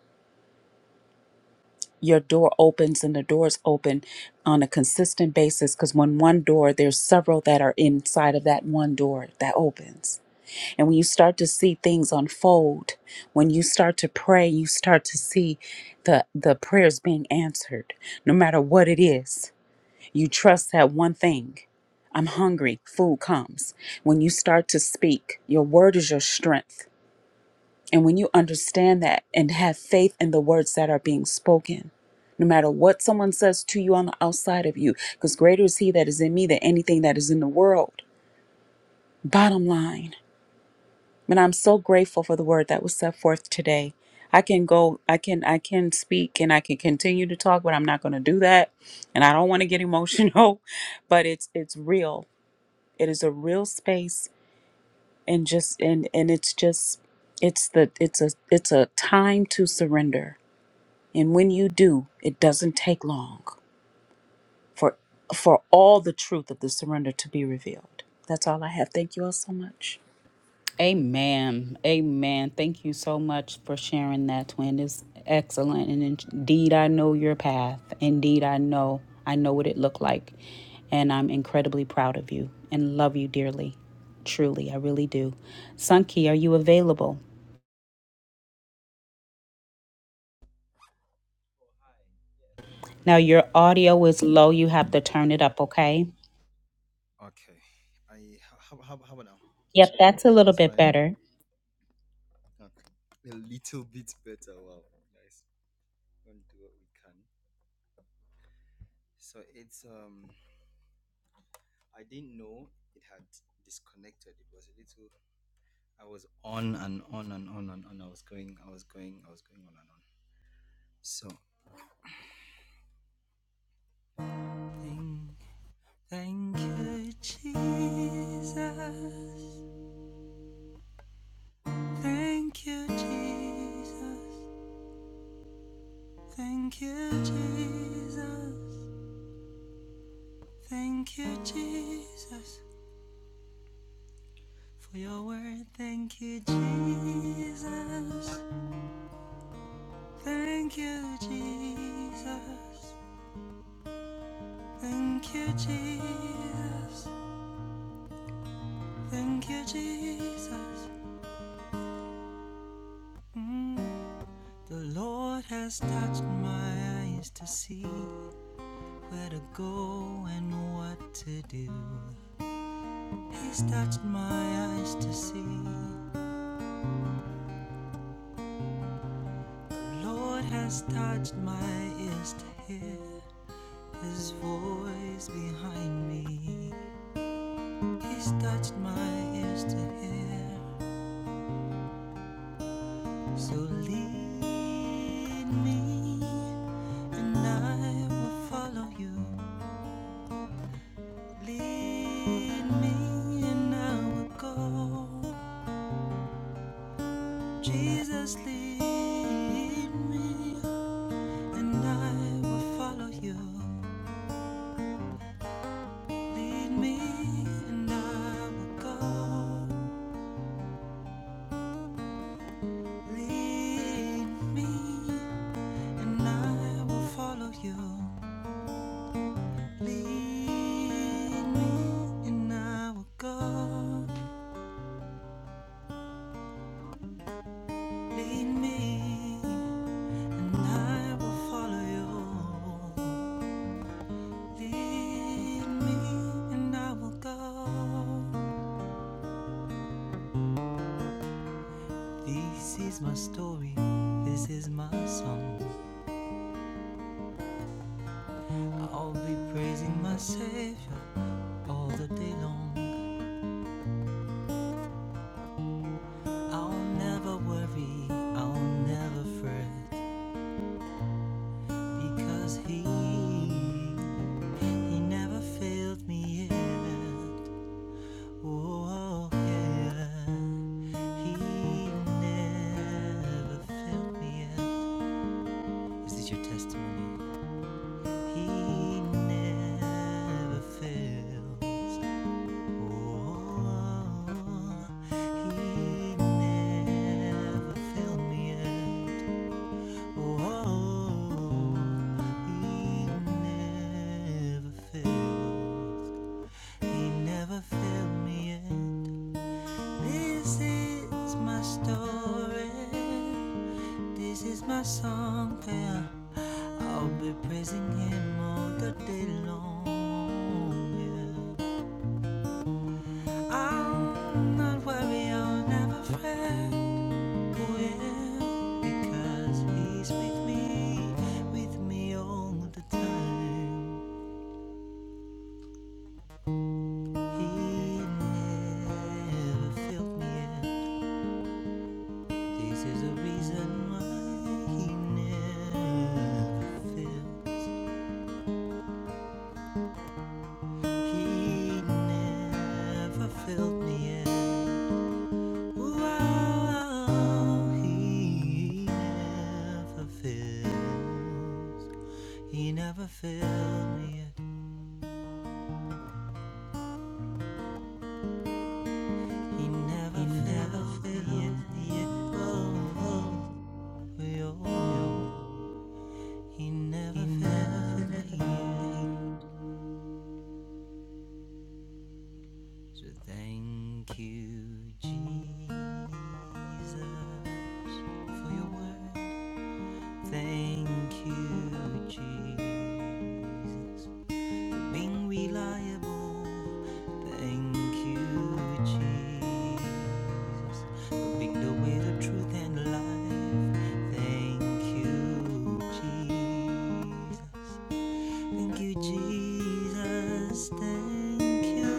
S3: your door opens and the doors open on a consistent basis because when one door there's several that are inside of that one door that opens and when you start to see things unfold when you start to pray you start to see the the prayers being answered no matter what it is you trust that one thing i'm hungry food comes when you start to speak your word is your strength And when you understand that and have faith in the words that are being spoken, no matter what someone says to you on the outside of you, because greater is He that is in me than anything that is in the world. Bottom line, and I'm so grateful for the word that was set forth today. I can go, I can, I can speak, and I can continue to talk, but I'm not going to do that, and I don't want to get emotional. But it's it's real. It is a real space, and just and and it's just it's the it's a it's a time to surrender And when you do, it doesn't take long for for all the truth of the surrender to be revealed. That's all I have. Thank you all so much.
S2: Amen. Amen. Thank you so much for sharing that, twin. It's excellent. And indeed, I know your path. Indeed, I know. I know what it looked like. And I'm incredibly proud of you and love you dearly. Truly, I really do. Sunky, are you available? Now, your audio is low. You have to turn it up, okay?
S4: I how how how about now?
S2: Yep, that's a little
S4: It's
S2: bit
S4: fine.
S2: better.
S4: Okay. A little bit better. Wow, guys, we're gonna do what we can. So it's um, I didn't know it had disconnected. It was a little. I was on and on and on and on. I was going. I was going. I was going on and on. So thank, thank you, Jesus. Thank you, Jesus. Thank you, Jesus. Thank you, Jesus, for your word. Thank you, Jesus. Thank you, Jesus. Thank you, Jesus. Thank you, Jesus. Mm. The Lord has touched my eyes to see where to go and what to do. He's touched my eyes to see. Lord has touched my ears to hear his voice behind me. He's touched my ears to hear. So lead me and I will follow you. Lead me and I will go. Jesus, lead me and I will follow you. Lead me and I will go. Lead me and I will follow you. Lead me and I will go. Lead me and I will follow you. Lead me and I will go. This is my story. This is my song. I'll be praising my Savior all the day long. I'll never worry, I'll never fret, because He, He never failed me yet. Oh, yeah, He never failed me yet. Is this your testimony? He never fails. my Song, yeah. I'll be praising him all the day long. Yeah. I'll not worry, I'll never fret. Oh yeah, because he's with me, with me all the time. He never failed me yet. This is the reason why he never fails. He never failed me yet. Wow, he never fails. He never failed me yet. He never
S1: He never
S4: failed me yet.
S1: failed me. Oh,
S4: Oh, oh, he never
S1: He never
S4: failed me
S1: failed.
S4: yet. So thank you, Jesus, for your word. Thank you, Jesus. being reliable. Thank you, Jesus, for being the way, the truth, and the life. Thank you, Jesus. Thank you, Jesus. Thank you,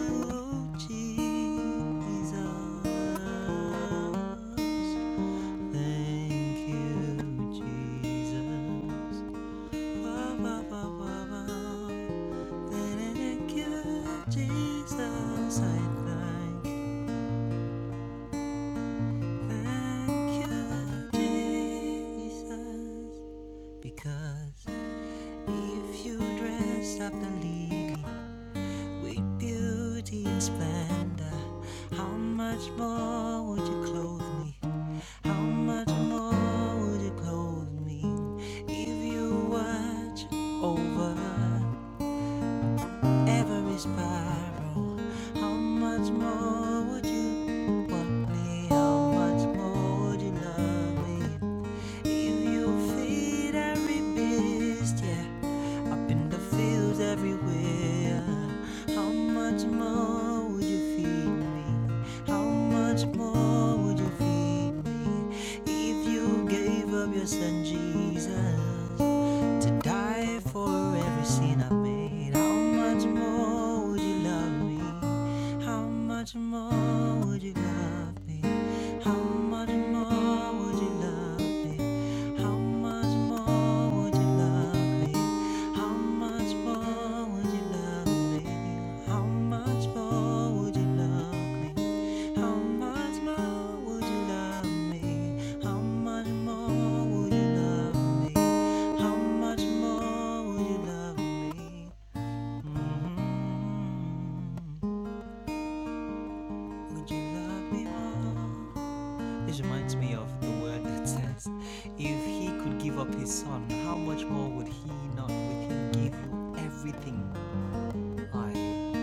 S4: Jesus. Thank you, Jesus. Because if you dressed up the lily with beauty and splendor, how much more would you clothe me? How much more would you clothe me if you watch over? every sparrow. How much more would you want me? How much more would you love me? If you feed every beast, yeah, up in the fields everywhere. How much more would you feed me? How much more would you feed me? If you gave up your son Jesus to die for every scene I've made. How much more would you love me? How much more would you love me? How much more would you love me? How much more would you love me? How much more would you love me? How much more would you love me? How much more would you love me? How much more would you love me? How much more would you love me? Mhm. Would you love me more? This reminds me of the word that says, if he could give up his son, how much more would he not with him give you everything? like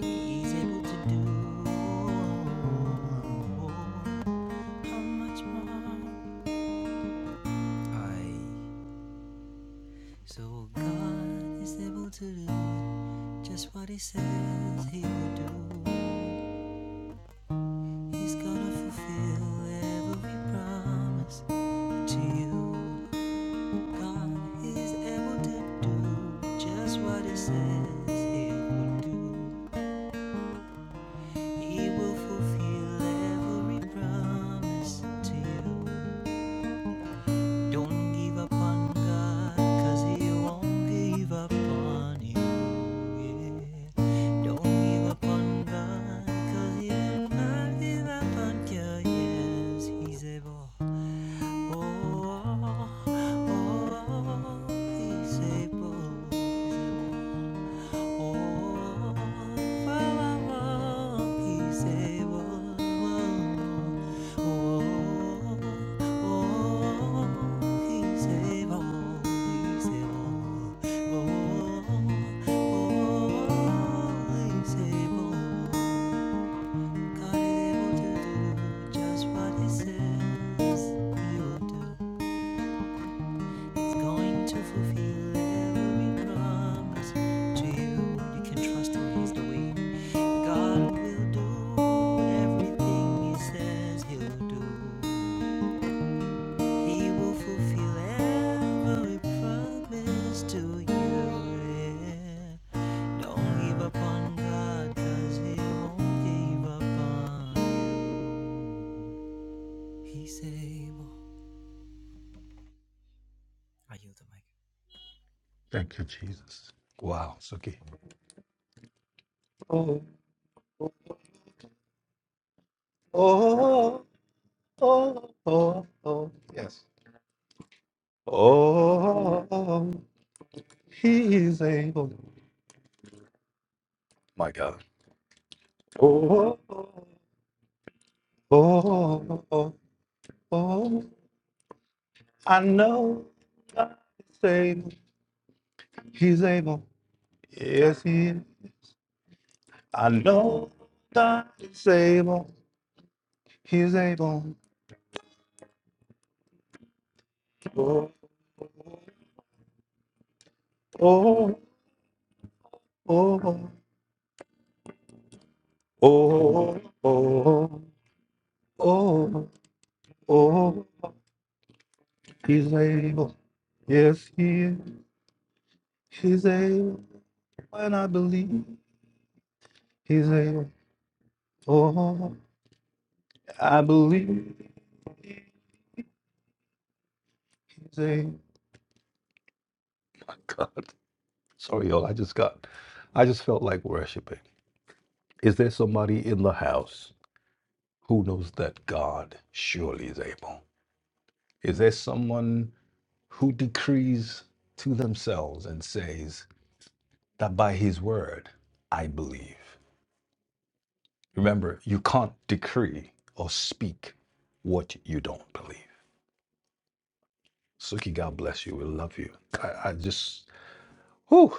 S4: he's able to do. Oh, oh, How much more I so God is able to do just what he says he will do. He's gonna fulfill every promise to you. God is able to do just what he says he will do. He will fulfill every promise to you. Don't give up on God, cause He won't give up on you. Yeah. Don't give up on God, cause He will not give up on you. Yes, He's able. Oh, oh, oh, He's able. He's able. God is able to do just what He says He will do. He's going to fulfill every promise to you. You can trust him, he's the way. God will do everything he says he'll do. He will fulfill every promise to you. Yeah. Don't give up on God, he won't give up on He's able. I yield the mic.
S1: Thank you, Jesus. Wow, it's okay. Oh, oh, oh, oh, oh. Yes. Oh, He is able. My God. Oh, oh, oh, oh, oh. I know God is able. He's able. Yes, he is. I know God is able. He's able. Oh, oh, oh. oh. He's able. Yes, he is. He's able. When I believe, he's able. Oh, I believe. God. Sorry, y'all. I just got, I just felt like worshiping. Is there somebody in the house who knows that God surely is able? Is there someone who decrees to themselves and says that by his word, I believe? Remember, you can't decree or speak what you don't believe. Suki, God bless you. We love you. I, I just Whew.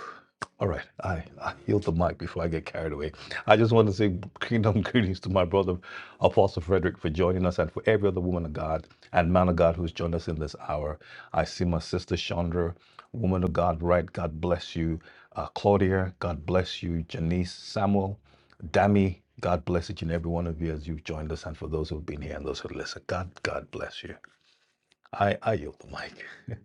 S1: All right, I, I yield the mic before I get carried away. I just want to say kingdom greetings to my brother, Apostle Frederick, for joining us and for every other woman of God and man of God who's joined us in this hour. I see my sister Chandra, woman of God, right? God bless you. Uh, Claudia, God bless you. Janice, Samuel, Dami, God bless each and every one of you as you've joined us and for those who've been here and those who listen. God, God bless you. I, I yield the mic.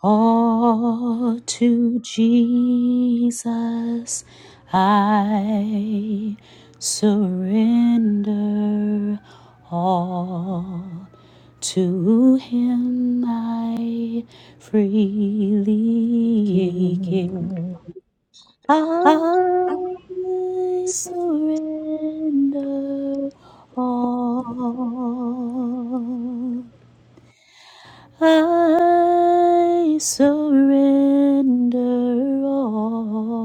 S2: All to Jesus I surrender. All to Him I freely give. I surrender all I surrender all,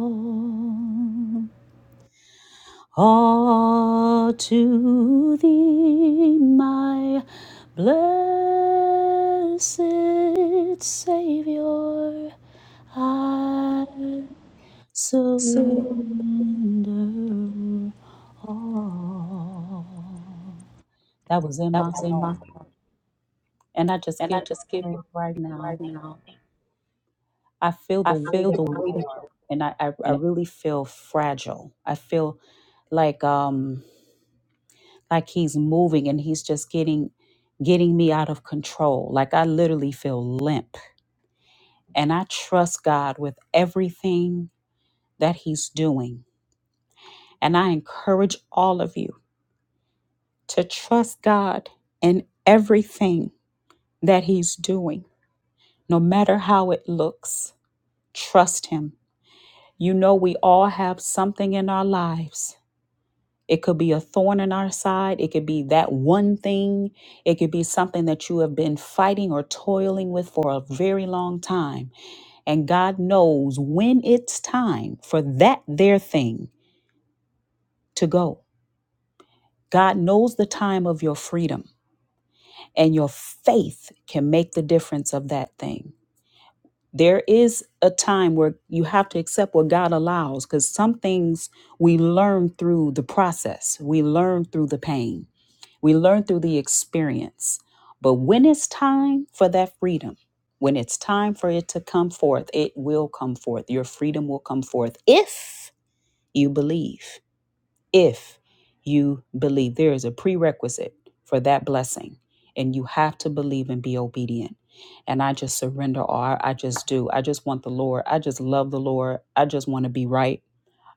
S2: all to thee, my blessed Savior. I
S1: See,
S2: surrender all. That was in
S1: that
S2: my
S1: was in
S2: heart,
S1: my heart.
S2: and I just
S1: And I
S2: give
S1: just give
S2: praise right now.
S1: right now.
S2: I feel
S1: I
S2: the weight
S1: feel
S2: of
S1: the
S2: the
S1: weight of
S2: world, and I, I, I
S1: and
S2: really feel fragile. I feel like um like he's moving and he's just getting getting me out of control. Like I literally feel limp. And I trust God with everything that he's doing. And I encourage all of you to trust God in everything that he's doing, no matter how it looks. Trust him. You know we all have something in our lives It could be a thorn in our side. It could be that one thing. It could be something that you have been fighting or toiling with for a very long time. And God knows when it's time for that their thing to go. God knows the time of your freedom, and your faith can make the difference of that thing. There is a time where you have to accept what God allows because some things we learn through the process, we learn through the pain. We learn through the experience. But when it's time for that freedom, when it's time for it to come forth, it will come forth. Your freedom will come forth if you believe. If you believe, there is a prerequisite for that blessing. And you have to believe and be obedient. And I just surrender all. I I just do. I just want the Lord. I just love the Lord. I just want to be right.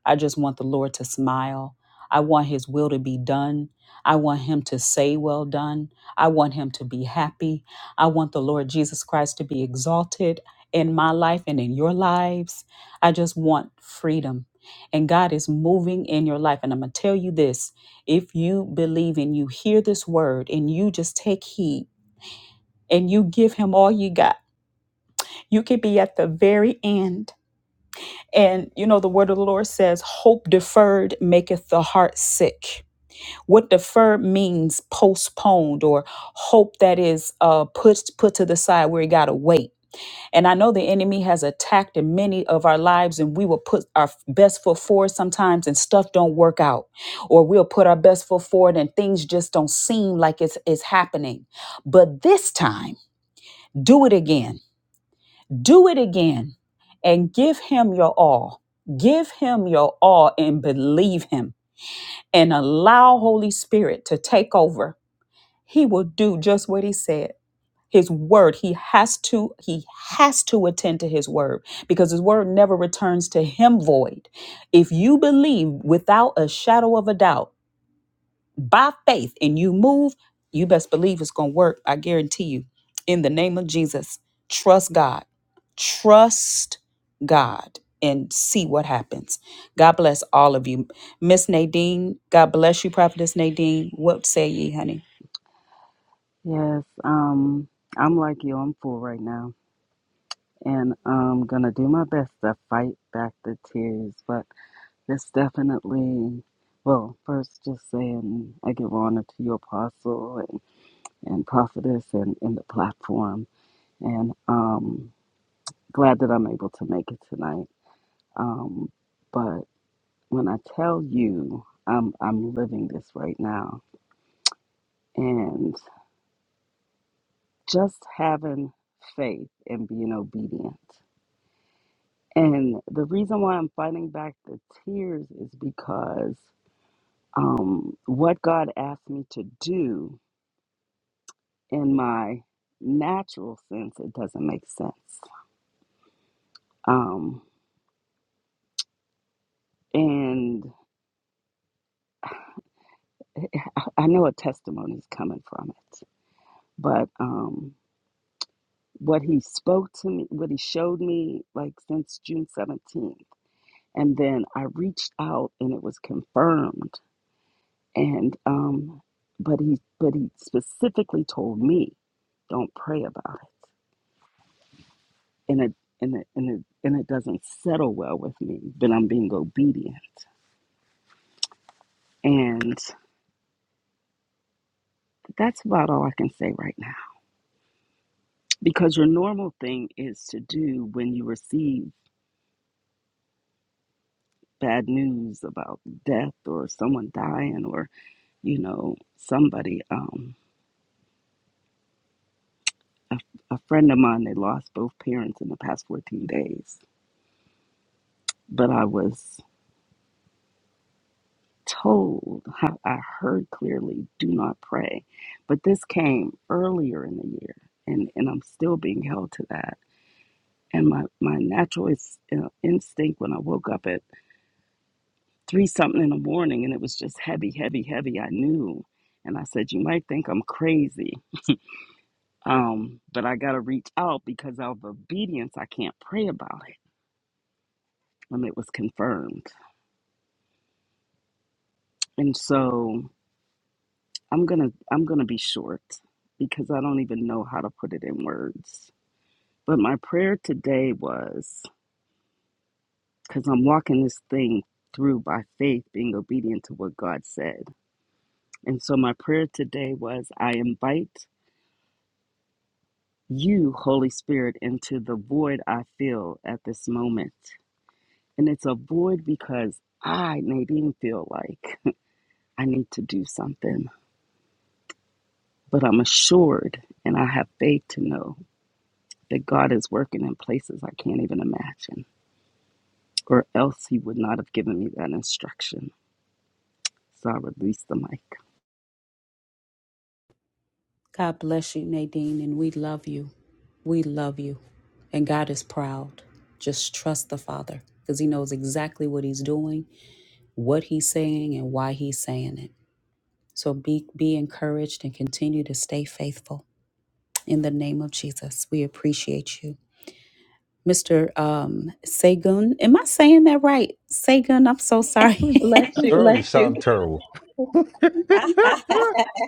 S2: I just want the Lord to smile. I want his will to be done. I want him to say, Well done. I want him to be happy. I want the Lord Jesus Christ to be exalted in my life and in your lives. I just want freedom. And God is moving in your life. And I'm going to tell you this if you believe and you hear this word and you just take heed and you give him all you got, you could be at the very end and you know, the word of the Lord says, Hope deferred maketh the heart sick. What deferred means postponed or hope that is uh, put, put to the side where you got to wait. And I know the enemy has attacked in many of our lives, and we will put our best foot forward sometimes, and stuff don't work out, or we'll put our best foot forward, and things just don't seem like it's, it's happening. But this time, do it again do it again and give him your all. Give him your all and believe him and allow Holy Spirit to take over. He will do just what he said. His word, he has to he has to attend to his word because his word never returns to him void. If you believe without a shadow of a doubt, by faith and you move, you best believe it's going to work. I guarantee you. In the name of Jesus, trust God. Trust God and see what happens. God bless all of you. Miss Nadine, God bless you, Prophetess Nadine. What say ye, honey?
S5: Yes, um, I'm like you, I'm full right now. And I'm gonna do my best to fight back the tears, but it's definitely, well, first just saying I give honor to your apostle and, and prophetess and, and the platform. And um, glad that I'm able to make it tonight. Um, but when I tell you, I'm, I'm living this right now. and. just having faith and being obedient. And the reason why I'm fighting back the tears is because um, what God asked me to do in my natural sense, it doesn't make sense. Um, and I know a testimony is coming from it, but um, what He spoke to me, what He showed me, like since June 17th, and then I reached out and it was confirmed and um but he but he specifically told me don't pray about it and it and it and it, and it doesn't settle well with me but i'm being obedient and that's about all i can say right now because your normal thing is to do when you receive bad news about death or someone dying or you know somebody um a, a friend of mine they lost both parents in the past 14 days but i was told how I heard clearly, do not pray. But this came earlier in the year, and, and I'm still being held to that. And my, my natural is, uh, instinct when I woke up at three something in the morning and it was just heavy, heavy, heavy, I knew. And I said, You might think I'm crazy, um, but I got to reach out because out of obedience, I can't pray about it. And it was confirmed. And so I'm going to I'm going to be short because I don't even know how to put it in words But my prayer today was because I'm walking this thing through by faith, being obedient to what God said. And so my prayer today was I invite you, Holy Spirit, into the void I feel at this moment. And it's a void because I, Nadine, feel like I need to do something. But I'm assured and I have faith to know that God is working in places I can't even imagine, or else He would not have given me that instruction. So I release the mic.
S2: God bless you, Nadine, and we love you. We love you. And God is proud. Just trust the Father because He knows exactly what He's doing, what He's saying, and why He's saying it. So be be encouraged and continue to stay faithful. In the name of Jesus, we appreciate you. Mr. Um, Segun, am I saying that right? Segun, I'm so
S1: we
S2: sorry.
S1: bless you. Girl, you
S2: bless you.
S1: sound terrible.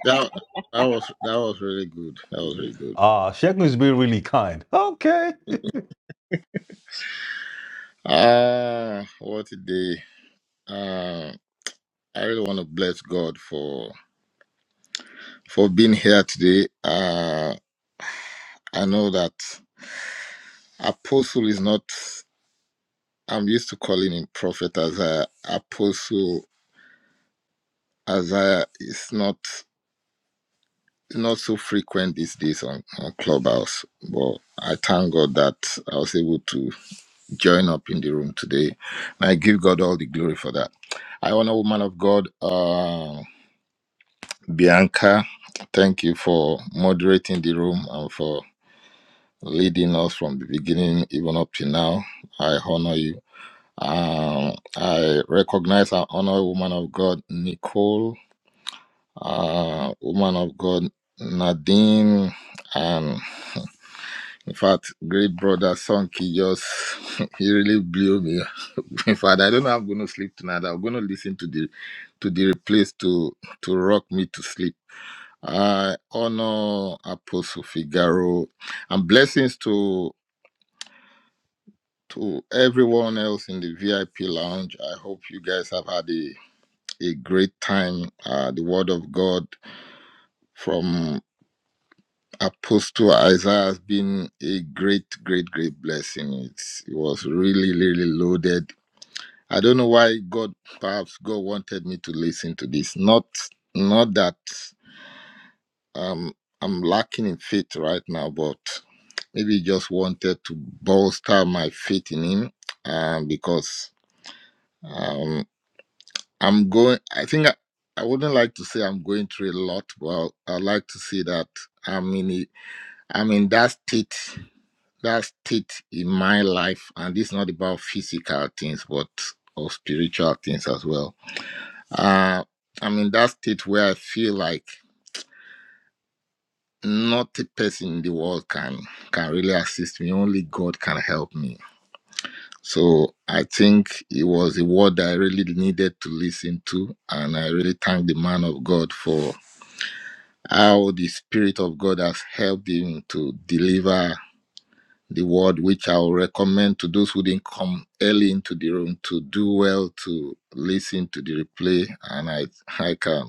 S6: That that was that was really good. That was really good.
S1: Ah, she has been really kind. Okay.
S6: Ah, what a day! Uh, I really want to bless God for for being here today. Uh, I know that apostle is not. I'm used to calling him prophet as a apostle. As I, it's not it's not so frequent these days on, on Clubhouse. But I thank God that I was able to join up in the room today. And I give God all the glory for that. I honor woman of God, uh, Bianca. Thank you for moderating the room and for leading us from the beginning, even up to now. I honor you. Um, I recognize and honor woman of God, Nicole, uh, woman of God, Nadine, and in fact, great brother Sonky just, he really blew me Father, I don't know how I'm going to sleep tonight. I'm going to listen to the to the replays to to rock me to sleep. I honor Apostle Figaro and blessings to to everyone else in the VIP lounge. I hope you guys have had a a great time. Uh, the Word of God from Apostle Isaiah has been a great, great, great blessing. It's, it was really, really loaded I don't know why God, perhaps God wanted me to listen to this. Not, not that um, I'm lacking in faith right now, but maybe he just wanted to bolster my faith in Him, um, because um, I'm going. I think I, I wouldn't like to say I'm going through a lot, but I like to say that I'm in. a- I'm in that state. That state in my life, and it's not about physical things, but of spiritual things as well Uh, I'm in that state where I feel like not a person in the world can can really assist me. Only God can help me. So I think it was a word that I really needed to listen to, and I really thank the man of God for how the Spirit of God has helped him to deliver the word, which I will recommend to those who didn't come early into the room to do well to listen to the replay. And I, I can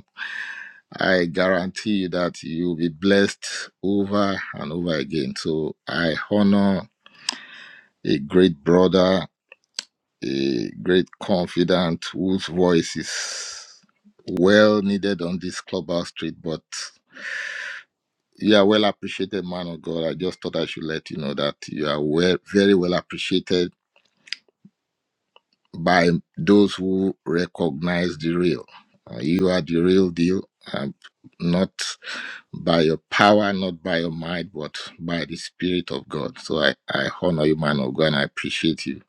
S6: I guarantee you that you'll be blessed over and over again. So I honor a great brother, a great confidant whose voice is well needed on this clubhouse street, but you are well appreciated, man of God. I just thought I should let you know that you are well, very well appreciated by those who recognize the real. Uh, you are the real deal. i not. by your power, not by your might, but by the Spirit of God. So I, I honor you, man of God, and I appreciate you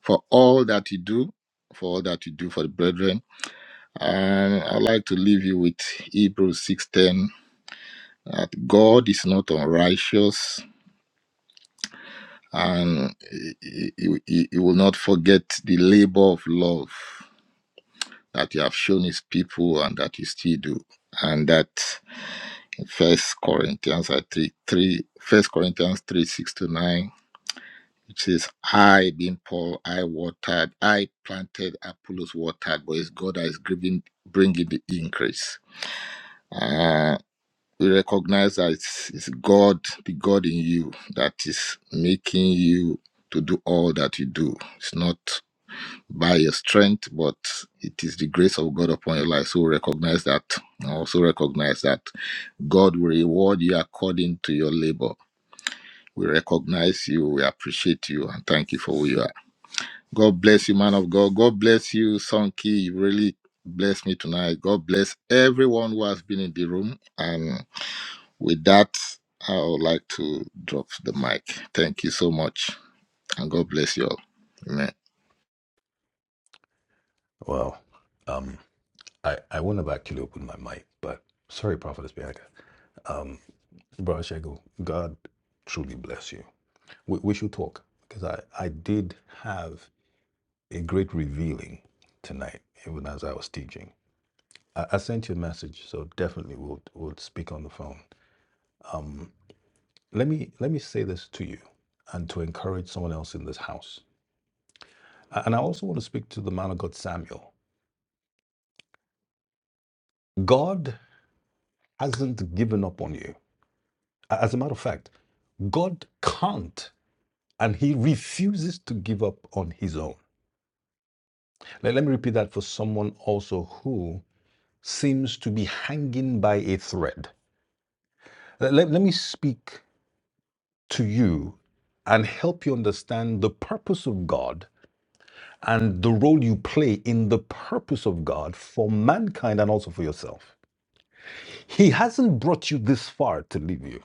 S6: for all that you do, for all that you do for the brethren. And I'd like to leave you with Hebrews 6.10, that God is not unrighteous and he, he, he he will not forget the labor of love that you have shown his people and that you still do. And that First Corinthians I think, 3, 1 Corinthians 3, 6 to 9, It says, I, being Paul, I watered, I planted, Apollos watered, but it's God that is giving, bringing the increase. Uh, we recognize that it's, it's God, the God in you, that is making you to do all that you do. It's not by your strength, but it is the grace of God upon your life. So recognize that. And Also recognize that God will reward you according to your labor. We recognize you, we appreciate you, and thank you for who you are. God bless you, man of God. God bless you, Sonki. You really blessed me tonight. God bless everyone who has been in the room. And with that, I would like to drop the mic. Thank you so much. And God bless you all. Amen.
S1: Well, um, I, I wouldn't have actually opened my mic, but sorry, Prophetess Bianca. Um, Brother Shego, God truly bless you. We, we should talk because I, I did have a great revealing tonight, even as I was teaching. I, I sent you a message, so definitely we'll, we'll speak on the phone. Um, let me let me say this to you and to encourage someone else in this house A- and i also want to speak to the man of god samuel god hasn't given up on you A- as a matter of fact god can't and he refuses to give up on his own let, let me repeat that for someone also who seems to be hanging by a thread let, let let me speak to you and help you understand the purpose of god and the role you play in the purpose of God for mankind and also for yourself. He hasn't brought you this far to leave you.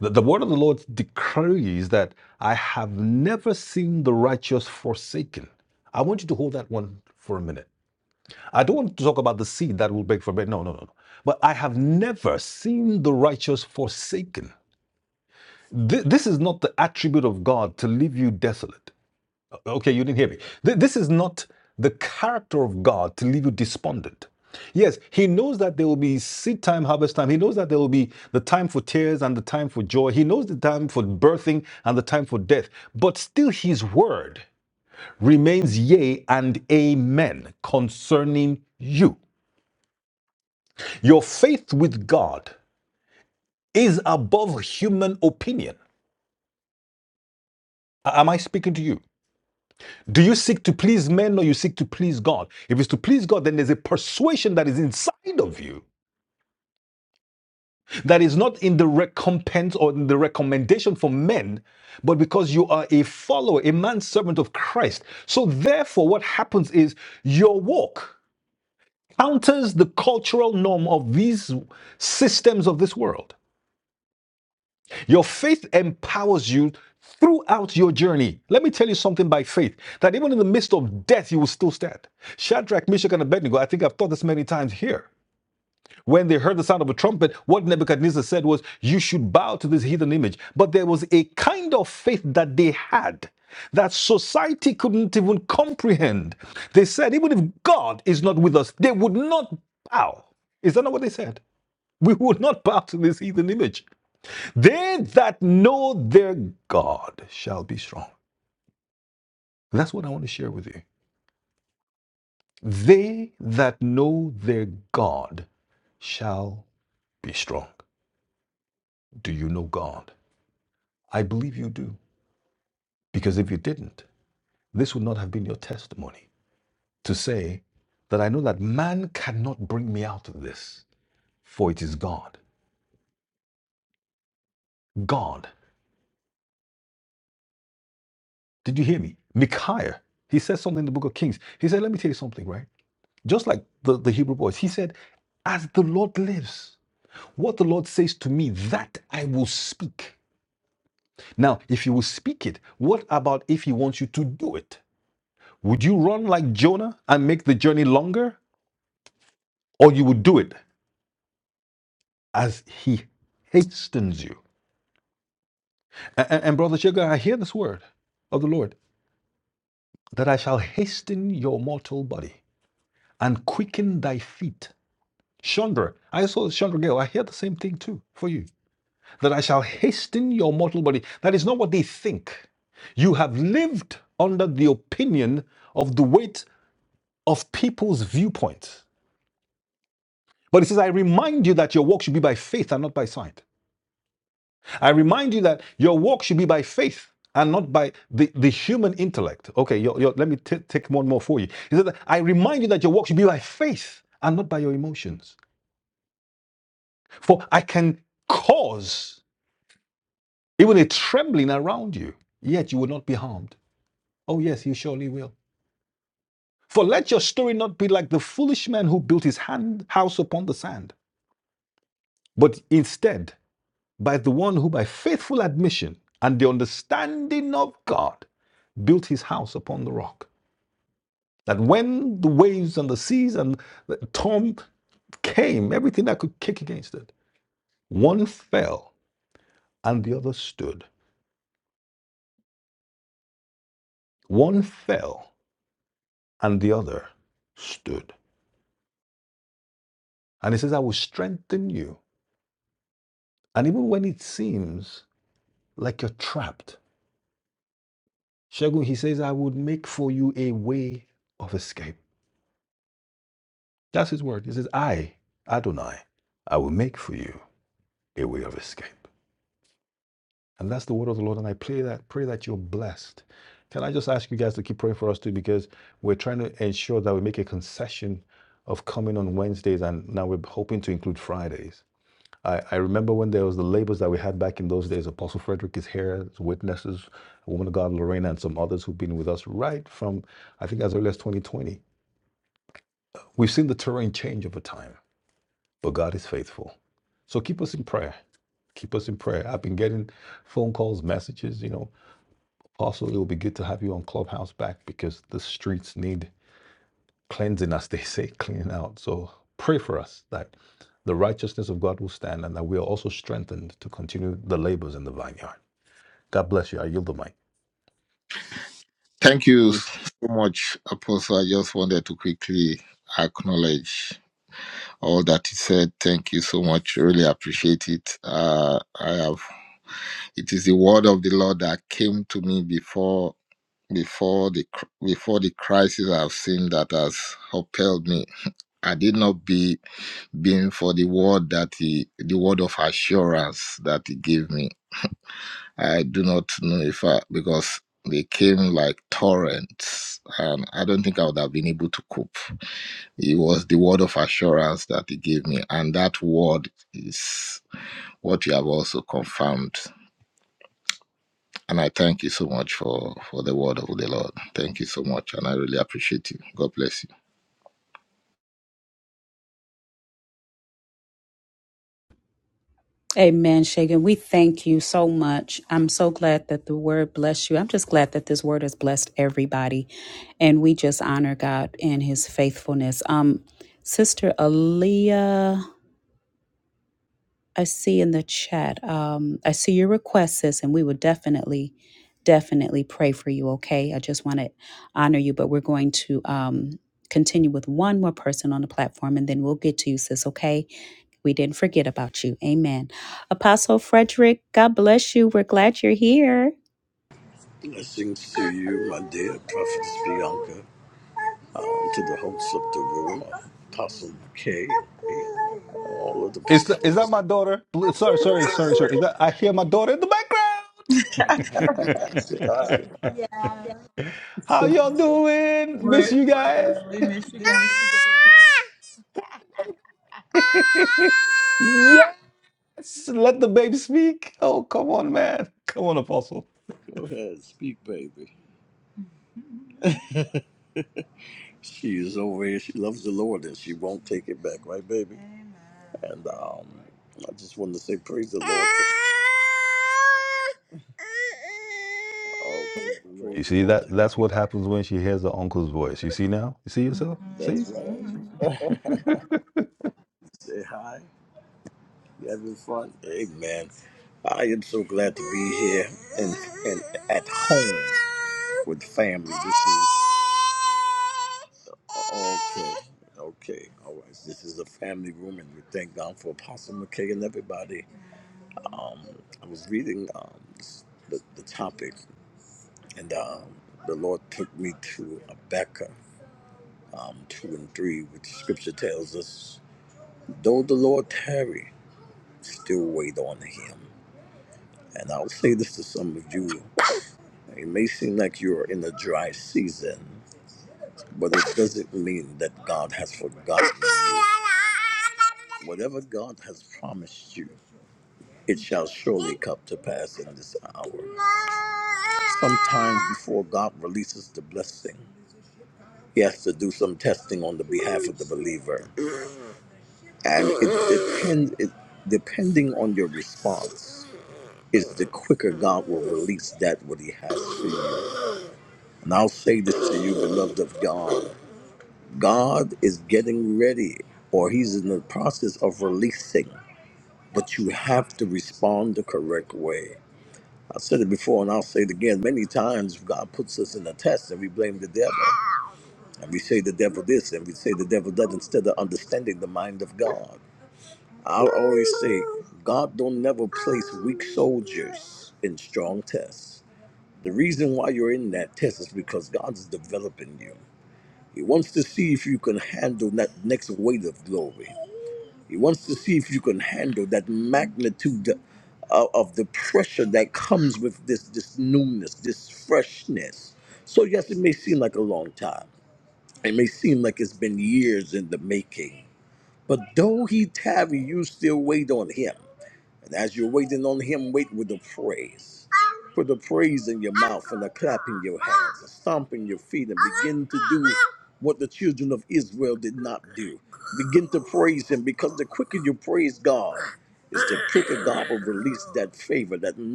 S1: The, the word of the Lord declares that I have never seen the righteous forsaken. I want you to hold that one for a minute. I don't want to talk about the seed that will beg for bread. No, no, no, no. But I have never seen the righteous forsaken. Th- this is not the attribute of God to leave you desolate. Okay, you didn't hear me. Th- this is not the character of God to leave you despondent. Yes, He knows that there will be seed time, harvest time. He knows that there will be the time for tears and the time for joy. He knows the time for birthing and the time for death. But still, His word remains yea and amen concerning you. Your faith with God is above human opinion. Am I speaking to you? Do you seek to please men or you seek to please God? If it's to please God, then there's a persuasion that is inside of you that is not in the recompense or in the recommendation for men, but because you are a follower, a man servant of Christ. So therefore, what happens is your walk counters the cultural norm of these systems of this world. Your faith empowers you throughout your journey. Let me tell you something by faith that even in the midst of death, you will still stand. Shadrach, Meshach, and Abednego, I think I've taught this many times here. When they heard the sound of a trumpet, what Nebuchadnezzar said was, You should bow to this heathen image. But there was a kind of faith that they had that society couldn't even comprehend. They said, Even if God is not with us, they would not bow. Is that not what they said? We would not bow to this heathen image. They that know their God shall be strong. And That's what I want to share with you. They that know their God shall be strong. Do you know God? I believe you do. Because if you didn't, this would not have been your testimony to say that I know that man cannot bring me out of this, for it is God. God. Did you hear me? Micaiah, he says something in the book of Kings. He said, Let me tell you something, right? Just like the, the Hebrew boys, he said, As the Lord lives. What the Lord says to me, that I will speak. Now, if you will speak it, what about if He wants you to do it? Would you run like Jonah and make the journey longer? Or you would do it as He hastens you? And, and, Brother Sugar, I hear this word of the Lord that I shall hasten your mortal body and quicken thy feet. Chandra, I saw Chandra Gale. I hear the same thing too for you that I shall hasten your mortal body. That is not what they think. You have lived under the opinion of the weight of people's viewpoint. But it says, I remind you that your walk should be by faith and not by sight. I remind you that your walk should be by faith and not by the, the human intellect. Okay, your, your, let me t- take one more for you. He said, I remind you that your walk should be by faith and not by your emotions. For I can cause even a trembling around you, yet you will not be harmed. Oh, yes, you surely will. For let your story not be like the foolish man who built his hand, house upon the sand, but instead by the one who, by faithful admission and the understanding of God, built his house upon the rock. That when the waves and the seas and the storm came, everything that could kick against it, one fell and the other stood. One fell and the other stood. And he says, I will strengthen you. And even when it seems like you're trapped. Shagun, he says, I would make for you a way of escape. That's his word. He says, I, Adonai, I will make for you a way of escape. And that's the word of the Lord. And I pray that, pray that you're blessed. Can I just ask you guys to keep praying for us too? Because we're trying to ensure that we make a concession of coming on Wednesdays. And now we're hoping to include Fridays. I, I remember when there was the labels that we had back in those days. Apostle Frederick is here, as witnesses, a woman of God, Lorena, and some others who've been with us right from, I think, as early as 2020. We've seen the terrain change over time, but God is faithful. So keep us in prayer. Keep us in prayer. I've been getting phone calls, messages, you know. Also, it will be good to have you on Clubhouse back because the streets need cleansing, as they say, cleaning out. So pray for us that the righteousness of God will stand and that we are also strengthened to continue the labors in the vineyard. God bless you. I yield the mic.
S6: Thank you so much, Apostle. I just wanted to quickly acknowledge all that he said. Thank you so much. Really appreciate it. Uh, I have. It is the word of the Lord that came to me before before the before the crisis I've seen that has upheld me. I did not be being for the word that he, the word of assurance that he gave me. I do not know if I because they came like torrents, and I don't think I would have been able to cope. It was the word of assurance that he gave me, and that word is what you have also confirmed. And I thank you so much for for the word of the Lord. Thank you so much, and I really appreciate you. God bless you.
S2: Amen, Shagan. We thank you so much. I'm so glad that the word bless you. I'm just glad that this word has blessed everybody. And we just honor God and his faithfulness. Um, Sister Aaliyah. I see in the chat. Um, I see your request, sis, and we will definitely, definitely pray for you. Okay, I just want to honor you, but we're going to um, continue with one more person on the platform, and then we'll get to you, sis. Okay, we didn't forget about you. Amen. Apostle Frederick, God bless you. We're glad you're here.
S1: Is the, is that my daughter? Bl- Sorry, sorry, sorry, sorry. Is that I hear my daughter in the background?
S7: Yeah.
S1: How y'all doing? Miss
S7: We're,
S1: you
S7: uh,
S1: guys.
S7: we miss you guys.
S1: Yes, let the baby speak. Oh, come on, man. Come on, Apostle.
S7: To...
S1: You see that? That's what happens when she hears her uncle's voice. You see now? You see yourself? See?
S7: This is you.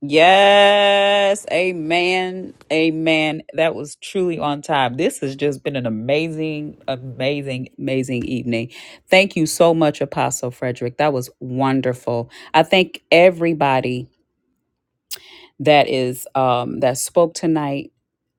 S2: Yes, amen, amen. That was truly on time. This has just been an amazing, amazing, amazing evening. Thank you so much, Apostle Frederick. That was wonderful. I thank everybody that is um, that spoke tonight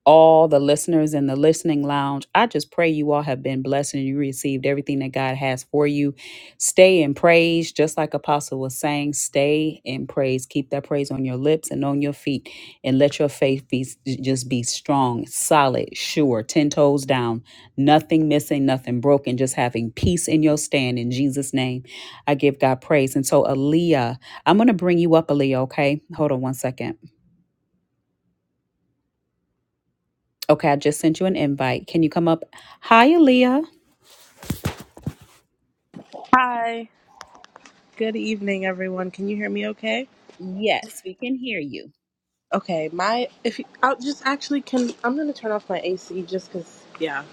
S2: all the listeners in the listening lounge i just pray you all have been blessed and you received everything that god has for you stay in praise just like apostle was saying stay in praise keep that praise on your lips and on your feet and let your faith be just be strong solid sure 10 toes down nothing missing nothing broken just having peace in your stand in jesus name i give god praise and so aaliyah i'm going to bring you up aaliyah okay hold on one second Okay, I just sent you an invite. Can you come up? Hi, Aaliyah.
S8: Hi. Good evening, everyone. Can you hear me okay?
S2: Yes, we can hear you.
S8: Okay, my if you, I'll just actually can I'm gonna turn off my AC just cause yeah.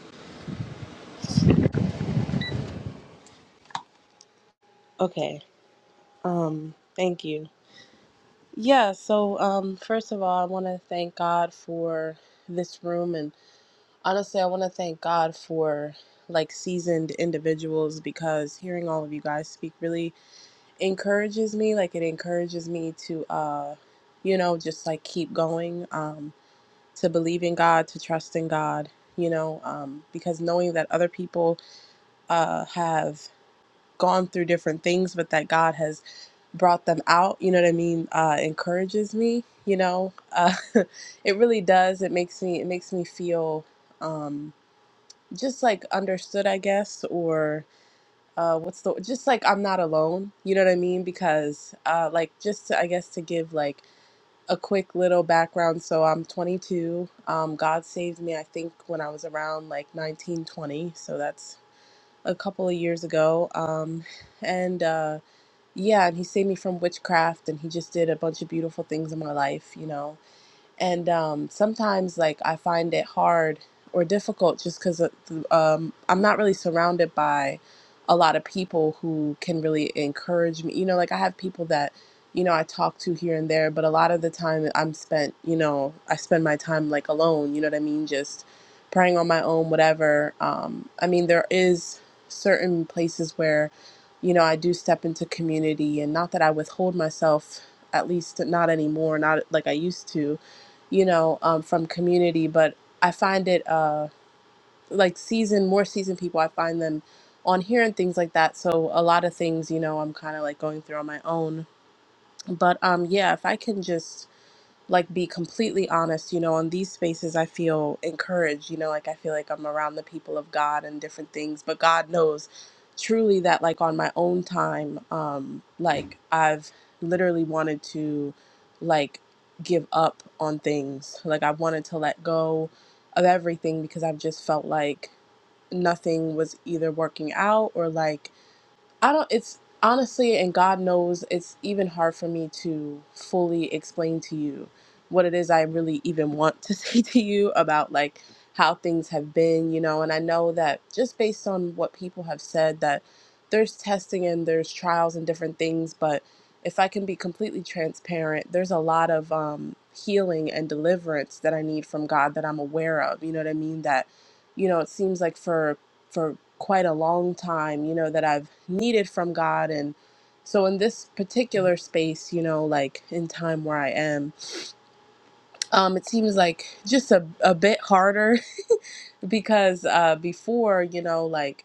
S8: Okay. Um. Thank you. Yeah. So um. First of all, I want to thank God for this room, and honestly, I want to thank God for like seasoned individuals because hearing all of you guys speak really encourages me. Like it encourages me to uh, you know, just like keep going. Um to believe in God, to trust in God, you know, um, because knowing that other people uh, have gone through different things, but that God has brought them out, you know what I mean, uh, encourages me, you know, uh, it really does. It makes me, it makes me feel um, just like understood, I guess, or uh, what's the, just like I'm not alone, you know what I mean? Because uh, like, just to, I guess, to give like, a quick little background. So I'm 22. Um, God saved me, I think, when I was around like 1920. So that's a couple of years ago. Um, and uh, yeah, and He saved me from witchcraft, and He just did a bunch of beautiful things in my life, you know and um, sometimes like i find it hard or difficult just because um, i'm not really surrounded by a lot of people who can really encourage me you know like i have people that you know i talk to here and there but a lot of the time i'm spent you know i spend my time like alone you know what i mean just praying on my own whatever um, i mean there is certain places where you know i do step into community and not that i withhold myself at least not anymore not like i used to you know, um, from community. But I find it uh, like seasoned, more seasoned people, I find them on here and things like that. So a lot of things, you know, I'm kind of like going through on my own. But um, yeah, if I can just like be completely honest you know in these spaces i feel encouraged you know like i feel like i'm around the people of god and different things but god knows truly that like on my own time um like i've literally wanted to like give up on things like i wanted to let go of everything because i've just felt like nothing was either working out or like I don't, it's honestly, and God knows, it's even hard for me to fully explain to you what it is I really even want to say to you about like how things have been, you know. And I know that just based on what people have said, that there's testing and there's trials and different things, but if I can be completely transparent, there's a lot of um, healing and deliverance that I need from God that I'm aware of. You know what I mean? That, you know, it seems like for for quite a long time, you know, that I've needed from God. And so in this particular space, you know, like in time where I am, um, it seems like just a, a bit harder because uh, before, you know, like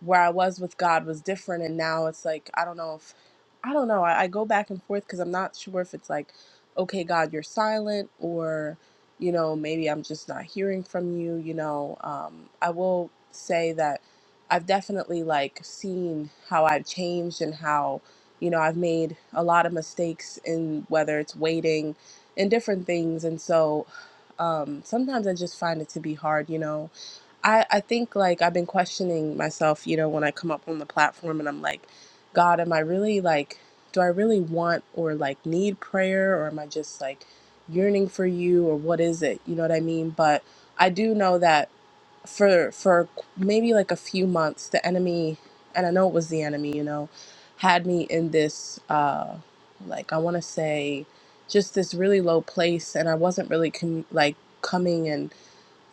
S8: where I was with God was different, and now it's like I don't know if I don't know. I, I go back and forth because I'm not sure if it's like, okay, God, you're silent, or you know, maybe I'm just not hearing from you. You know, um, I will say that I've definitely like seen how I've changed and how you know I've made a lot of mistakes in whether it's waiting and different things, and so um, sometimes I just find it to be hard, you know I, I think like I've been questioning myself, you know, when I come up on the platform and I'm like, God, am I really like, do I really want or like need prayer or am I just like yearning for you or what is it? You know what I mean? But I do know that for for maybe like a few months, the enemy, and I know it was the enemy, you know, had me in this uh like I want to say just this really low place and I wasn't really com- like coming and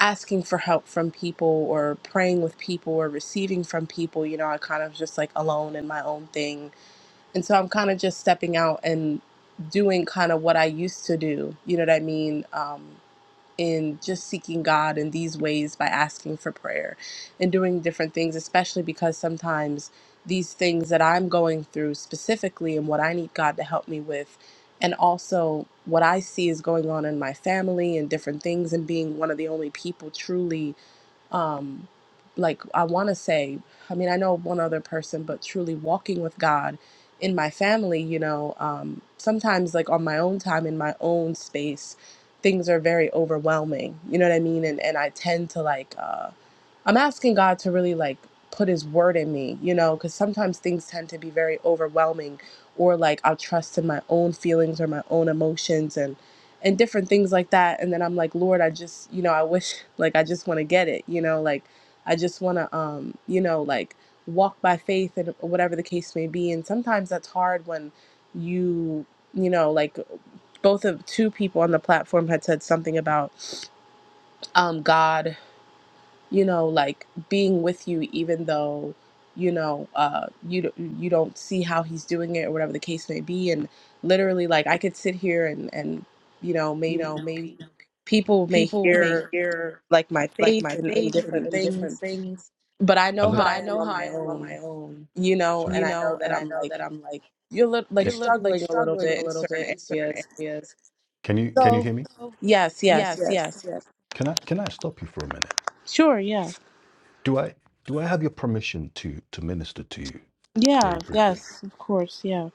S8: asking for help from people or praying with people or receiving from people, you know, I kind of just like alone in my own thing. And so I'm kind of just stepping out and doing kind of what I used to do, you know what I mean? Um, in just seeking God in these ways by asking for prayer and doing different things, especially because sometimes these things that I'm going through specifically and what I need God to help me with, and also what I see is going on in my family and different things, and being one of the only people truly um like i want to say i mean i know one other person but truly walking with god in my family you know um sometimes like on my own time in my own space things are very overwhelming you know what i mean and and i tend to like uh, I'm asking God to really like put his word in me, you know, because sometimes things tend to be very overwhelming or like I'll trust in my own feelings or my own emotions and and different things like that. And then I'm like, Lord, I just, you know, I wish like I just want to get it, you know, like I just want to um, you know, like walk by faith and whatever the case may be. And sometimes that's hard when you, you know, like both of two people on the platform had said something about um God you know like being with you even though you know uh you d- you don't see how he's doing it or whatever the case may be and literally like I could sit here and and you know
S1: You
S8: maybe
S1: know, maybe
S8: people may
S1: people may
S8: hear
S1: hear
S8: like my
S1: like
S8: faith
S1: my
S8: and, and
S1: faith and,
S8: different
S1: and different
S8: things
S1: things,
S8: but I
S1: but
S8: know
S1: Alea.
S8: how I
S1: I
S8: am
S1: know
S8: on
S1: how I
S8: my
S1: am on
S8: own
S1: my own,
S8: you know
S1: Sorry.
S8: and
S1: you
S8: I know
S1: know,
S8: that
S1: and I
S8: I'm
S1: know
S8: like
S1: that I'm like.
S8: you're li- like
S1: you're Can, lit like
S8: struggling a little
S1: struggling a
S8: bit in
S1: little
S8: certain
S1: bit in certain
S8: areas
S1: areas. can you can you
S8: so
S1: hear me? So
S8: yes yes
S1: yes,
S8: yes
S1: yes, yes. Can I can I stop you for a minute?
S8: sure yeah
S1: Do I do I have your permission to to minister to you
S8: yeah
S1: very briefly?
S8: yes of course yeah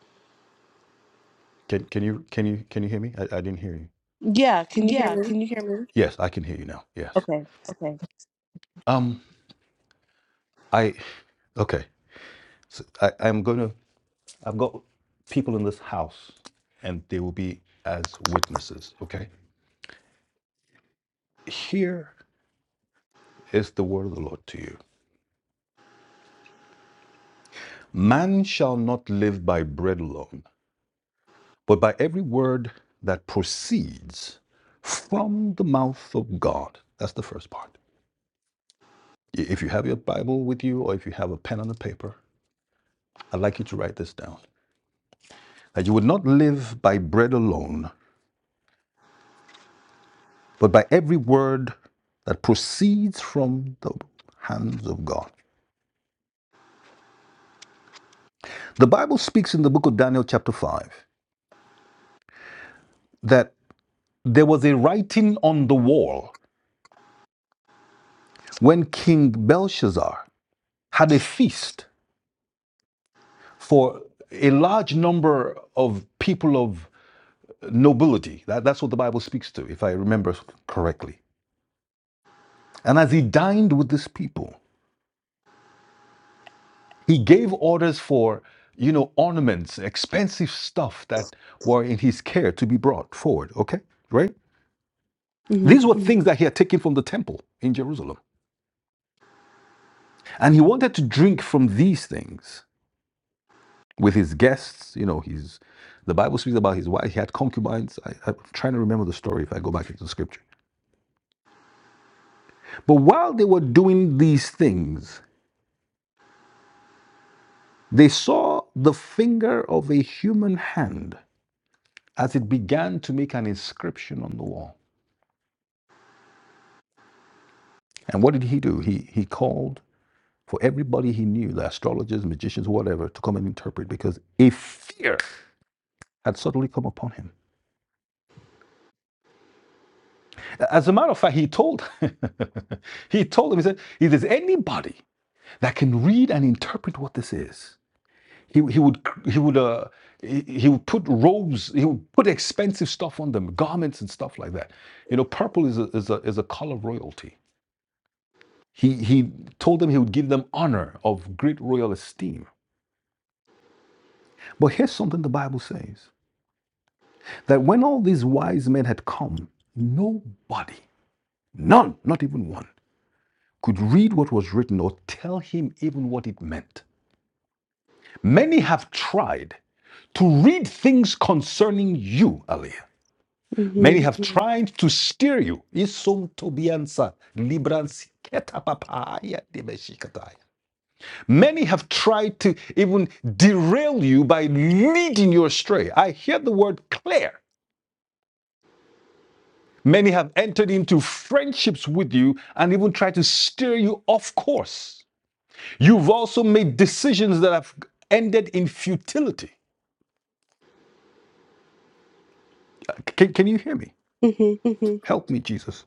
S1: Can can you can you can you hear me? I, I didn't hear you.
S8: yeah can you
S1: Yeah,
S8: hear me
S1: can you hear me? Yes, I can hear you now. Yes.
S8: Okay.
S1: Okay. Um. I okay. So I I'm gonna. I've got people in this house, and they will be as witnesses. Okay. Here is the word of the Lord to you. Man shall not live by bread alone, but by every word that proceeds from the mouth of God. That's the first part. If you have your Bible with you or if you have a pen and a paper, I'd like you to write this down. That you would not live by bread alone, but by every word that proceeds from the hands of God. The Bible speaks in the book of Daniel, chapter 5, that there was a writing on the wall when King Belshazzar had a feast for a large number of people of nobility. That, that's what the Bible speaks to, if I remember correctly. And as he dined with this people, he gave orders for, you know, ornaments, expensive stuff that were in his care to be brought forward. Okay, right?
S8: Mhm.
S1: These were things that he had taken from the temple in Jerusalem. And he wanted to drink from these things with his guests. You know, his the Bible speaks about his wife. He had concubines. I, I'm trying to remember the story if I go back into the scripture. But while they were doing these things, they saw the finger of a human hand as it began to make an inscription on the wall. And what did he do? He, he called for everybody he knew, the astrologers, magicians, whatever, to come and interpret because a fear had suddenly come upon him. As a matter of fact, he told he told them, he said, if there's anybody that can read and interpret what this is, He, he would he would uh he, he would put robes he would put expensive stuff on them garments and stuff like that you know purple is a is a, is a color of royalty he he told them he would give them honor of great royal esteem but here's something the bible says that when all these wise men had come nobody none not even one could read what was written or tell him even what it meant many have tried to read things concerning you Aliyah. Many
S8: Mhm.
S1: have tried to steer you. Isum tobiansa librans ketapapaya debeshikataya. Many have tried to even derail you by leading you astray. I hear the word clear. Many have entered into friendships with you and even tried to steer you off course. You've also made decisions that have ended in futility. Uh, Can, can you hear me?
S8: Mhm.
S1: hmm Help me, Jesus.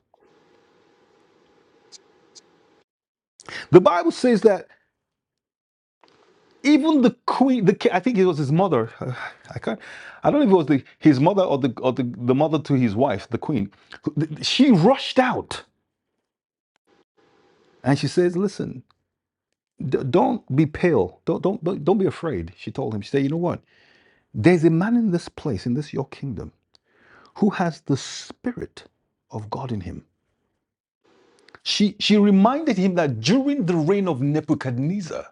S1: The Bible says that even the queen the i think it was his mother i can't i don't know if it was the his mother or the or the, the mother to his wife the queen she rushed out and she says listen d- don't be pale don't, don't don't don't be afraid she told him she said you know what there's a man in this place in this your kingdom who has the spirit of god in him she she reminded him that during the reign of nebuchadnezzar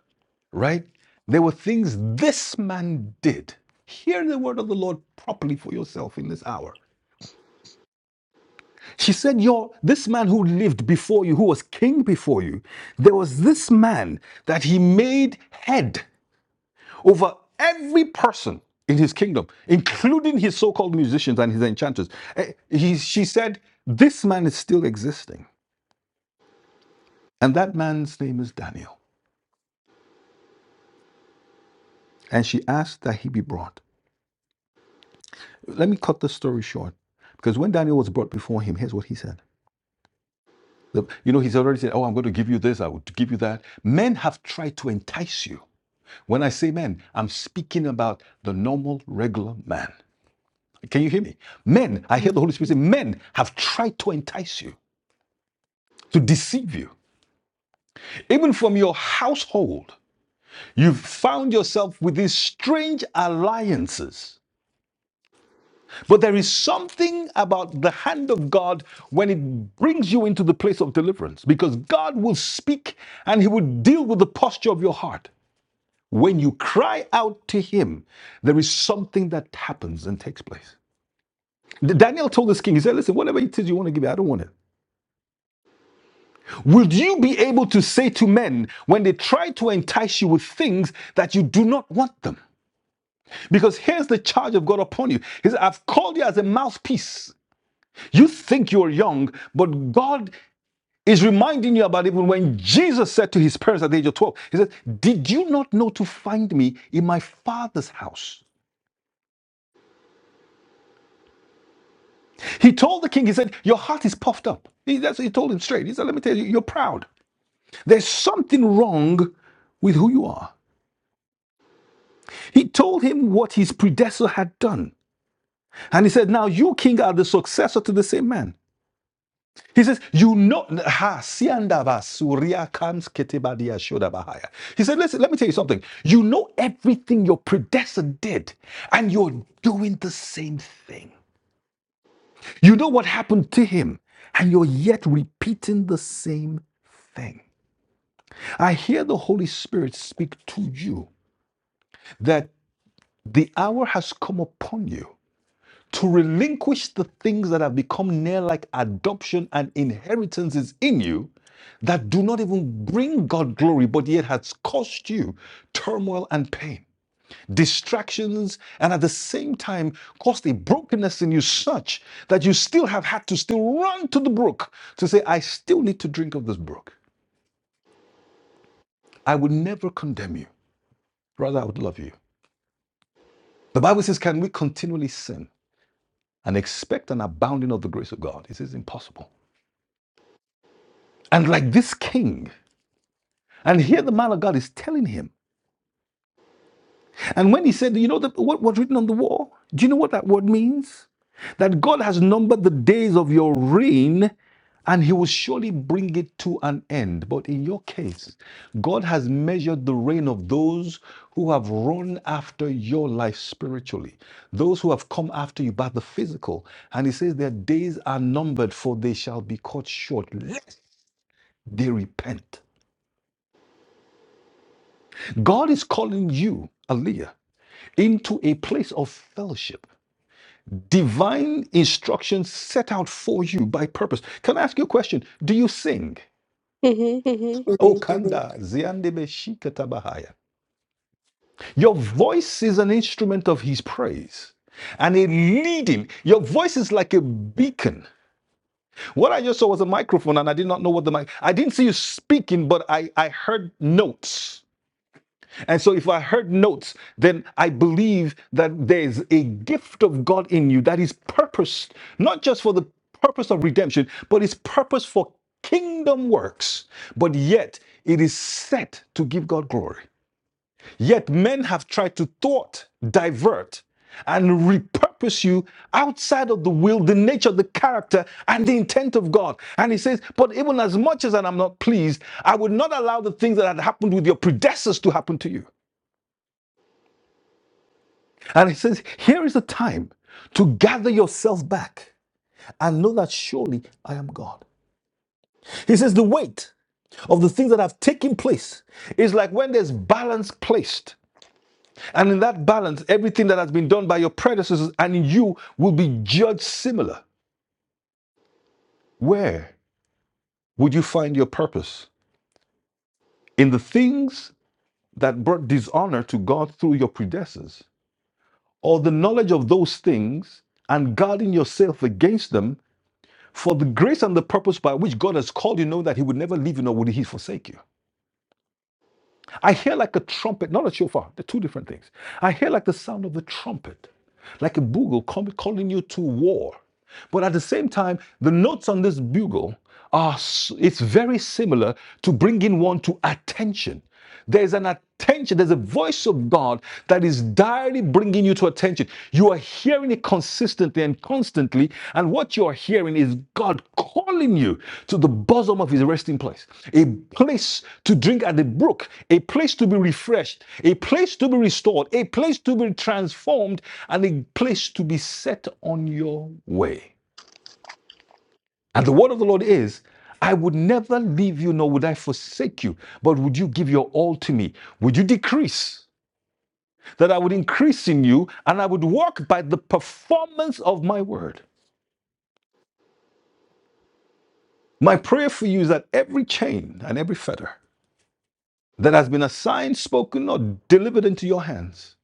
S1: right? There were things this man did. Hear the word of the Lord properly for yourself in this hour. She said, Your this man who lived before you, who was king before you, there was this man that he made head over every person in his kingdom, including his so-called musicians and his enchanters. Eh, he- she said, This man is still existing. And that man's name is Daniel. And she asked that he be brought. Let me cut the story short. Because when Daniel was brought before him, here's what he said. You know, he's already said, Oh, I'm going to give you this, I would give you that. Men have tried to entice you. When I say men, I'm speaking about the normal, regular man. Can you hear me? Men, I hear the Holy Spirit say, men have tried to entice you, to deceive you. Even from your household, you've found yourself with these strange alliances But there is something about the hand of God when it brings you into the place of deliverance because God will speak and He will deal with the posture of your heart. When you cry out to Him, there is something that happens and takes place. Daniel told this king, he said, Listen, whatever it is you want to give me, I don't want it. Will you be able to say to men when they try to entice you with things that you do not want them? Because here's the charge of God upon you. He said, I've called you as a mouthpiece. You think you're young, but God Is reminding you about even when Jesus said to his parents at the age of 12, He said, Did you not know to find me in my father's house? He told the king, He said, Your heart is puffed up. He, that's what he told him straight. He said, Let me tell you, you're proud. There's something wrong with who you are. He told him what his predecessor had done. And he said, Now you, king, are the successor to the same man. He says, you know, ha, sianda ba, suria kams ketebadia shoda bahaya. He said, listen, let me tell you something. You know everything your predecessor did, and you're doing the same thing. You know what happened to him, and you're yet repeating the same thing. I hear the Holy Spirit speak to you that the hour has come upon you To relinquish the things that have become near like adoption and inheritances in you that do not even bring God glory, but yet has cost you turmoil and pain, distractions, and at the same time caused a brokenness in you such that you still have had to still run to the brook to say, I still need to drink of this brook. I would never condemn you. Rather, I would love you. The Bible says, Can we continually sin and expect an abounding of the grace of God? It is impossible. And like this king, And here the man of God is telling him. And when he said, you know the, what was written on the wall? Do you know what that word means? That God has numbered the days of your reign and he will surely bring it to an end. But in your case, God has measured the reign of those who have run after your life spiritually, those who have come after you by the physical. And he says, Their days are numbered, for they shall be cut short, lest they repent. God is calling you, Aaliyah. into a place of fellowship. Divine instruction set out for you by purpose. Can I ask you a question? Do you sing?
S8: Mhm.
S1: Mm-hmm. Oh,
S8: Mhm.
S1: Kanda, Ziandebe Shikatabahaya. Your voice is an instrument of his praise and a leading. Your voice is like a beacon. What I just saw was a microphone, and I did not know what the mic. I didn't see you speaking, but I, I heard notes. And so, if I heard notes, then I believe that there's a gift of God in you that is purposed, not just for the purpose of redemption, but it's purpose for kingdom works. But yet, it is set to give God glory. Yet, men have tried to thwart, divert, and repurpose you outside of the will, the nature, the character, and the intent of God. And he says, But even as much as I'm not pleased, I would not allow the things that had happened with your predecessors to happen to you. And he says, Here is the time to gather yourself back and know that surely I am God. He says, The weight of the things that have taken place is like when there's balance placed. And in that balance, everything that has been done by your predecessors and in you will be judged similar. Where would you find your purpose? In the things that brought dishonor to God through your predecessors, or the knowledge of those things and guarding yourself against them For the grace and the purpose by which God has called you, know that He would never leave you nor would He forsake you. I hear like a trumpet, not a shofar, they're two different things. I hear like the sound of the trumpet, like a bugle calling you to war. But at the same time, the notes on this bugle are, it's very similar to bringing one to attention. There's an attention, there's a voice of God that is directly bringing you to attention. You are hearing it consistently and constantly. And what you're hearing is God calling you to the bosom of his resting place, a place to drink at the brook, a place to be refreshed, a place to be restored, a place to be transformed, and a place to be set on your way. And the word of the Lord is, I would never leave you, nor would I forsake you, but would you give your all to me? Would you decrease that I would increase in you, and I would walk by the performance of my word? My prayer for you is that every chain and every fetter that has been assigned, spoken, or delivered into your hands,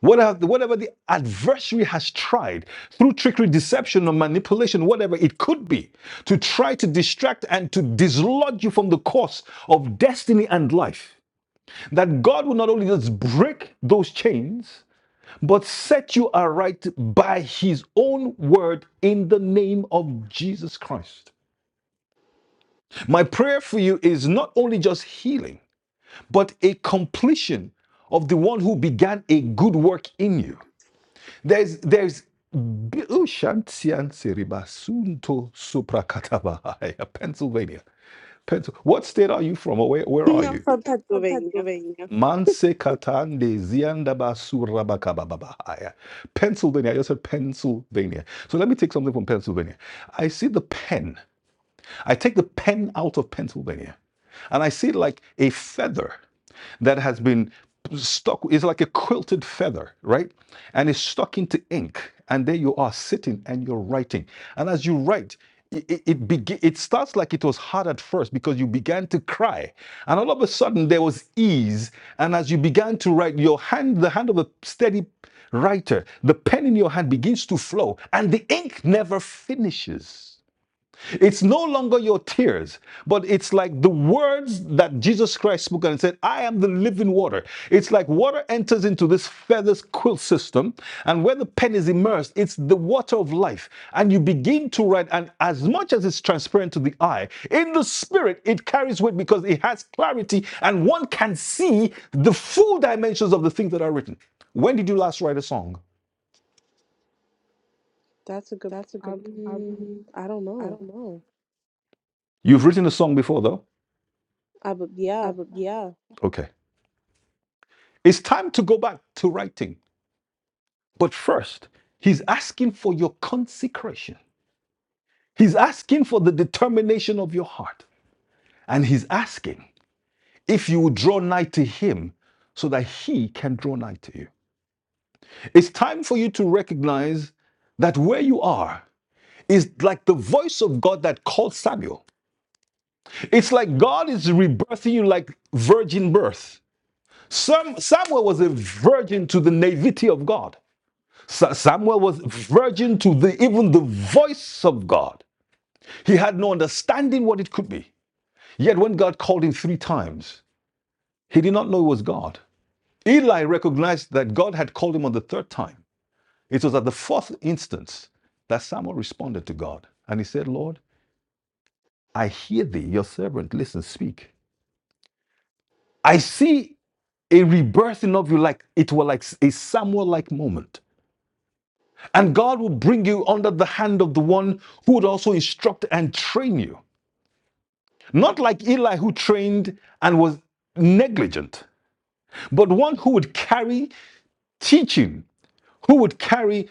S1: whatever, whatever the adversary has tried through trickery, deception, or manipulation, whatever it could be, to try to distract and to dislodge you from the course of destiny and life, that God will not only just break those chains, but set you aright by his own word in the name of Jesus Christ. My prayer for you is not only just healing but a completion of the one who began a good work in you. There's there's bi- oh, shantiansi ribasunto suprakatabaha. Pennsylvania. What state are you from? Or where, where are
S8: I'm
S1: you?
S8: from
S1: I'm from
S8: Pennsylvania.
S1: Pennsylvania. Manse katande ziandabasura bakabababahaya. Pennsylvania. I just said Pennsylvania. So let me take something from Pennsylvania. I see the pen. I take the pen out of Pennsylvania. And I see it like a feather that has been stuck is like a quilted feather right and it's stuck into ink and there you are sitting and you're writing and as you write it, it, it it starts like it was hard at first because you began to cry and all of a sudden there was ease and as you began to write your hand the hand of a steady writer the pen in your hand begins to flow and the ink never finishes it's no longer your tears, but it's like the words that Jesus Christ spoke and said, I am the living water. It's like water enters into this feathers quilt system, and where the pen is immersed, it's the water of life. And you begin to write, and as much as it's transparent to the eye, in the spirit, it carries weight because it has clarity, and one can see the full dimensions of the things that are written. When did you last write a song?
S8: That's a good.
S1: That's a good. I, mean,
S8: Um, I don't
S1: I
S8: know.
S1: don't know. You've written a song before, though.
S8: I bu-
S1: I
S8: yeah.
S1: would, yeah. Okay. It's time to go back to writing. But first, he's asking for your consecration. He's asking for the determination of your heart. And he's asking if you will draw nigh to him so that he can draw nigh to you. It's time for you to recognize that where you are is like the voice of God that called Samuel. It's like God is rebirthing you like virgin birth. Some, Samuel was a virgin to the naivety of God. Samuel was virgin to the, even the voice of God. He had no understanding what it could be. Yet when God called him three times, he did not know it was God. Eli recognized that God had called him on the third time. It was at the fourth instance that Samuel responded to God. And he said, Lord, I hear thee, your servant, listen, speak. I see a rebirthing of you like it were like a Samuel like moment. And God will bring you under the hand of the one who would also instruct and train you. Not like Eli, who trained and was negligent, but one who would carry teaching, who would carry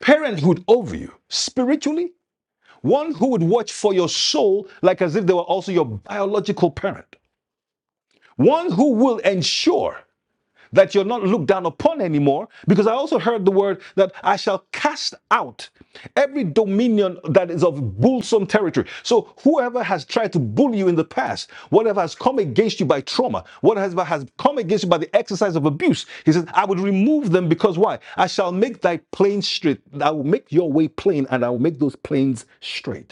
S1: parenthood over you spiritually, one who would watch for your soul like as if they were also your biological parent, one who will ensure that you're not looked down upon anymore. Because I also heard the word that I shall cast out every dominion that is of bullsome territory. So whoever has tried to bully you in the past, whatever has come against you by trauma, whatever has come against you by the exercise of abuse, he says, I would remove them because why? I shall make thy plain straight. I will make your way plain and I will make those plains straight.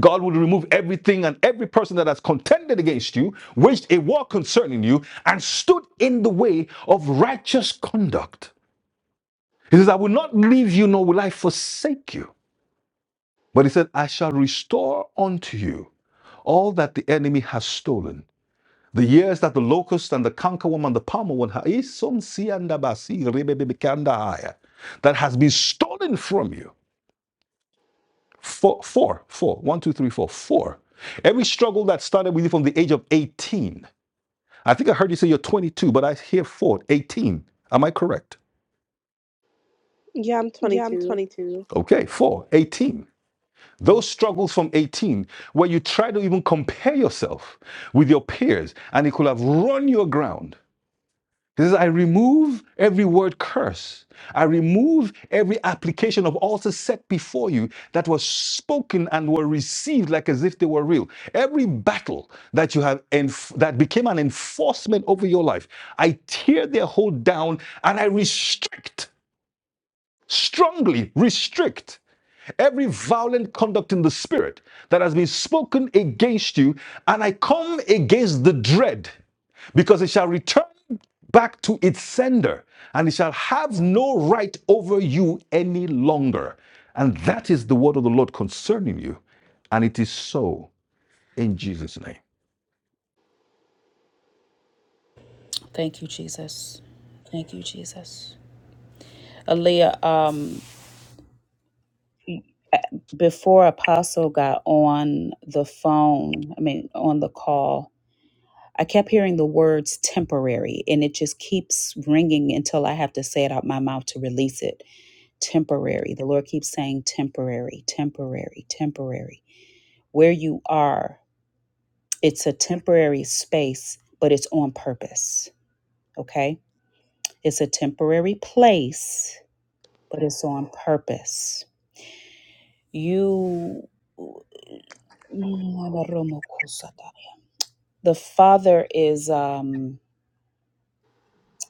S1: God will remove everything and every person that has contended against you, waged a war concerning you, and stood in the way of righteous conduct. He says, I will not leave you, nor will I forsake you. But he said, I shall restore unto you all that the enemy has stolen. The years that the locust and the cankerworm and the palmer one ha- that has been stolen from you. Four, four, four. One, two, three, four, four. Every struggle that started with you from the age of 18. I think I heard you say you're 22, but I hear four, eighteen. Am I correct?
S8: Yeah, I'm
S1: Yeah, I'm
S8: 22.
S1: 22. Okay, four, eighteen. Those struggles from 18, where you try to even compare yourself with your peers and it could have run your ground. He says, I remove every word curse. I remove every application of altars set before you that was spoken and were received like as if they were real. Every battle that you have enf- that became an enforcement over your life, I tear their hold down and I restrict, strongly restrict every violent conduct in the spirit that has been spoken against you, and I come against the dread, because it shall return back to its sender, and it shall have no right over you any longer. And that is the word of the Lord concerning you, and it is so in Jesus' name.
S2: Thank you, Jesus. Thank you, Jesus. Aaliyah, um, before Apostle got on the phone, I mean, on the call, I kept hearing the words temporary, and it just keeps ringing until I have to say it out my mouth to release it. Temporary. The Lord keeps saying temporary, temporary, temporary. Where you are It's a temporary space, but it's on purpose. Okay. It's a temporary place, but it's on purpose. You. The father is. Um,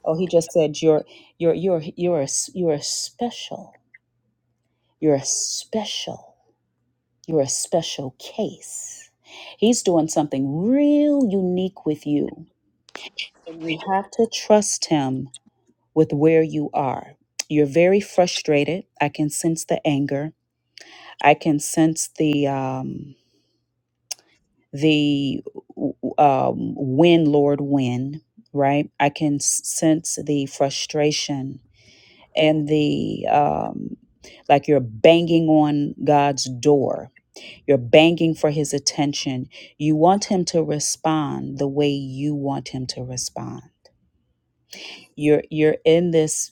S2: oh, he just said you're you're you're you're a, s- you're a special. You're a special. You're a special case. He's doing something real unique with you, and you have to trust him with where you are. You're very frustrated. I can sense the anger. I can sense the um, the w- um, win, Lord, win. Right. I can s- sense the frustration and the um, like. You're banging on God's door. You're banging for His attention. You want Him to respond the way you want Him to respond. You're you're in this.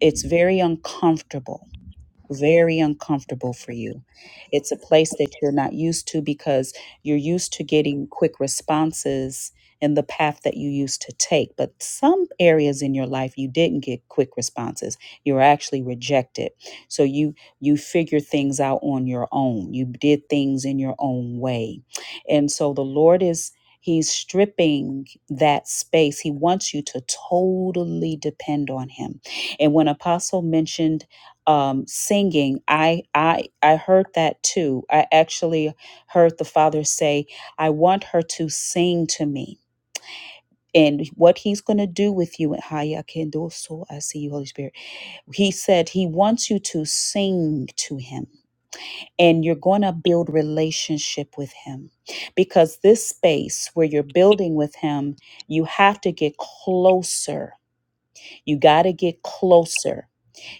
S2: It's very uncomfortable very uncomfortable for you. It's a place that you're not used to because you're used to getting quick responses in the path that you used to take. But some areas in your life you didn't get quick responses. You were actually rejected. So you you figure things out on your own. You did things in your own way. And so the Lord is He's stripping that space. He wants you to totally depend on him. And when Apostle mentioned um, singing, I I I heard that too. I actually heard the father say, "I want her to sing to me." And what he's going to do with you in Haya Kendoso, I see you, Holy Spirit. He said he wants you to sing to him and you're going to build relationship with him because this space where you're building with him, you have to get closer. You got to get closer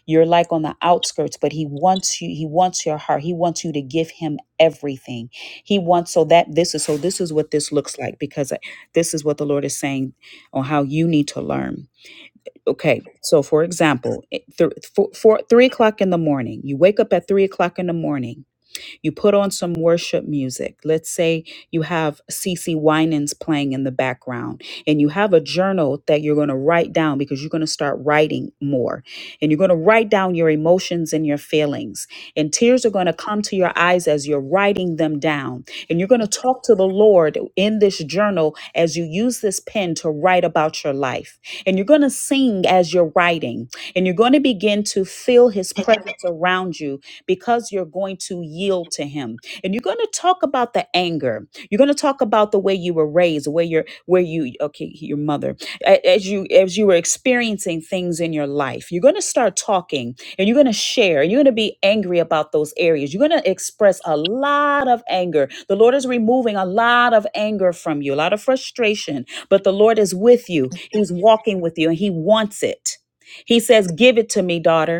S2: you're like on the outskirts, but he wants you, he wants your heart. He wants you to give him everything. He wants so that this is so this is what this looks like because this is what the Lord is saying on how you need to learn. Okay, so for example, it- th- four, four, three o'clock in the morning, you wake up at three o'clock in the morning, you put on some worship music. Let's say you have CC Winans playing in the background, and you have a journal that you're going to write down because you're going to start writing more and you're going to write down your emotions and your feelings. And tears are going to come to your eyes as you're writing them down. And you're going to talk to the Lord in this journal as you use this pen to write about your life. And you're going to sing as you're writing. And you're going to begin to feel his presence around you because you're going to yield to him. And you're going to talk about the anger. You're going to talk about the way you were raised, where you're, where you, okay, your mother, a- as you, as you were experiencing things in your life. You're going to start talking and you're going to share. You're going to be angry about those areas. You're going to express a lot of anger. The Lord is removing a lot of anger from you, a lot of frustration, but the Lord is with you. He's walking with you and he wants it. He says, give it to me, daughter.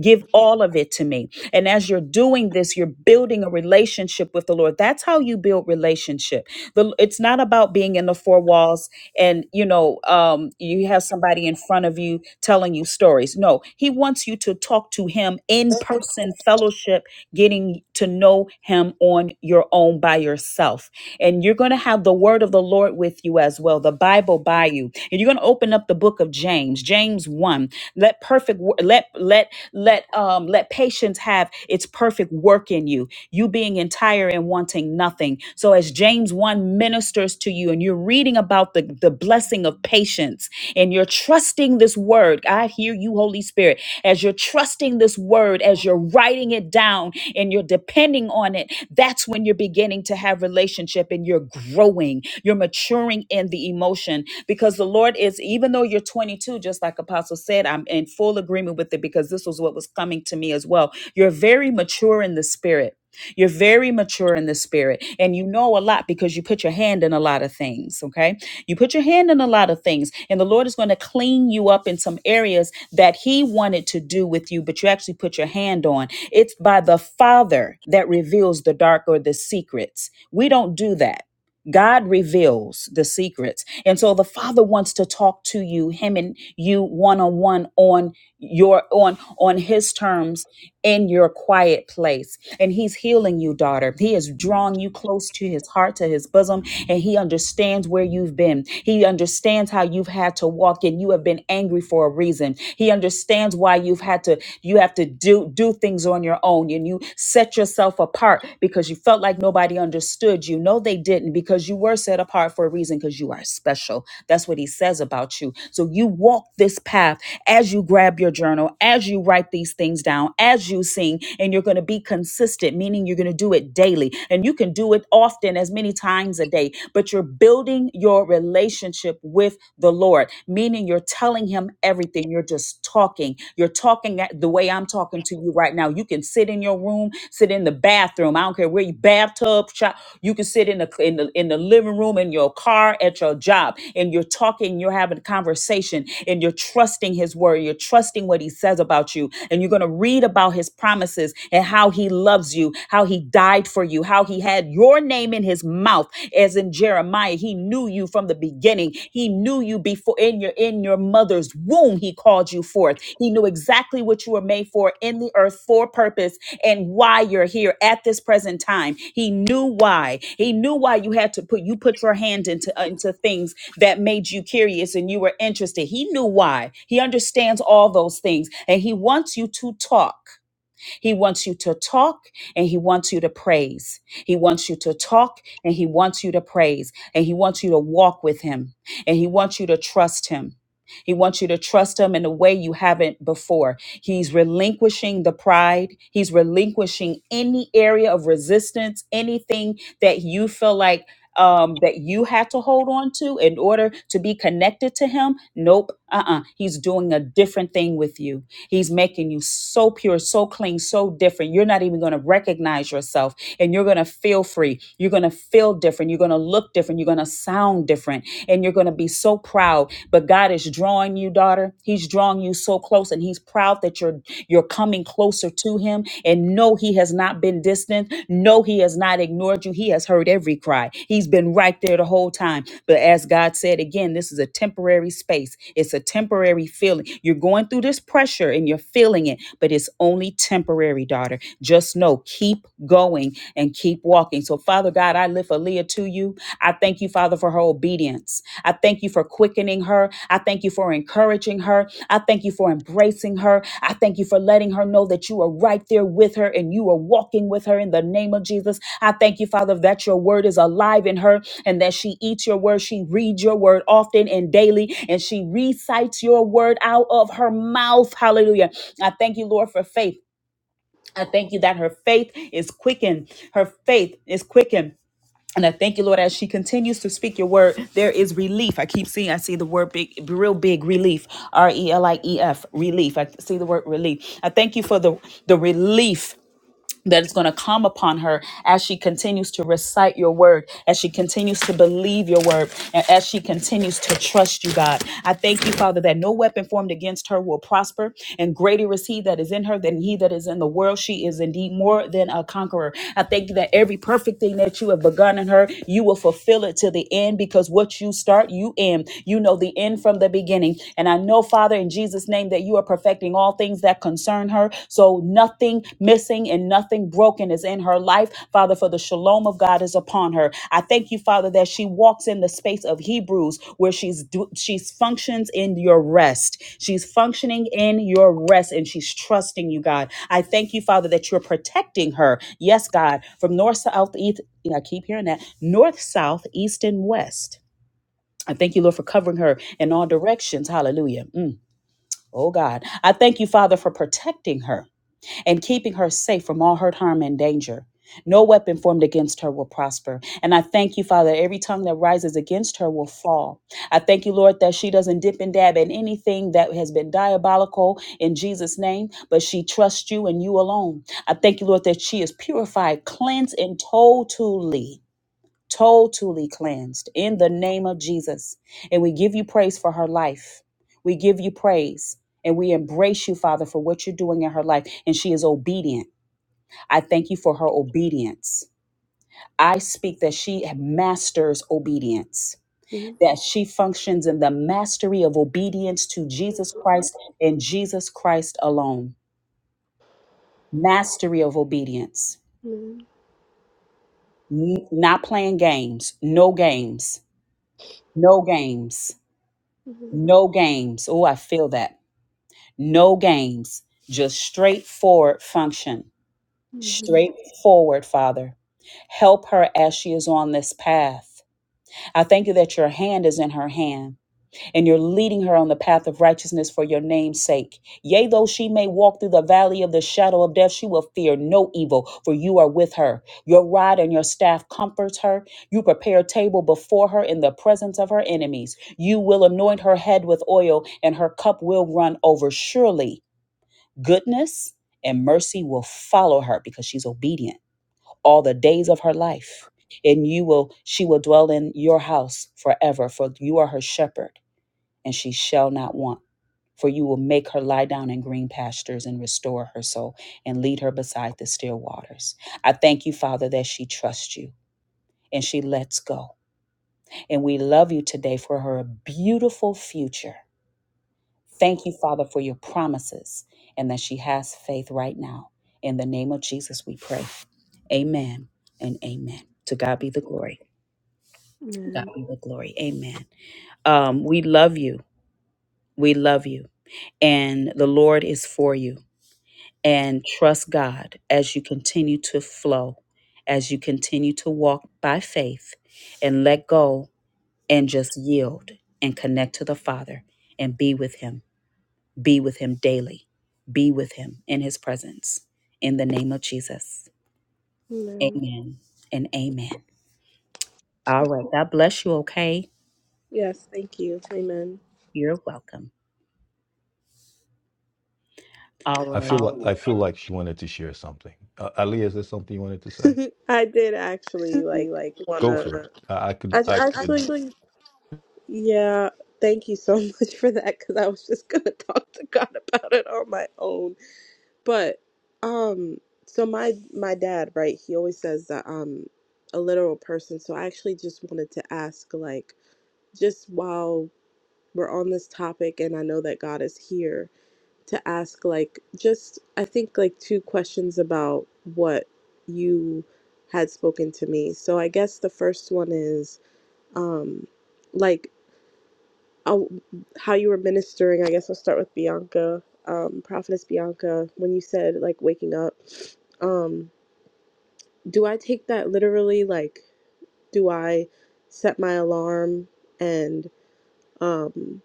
S2: Give all of it to me. And as you're doing this, you're building a relationship with the Lord. That's how you build relationship. The, it's not about being in the four walls and, you know, um, you have somebody in front of you telling you stories. No, he wants you to talk to him in person, fellowship, getting to know him on your own by yourself and you're going to have the word of the Lord with you as well, the Bible by you. And you're going to open up the book of James, James 1. Let perfect wo- let let let um let patience have its perfect work in you. You being entire and wanting nothing. So as James 1 ministers to you and you're reading about the the blessing of patience and you're trusting this this word. I hear you, Holy Spirit, as you're trusting this word, as you're writing it down and you're depending on it. That's when you're beginning to have relationship and you're growing, you're maturing in the emotion because the Lord is, even though you're 22, just like Apostle said, I'm in full agreement with it because this was what was coming to me as well. You're very mature in the spirit you're very mature in the spirit and you know a lot because you put your hand in a lot of things, okay? You put your hand in a lot of things and the Lord is going to clean you up in some areas that he wanted to do with you but you actually put your hand on. It's by the Father that reveals the dark or the secrets. We don't do that. God reveals the secrets. And so the Father wants to talk to you, him and you one on one on your on on his terms in your quiet place. And he's healing you, daughter. He is drawing you close to his heart, to his bosom, and he understands where you've been. He understands how you've had to walk and you have been angry for a reason. He understands why you've had to you have to do do things on your your own and you set yourself apart because you felt like nobody understood you. No, they didn't because you were set apart for a reason because you are special. That's what he says about you. So you walk this path as you grab your journal, as you write these things down, as you sing, and you're going to be consistent, meaning you're going to do it daily. And you can do it often, as many times a day, but you're building your relationship with the Lord, meaning you're telling him everything. You're just talking. You're talking at- the way I'm talking to you right now. You can sit in your room, sit in the bathroom. I don't care where you bathtub, shop. You can sit in the in the in the living room, in your car, at your job, and you're talking. You're having a conversation, and you're trusting His word. You're trusting what He says about you, and you're going to read about His promises and how He loves you, how He died for you, how He had your name in His his mouth as in Jeremiah he knew you from the beginning he knew you before in your in your mother's womb he called you forth he knew exactly what you were made for in the earth for purpose and why you're here at this present time he knew why he knew why you had to put you put your hand into uh, into things that made you curious and you were interested he knew why he understands all those things and he wants you to talk he wants you to talk and he wants you to praise. He wants you to talk and he wants you to praise. And he wants you to walk with him and he wants you to trust him. He wants you to trust him in a way you haven't before. He's relinquishing the pride. He's relinquishing any area of resistance, anything that you feel like um, that you had to hold on to in order to be connected to him. Nope. Uh-uh. He's doing a different thing with you. He's making you so pure, so clean, so different. You're not even going to recognize yourself and you're going to feel free. You're going to feel different. You're going to look different. You're going to sound different and you're going to be so proud. But God is drawing you, daughter. He's drawing you so close and he's proud that you're you're coming closer to him and no he has not been distant. No, he has not ignored you. He has heard every cry. He's been right there the whole time. But as God said again, this is a temporary space. It's a temporary feeling. You're going through this pressure and you're feeling it, but it's only temporary, daughter. Just know, keep going and keep walking. So, Father God, I lift Aaliyah to you. I thank you, Father, for her obedience. I thank you for quickening her. I thank you for encouraging her. I thank you for embracing her. I thank you for letting her know that you are right there with her and you are walking with her in the name of Jesus. I thank you, Father, that your word is alive in her and that she eats your word. She reads your word often and daily, and she recites your word out of her mouth. Hallelujah. I thank you, Lord, for faith. I thank you that her faith is quickened. Her faith is quickened. And I thank you, Lord, as she continues to speak your word, there is relief. I keep seeing, I see the word big, real big relief, R E L I E F, relief. I see the word relief. I thank you for the, the relief that is going to come upon her as she continues to recite your word, as she continues to believe your word, and as she continues to trust you, God. I thank you, Father, that no weapon formed against her will prosper, and greater is he that is in her than he that is in the world. She is indeed more than a conqueror. I thank you that every perfect thing that you have begun in her, you will fulfill it to the end because what you start, you end. You know the end from the beginning. And I know, Father, in Jesus' name, name that you are perfecting all things that concern her. So nothing missing and nothing broken is in her life, Father, for the shalom of God is upon her. I thank you, Father, that she walks in the space of Hebrews where she's do, she's functions in your rest. She's functioning in your rest and she's trusting you, God. I thank you, Father, that you're protecting her. Yes, God, from north, south, east. Yeah, I keep hearing that. North, south, east, and west. I thank you, Lord, for covering her in all directions. Hallelujah. Mm. Oh God, I thank you, Father, for protecting her and keeping her safe from all hurt, harm, and danger. No weapon formed against her will prosper. And I thank you, Father, that every tongue that rises against her will fall. I thank you, Lord, that she doesn't dip and dab in anything that has been diabolical in Jesus' name, but she trusts you and you alone. I thank you, Lord, that she is purified, cleansed, and totally totally cleansed in the name of Jesus. And we give you praise for her life. We give you praise and we embrace you, Father, for what you're doing in her life. And she is obedient. I thank you for her obedience. I speak that she masters obedience,
S8: Mhm.
S2: that she functions in the mastery of obedience to Jesus Christ and Jesus Christ alone. Mastery of obedience.
S8: Mhm.
S2: N- not playing games, no games, no games
S8: Mhm.
S2: No games. Oh, I feel that. No games. Just straightforward function.
S8: Mhm.
S2: Straightforward, Father. Help her as she is on this path. I thank you that your hand is in her hand and you're leading her on the path of righteousness for your name's sake. Yea, though she may walk through the valley of the shadow of death, she will fear no evil, for you are with her. Your rod and your staff comforts her. You prepare a table before her in the presence of her enemies. You will anoint her head with oil, and her cup will run over. Surely goodness and mercy will follow her because she's obedient all the days of her life. And you will, she will dwell in your house forever, for you are her shepherd and she shall not want. For you will make her lie down in green pastures and restore her soul and lead her beside the still waters. I thank you, Father, that she trusts you and she lets go. And we love you today for her beautiful future. Thank you, Father, for your promises and that she has faith right now. In the name of Jesus, we pray. Amen and amen. To God be the glory. To God
S8: Amen.
S2: be the glory. Amen. Um, we love you. We love you. And the Lord is for you and trust God as you continue to flow, as you continue to walk by faith and let go and just yield and connect to the Father and be with Him. Be with Him daily. Be with Him in His presence. In the name of Jesus.
S8: Amen.
S2: Amen and amen. All right. God bless you. Okay.
S8: Yes, thank you. Amen.
S2: You're welcome.
S1: I
S2: All
S1: feel um, like
S2: right.
S1: Um, I feel like she wanted to share something. Uh, Ali, is there something you wanted to say?
S8: I did actually like
S1: like Go
S8: wanna.
S1: for it. I, I could.
S8: I j-
S1: I could.
S8: actually,
S1: actually
S8: yeah. Thank you so much for that because I was just gonna talk to God about it on my own. But um so my my dad, right, he always says that I'm a literal person. So I actually just wanted to ask like just while we're on this topic and I know that God is here to ask like just I think like two questions about what you had spoken to me. So I guess the first one is um like oh, how you were ministering. I guess I'll start with Bianca, um, Prophetess Bianca. When you said like waking up, um, do I take that literally? Like, do I set my alarm and um,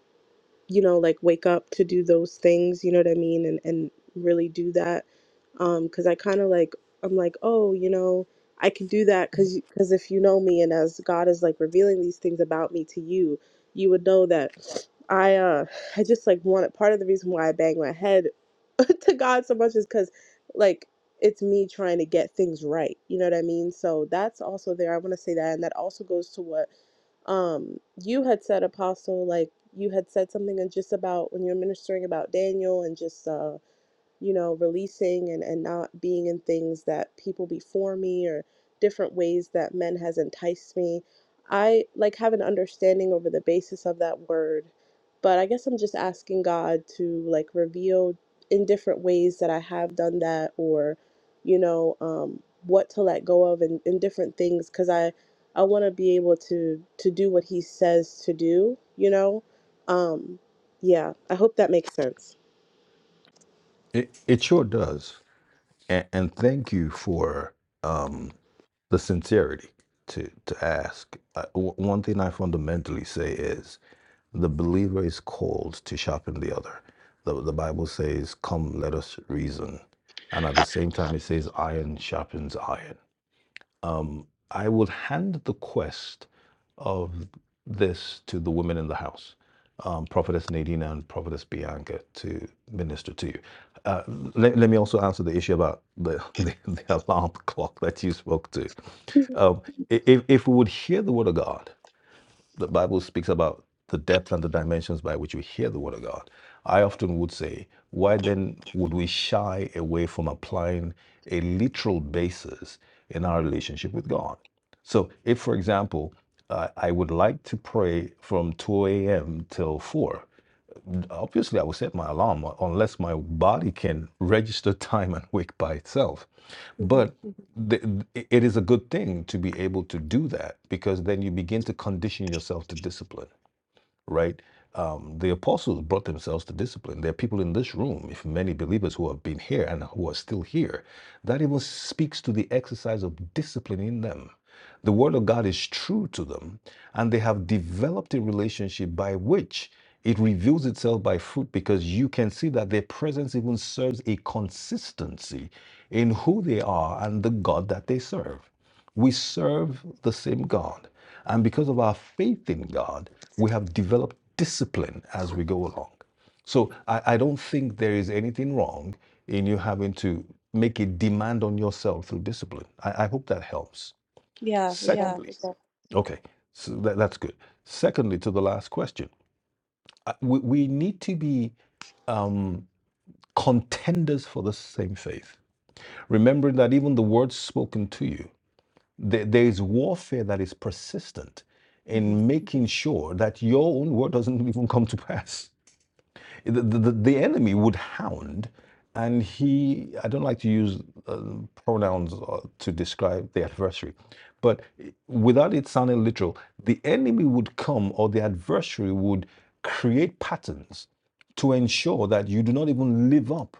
S8: you know, like wake up to do those things, you know what I mean? And, and really do that. Um, cause I kind of like, I'm like, oh, you know, I can do that. Cause, cause if you know me and as God is like revealing these things about me to you, you would know that I, uh, I just like wanted part of the reason why I bang my head to God so much is cause like, it's me trying to get things right. You know what I mean? So that's also there. I want to say that. And that also goes to what um you had said apostle like you had said something and just about when you were ministering about daniel and just uh, you know, releasing and, and not being in things that people before me or different ways that men has enticed me. I like have an understanding over the basis of that word, but I guess I'm just asking God to like reveal in different ways that I have done that or, you know, um, what to let go of and, and different things because I I want to be able to to do what He says to do, you know. Um, yeah, I hope that makes sense.
S1: It, it sure does. and, and thank you for um, the sincerity to to ask. Uh, w- one thing I fundamentally say is the believer is called to sharpen the other. The, the Bible says, "Come, let us reason," and at the same time, it says, "Iron sharpens iron." Um, I will hand the quest of this to the women in the house, um, Prophetess Nadina and Prophetess Bianca, to minister to you. Uh, let, let me also answer the issue about the, the, the alarm clock that you spoke to. Um, if, if we would hear the word of God, the Bible speaks about the depth and the dimensions by which we hear the Word of God. I often would say, why then would we shy away from applying a literal basis in our relationship with God? So, if, for example, uh, I would like to pray from 2 a.m. till 4, obviously I will set my alarm u- unless my body can register time and wake by itself. But th- it is a good thing to be able to do that because then you begin to condition yourself to discipline right? Um, the apostles brought themselves to discipline. There are people in this room, if many believers who have been here and who are still here, that even speaks to the exercise of discipline in them. The word of God is true to them, and they have developed a relationship by which it reveals itself by fruit because you can see that their presence even serves a consistency in who they are and the God that they serve. We serve the same God. And because of our faith in God, we have developed discipline as we go along. So I, I don't think there is anything wrong in you having to make a demand on yourself through discipline. I, I hope that helps.
S8: Yeah.
S1: Yeah, Secondly, it does. okay, so that, that's good. Secondly, to the last question, uh, we, we need to be um, contenders for the same faith. Remembering that even the words spoken to you, there, there is warfare that is persistent
S8: Mm-hmm.
S1: in making sure that your own word doesn't even come to pass. the, the, the enemy would hound and he i don't like to use uh, pronouns uh, to describe the adversary but without it sounding literal the enemy would come or the adversary would create patterns to ensure that you do not even live up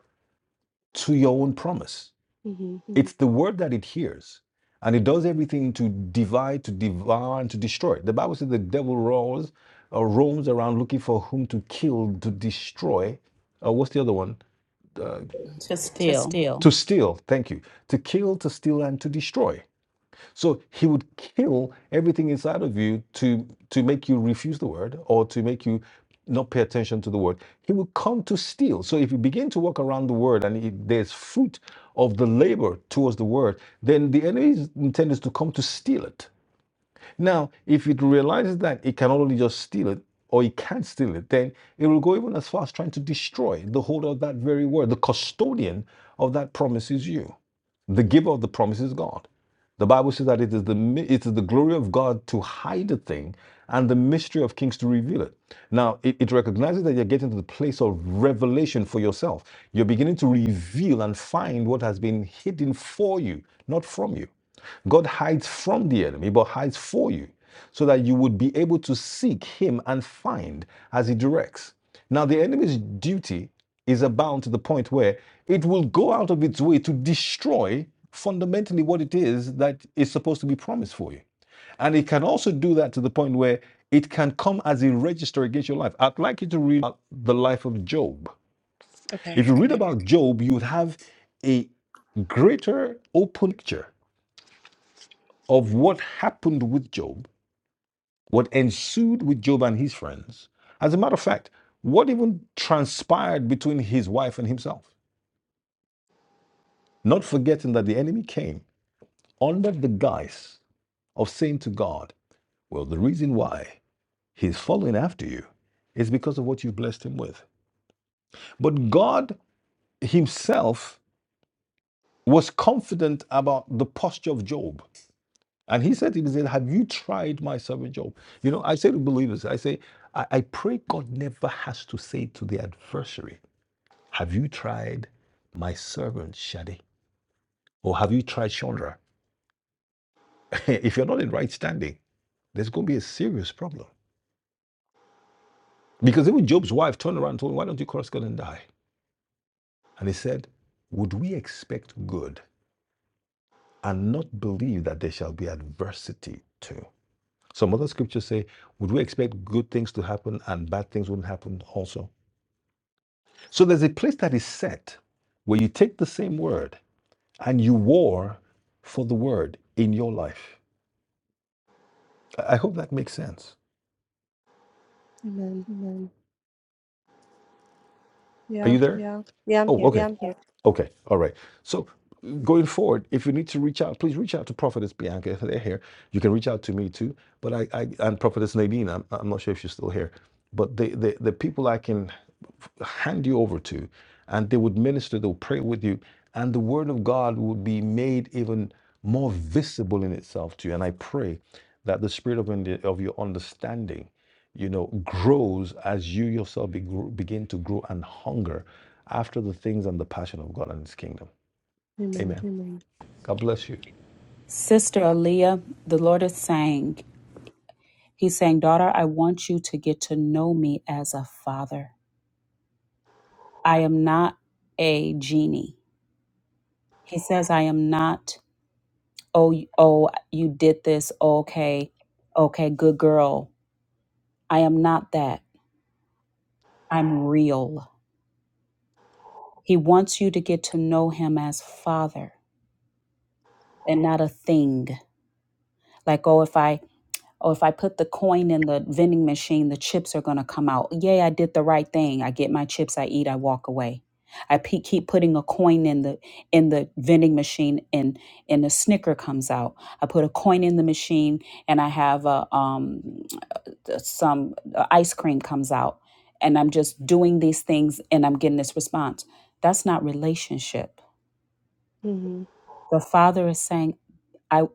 S1: to your own promise
S8: hmm
S1: it's the word that it hears, and it does everything to divide, to devour, and to destroy. The Bible says the devil roars or roams around looking for whom to kill, to destroy. Uh, what's the other one? Uh,
S2: To
S1: to
S2: still.
S1: steal. to steal, thank you. To kill, to steal, and to destroy. So he would kill everything inside of you to, to make you refuse the word or to make you not pay attention to the word. He will come to steal. So if you begin to walk around the word and it, there's fruit of the labor towards the word, then the enemy's intent is to come to steal it now, if it realizes that it can only just steal it or it can not steal it, then it will go even as far as trying to destroy the holder of that very word. The custodian of that promise is you. The giver of the promise is God. The Bible says that it is the it is the glory of God to hide a thing and the mystery of kings to reveal it. Now it, it recognizes that you're getting to the place of revelation for yourself. You're beginning to reveal and find what has been hidden for you, not from you. God hides from the enemy, but hides for you, so that you would be able to seek him and find as he directs. Now, the enemy's duty is abound to the point where it will go out of its way to destroy fundamentally what it is that is supposed to be promised for you. And it can also do that to the point where it can come as a register against your life. I'd like you to read the life of Job.
S8: Okay.
S1: If you read about Job, you would have a greater open picture of what happened with Job, what ensued with Job and his friends. As a matter of fact, what even transpired between his wife and himself. Not forgetting that the enemy came under the guise of saying to God, Well, the reason why he's following after you is because of what you blessed him with. But God himself was confident about the posture of Job And he said to me, he said, Have you tried my servant Job? You know, I say to believers, I say, I, I pray God never has to say to the adversary, Have you tried my servant Shadi? Or have you tried Chandra? if you're not in right standing, there's going to be a serious problem. Because even Job's wife turned around and told him, Why don't you curse God and die? And he said, Would we expect good and not believe that there shall be adversity too? Some other scriptures say, Would we expect good things to happen and bad things wouldn't happen also? So there's a place that is set where you take the same word and you war for the word in your life. I I hope that makes sense.
S8: Amen.
S1: Are
S8: Yeah.
S1: you there? Yeah.
S8: Yeah, I'm
S1: Oh,
S8: here.
S1: Yeah, okay. I'm here. Okay. All right. So uh, going forward, if you need to reach out, please reach out to Prophetess Bianca if they're here. You can reach out to me too. But I, I and Prophetess Nadine, I'm, I'm not sure if she's still here. But the, the, the people I can hand you over to, and they would minister, they'll pray with you, and the word of God would be made even more visible in itself to you. And I pray that the spirit of, under- of your understanding you know, grows as you yourself be, begin to grow and hunger after the things and the passion of God and His kingdom.
S8: Amen.
S1: Amen. Amen. God bless you.
S2: Sister Aaliyah, the Lord is saying, He's saying, Daughter, I want you to get to know me as a father. I am not a genie. He says, I am not, oh, y- oh, you did this. Okay. Okay. Good girl. I am not that. I'm real. He wants you to get to know him as father and not a thing. Like, oh, if I Oh, if I put the coin in the vending machine, the chips are going to come out. Yay, I did the right thing. I get my chips, I eat, I walk away. I pe- keep putting a coin in the in the vending machine, and and a snicker comes out. I put a coin in the machine, and I have a um some uh, ice cream comes out, and I'm just doing these things, and I'm getting this response. That's not relationship.
S8: hmm
S2: The father is saying, I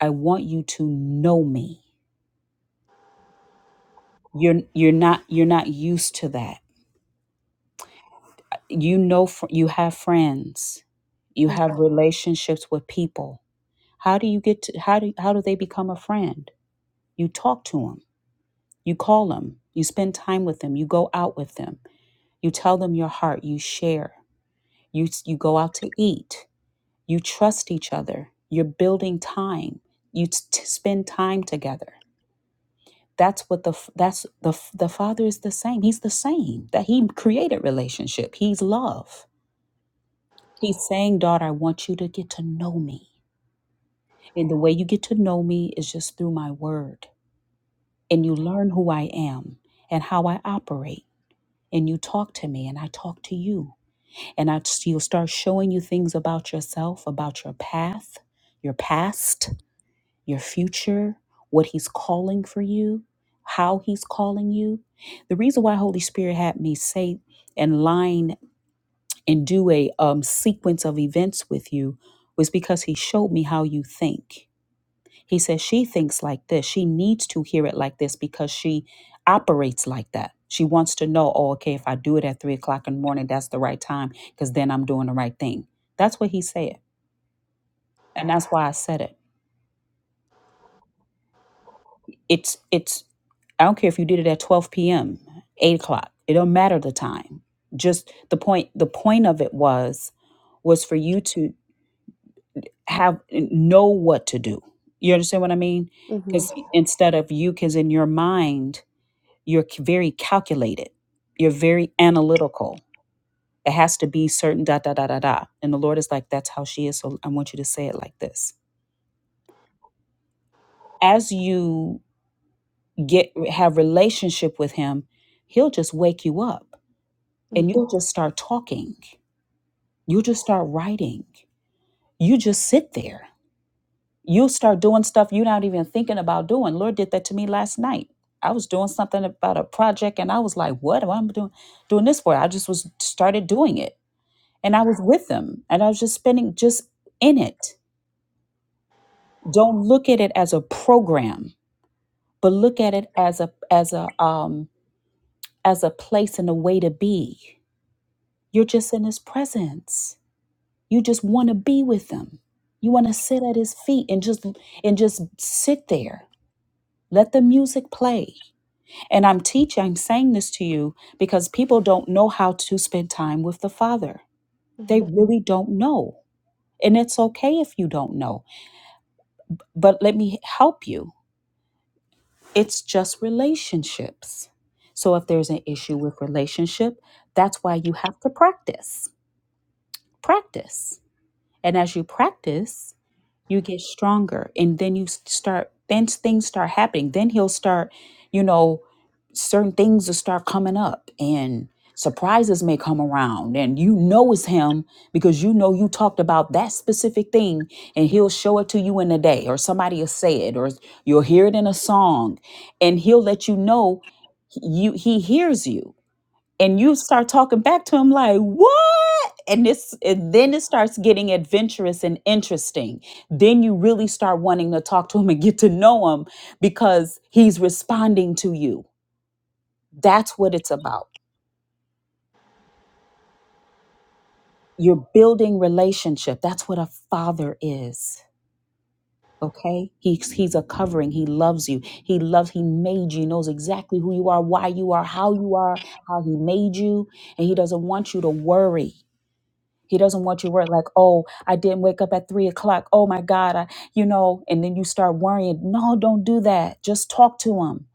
S2: I want you to know me. You're you're not you're not used to that. You know fr- you have friends. You
S8: hmm
S2: have relationships with people. How do you get to how do how do they become a friend? You talk to them. You call them. You spend time with them. You go out with them. You tell them your heart. You share. You you go out to eat. You trust each other. You're building time. You t- spend time together that's what the that's the the father is the same he's the same that he created relationship he's love he's saying daughter i want you to get to know me and the way you get to know me is just through my word and you learn who i am and how i operate and you talk to me and i talk to you and i you'll start showing you things about yourself about your path your past your future, what He's calling for you, how He's calling you. The reason why Holy Spirit had me say and line and do a um, sequence of events with you was because He showed me how you think. He says she thinks like this. She needs to hear it like this because she operates like that. She wants to know, oh, okay, if I do it at three o'clock in the morning, that's the right time because then I'm doing the right thing. That's what he said. And that's why I said it. It's it's I don't care if you did it at 12 p.m., 8 o'clock. It don't matter the time. Just the point the point of it was was for you to have know what to do. You understand what I mean?
S8: hmm
S2: Because instead of you, because in your mind, you're c- very calculated. You're very analytical. It has to be certain da da da da da. And the Lord is like, that's how she is. So I want you to say it like this. As you get have relationship with him, he'll just wake you up and you'll just start talking. You'll just start writing. You just sit there. You'll start doing stuff you're not even thinking about doing. Lord did that to me last night. I was doing something about a project and I was like, what am I doing doing this for? I just was started doing it. And I was with them and I was just spending just in it. Don't look at it as a program, but look at it as a as a um as a place and a way to be. You're just in his presence. You just want to be with him. You want to sit at his feet and just and just sit there. Let the music play. And I'm teaching, I'm saying this to you because people don't know how to spend time with the Father. They
S8: hmm
S2: really don't know. And it's okay if you don't know. But let me help you. It's just relationships. So if there's an issue with relationship, that's why you have to practice. Practice. And as you practice, you get stronger and then you s- start then things start happening then he'll start you know certain things will start coming up and surprises may come around and you know it's him because you know you talked about that specific thing and he'll show it to you in a day or somebody will say it or you'll hear it in a song and he'll let you know you he hears you and you start talking back to him like what and this and then it starts getting adventurous and interesting then you really start wanting to talk to him and get to know him because he's responding to you that's what it's about you're building relationship that's what a father is okay he's he's a covering he loves you he loves he made you He knows exactly who you are why you are how you are how he made you and he doesn't want you to worry He doesn't want you worried like, oh, I didn't wake up at three o'clock. Oh my God, I, you know, and then you start worrying. No, don't do that. Just talk to him,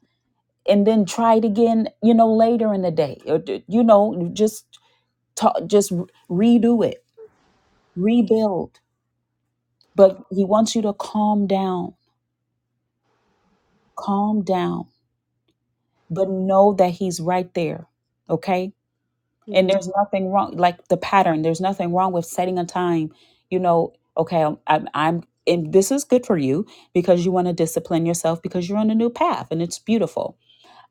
S2: and then try it again. You know, later in the day, or d- you know, just talk, just redo it, rebuild. But he wants you to calm down, calm down, but know that he's right there. Okay and there's nothing wrong like the pattern there's nothing wrong with setting a time you know okay i'm i'm, I'm and this is good for you because you want to discipline yourself because you're on a new path and it's beautiful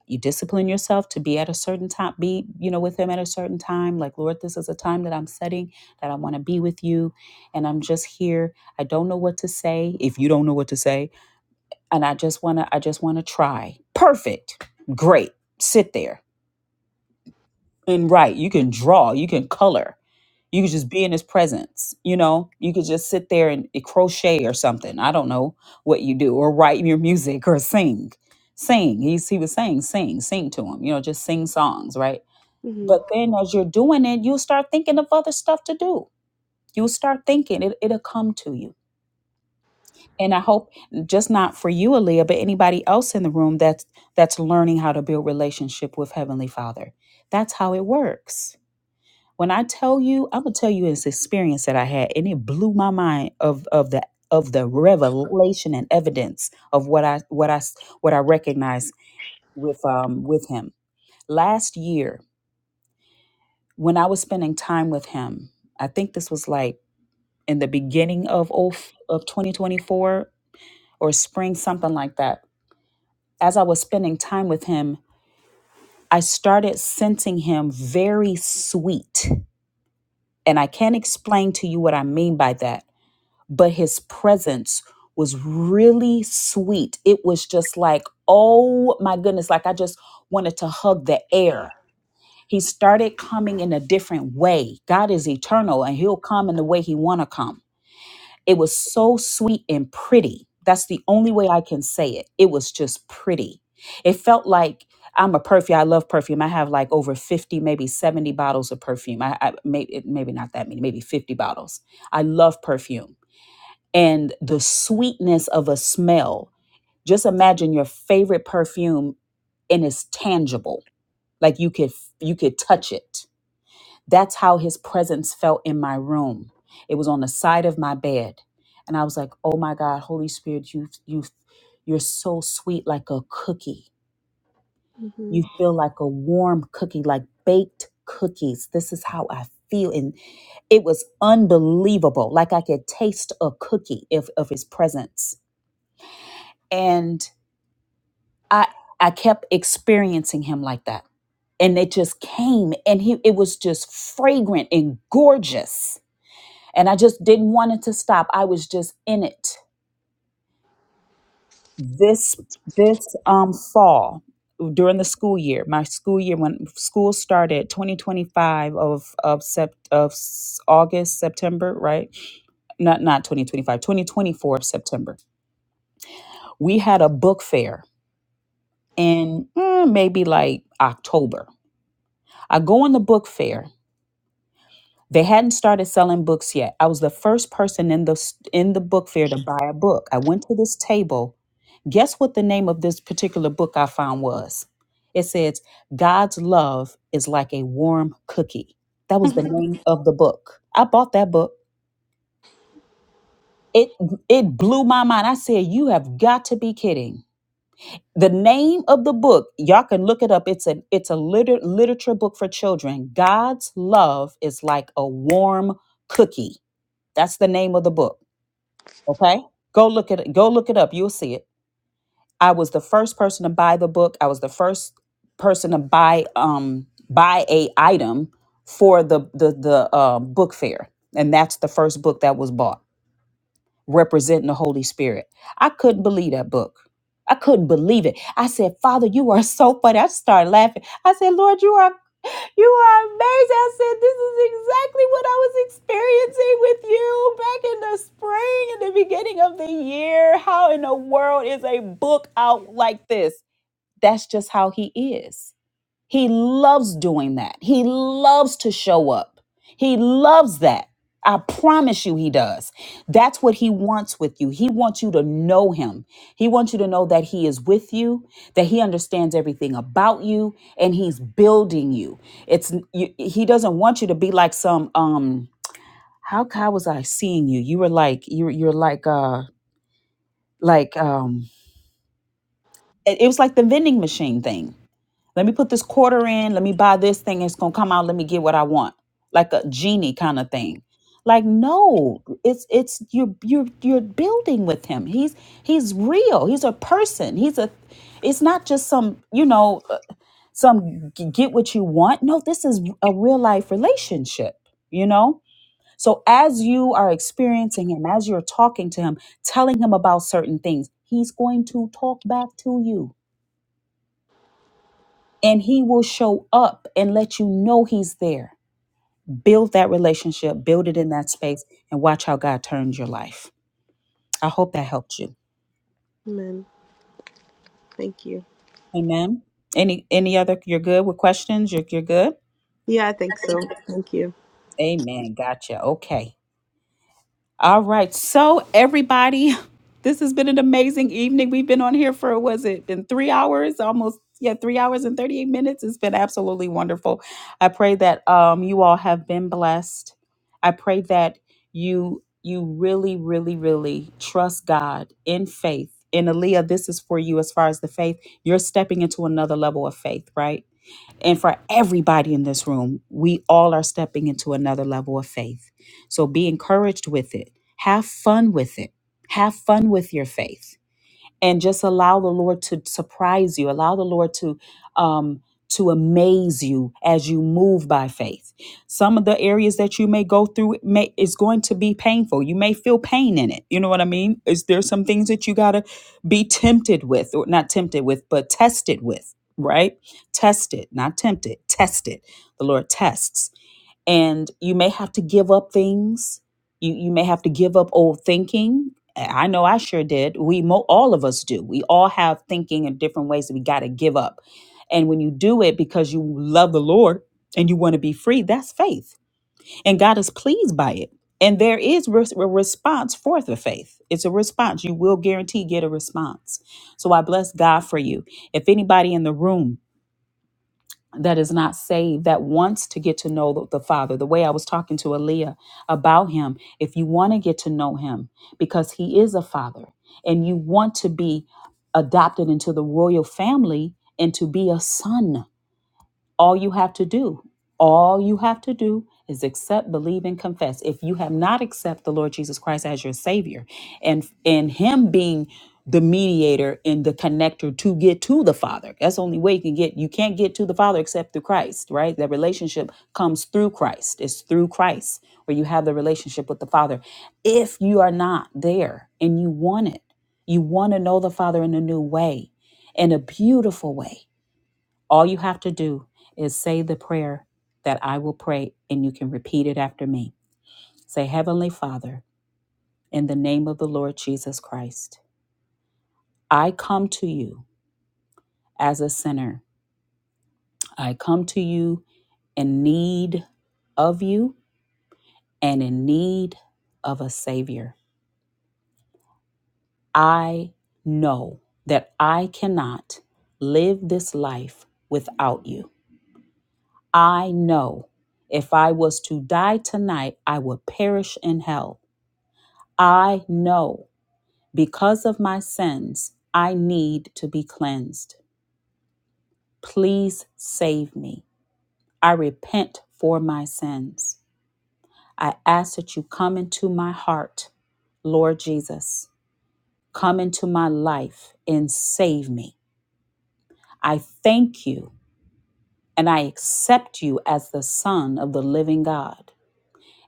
S2: you discipline yourself to be at a certain time be you know with him at a certain time like lord this is a time that i'm setting that i want to be with you and i'm just here i don't know what to say if you don't know what to say and i just want to i just want to try perfect great sit there and write you can draw you can color you could just be in his presence you know you could just sit there and eh, crochet or something i don't know what you do or write your music or sing sing he's he was saying sing sing to him you know just sing songs right
S8: hmm
S2: but then as you're doing it you'll start thinking of other stuff to do you'll start thinking it, it'll come to you and i hope just not for you aaliyah but anybody else in the room that's that's learning how to build relationship with heavenly father that's how it works when I tell you, I'm gonna tell you this experience that I had, and it blew my mind of of the of the revelation and evidence of what I what I what I recognized with um with him last year when I was spending time with him. I think this was like in the beginning of of of 2024 or spring, something like that. As I was spending time with him, I started sensing him very sweet, and I can't explain to you what I mean by that but his presence was really sweet. It was just like, oh my goodness, like I just wanted to hug the air. He started coming in a different way. God is eternal and he'll come in the way he want to come. It was so sweet and pretty. That's the only way I can say it. It was just pretty. It felt like I'm a perfume. I love perfume. I have like over 50, maybe 70 bottles of perfume. I, I maybe maybe not that many, maybe 50 bottles. I love perfume and the sweetness of a smell. Just imagine your favorite perfume and it's tangible. Like you could you could touch it. That's how his presence felt in my room. It was on the side of my bed. And I was like, "Oh my God, Holy Spirit, you you you're so sweet like a cookie.
S8: hmm
S2: You feel like a warm cookie, like baked cookies. This is how I feel and it was unbelievable. Like I could taste a cookie if of his presence and i i kept experiencing him like that and it just came and he it was just fragrant and gorgeous and i just didn't want it to stop i was just in it this this um fall during the school year my school year when school started 2025 of of sept of s- august september right not not 2025, 2024 of september we had a book fair in mm, maybe like october I go on the book fair. They hadn't started selling books yet. I was the first person in the s- in the book fair to buy a book. I went to this table. Guess what the name of this particular book I found was? It says God's love is like a warm cookie. That was the name of the book. I bought that book. It it blew my mind. I said, "You have got to be kidding." the name of the book y'all can look it up it's a it's a liter- literature book for children god's love is like a warm cookie that's the name of the book okay go look it go look it up you'll see it i was the first person to buy the book i was the first person to buy um buy a item for the the the uh, book fair and that's the first book that was bought representing the Holy Spirit. I couldn't believe that book. I couldn't believe it. I said, Father, you are so funny. I started laughing. I said, Lord, you are you are amazing. I said, This is exactly what I was experiencing with you back in the spring, in the beginning of the year. How in the world is a book out like this? That's just how he is. He loves doing that. He loves to show up. He loves that. I promise you, he does. That's what he wants with you. He wants you to know him. He wants you to know that he is with you, that he understands everything about you, and he's building you. It's you, he doesn't want you to be like some um. How how was I seeing you? You were like you were- you're like uh like um. It it was like the vending machine thing Let me put this quarter in. Let me buy this thing. It's going to come out. Let me get what I want. Like a genie kind of thing. Like no, it's it's you're you're you're building with him. He's he's real. He's a person. He's a. It's not just some you know uh, some g- get what you want. No, this is a real life relationship. You know. So as you are experiencing him, as you're talking to him, telling him about certain things, he's going to talk back to you and he will show up and let you know he's there. Build that relationship, build it in that space, and watch how God turns your life. I hope that helped you.
S8: Amen. Thank you.
S2: Amen. Any any other you're good with questions? You're you're good?
S8: Yeah, I think so. Thank you.
S2: Amen. Gotcha. Okay. All right. So everybody, this has been an amazing evening. We've been on here for was it been 3 hours, almost yeah, 3 hours and 38 minutes. It's been absolutely wonderful. I pray that um you all have been blessed. I pray that you you really really really trust God in faith. And Aaliyah, this is for you as far as the faith. You're stepping into another level of faith, right? and for everybody in this room, we all are stepping into another level of faith. So be encouraged with it. Have fun with it. Have fun with your faith and just allow the Lord to surprise you. Allow the Lord to um, to amaze you as you move by faith. Some of the areas that you may go through may is going to be painful. You may feel pain in it. You know what I mean? Is there some things that you gotta be tempted with, or not tempted with, but tested with? Right? Tested, not tempted. Tested. The Lord tests and you may have to give up things you you may have to give up old thinking i know i sure did we mo- all of us do we all have thinking in different ways that we got to give up and when you do it because you love the lord and you want to be free that's faith and god is pleased by it and there is res- a response for the faith it's a response you will guarantee get a response so i bless god for you if anybody in the room that is not saved that wants to get to know the, the father the way i was talking to aaliyah about him if you want to get to know him because he is a father and you want to be adopted into the royal family and to be a son all you have to do all you have to do is accept believe and confess if you have not accepted the lord jesus christ as your savior and and him being the mediator and the connector to get to the father that's the only way you can get you can't get to the father except through christ right that relationship comes through christ it's through christ where you have the relationship with the father if you are not there and you want it you want to know the father in a new way in a beautiful way all you have to do is say the prayer that I will pray, and you can repeat it after me. Say, Heavenly Father, in the name of the Lord Jesus Christ, I come to you as a sinner. I come to you in need of you and in need of a Savior. I know that I cannot live this life without you. I know if I was to die tonight, I would perish in hell. I know because of my sins, I need to be cleansed. Please save me. I repent for my sins. I ask that you come into my heart, Lord Jesus. Come into my life and save me. I thank you and I accept you as the Son of the living God.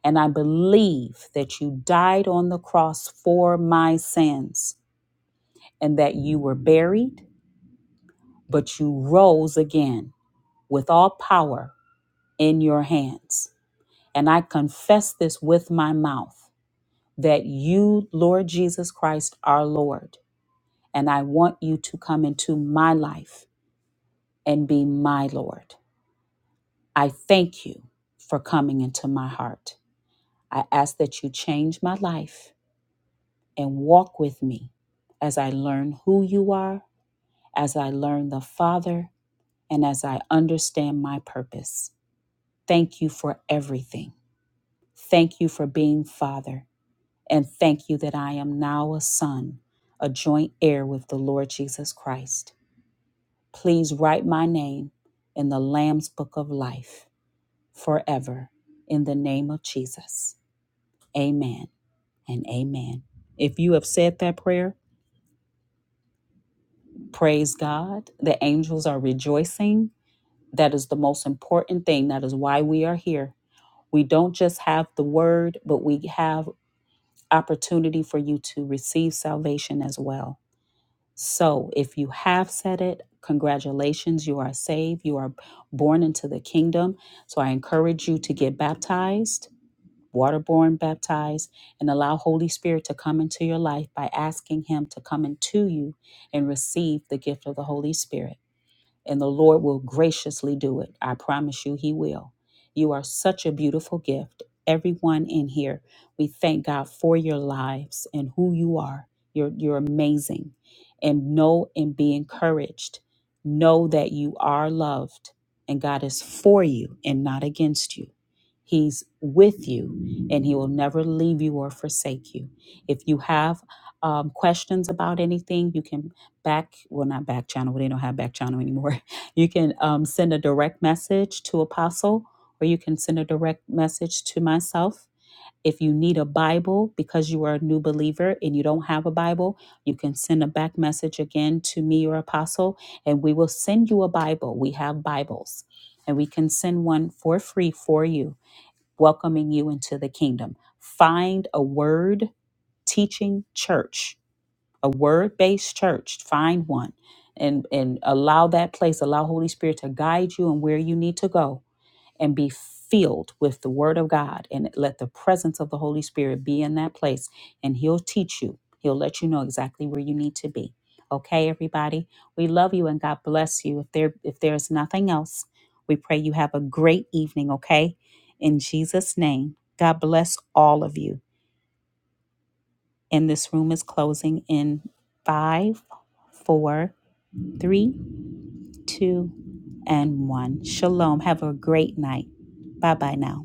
S2: And I believe that you died on the cross for my sins and that you were buried but you rose again with all power in your hands. And I confess this with my mouth that you, Lord Jesus Christ, are Lord. And I want you to come into my life and be my Lord. I thank you for coming into my heart. I ask that you change my life and walk with me as I learn who you are, as I learn the Father, and as I understand my purpose. Thank you for everything. Thank you for being Father. And thank you that I am now a son, a joint heir with the Lord Jesus Christ. Please write my name in the Lamb's Book of Life forever in the name of Jesus. Amen and amen. If you have said that prayer, praise God. The angels are rejoicing. That is the most important thing. That is why we are here. We don't just have the word, but we have opportunity for you to receive salvation as well. So, if you have said it, congratulations, you are saved, you are born into the kingdom. So, I encourage you to get baptized, waterborne baptized, and allow Holy Spirit to come into your life by asking Him to come into you and receive the gift of the Holy Spirit and the Lord will graciously do it. I promise you, He will. You are such a beautiful gift. Everyone in here, we thank God for your lives and who you are. You're, you're amazing. And know and be encouraged. Know that you are loved and God is for you and not against you. He's with you and He will never leave you or forsake you. If you have um, questions about anything, you can back, well, not back channel, we don't have back channel anymore you can um, send a direct message to Apostle, or you can send a direct message to myself. If you need a Bible because you are a new believer and you don't have a Bible, you can send a back message again to me or Apostle, and we will send you a Bible. We have Bibles, and we can send one for free for you, welcoming you into the kingdom. Find a word teaching church a word based church, find one and, and allow that place, allow Holy Spirit to guide you and where you need to go and be filled with the word of God and let the presence of the Holy Spirit be in that place and he'll teach you. He'll let you know exactly where you need to be. Okay, everybody. We love you and God bless you. If there if there's nothing else, we pray you have a great evening, okay? In Jesus' name. God bless all of you. And this room is closing in five, four, three, two, and one. Shalom. Have a great night. Bye bye now.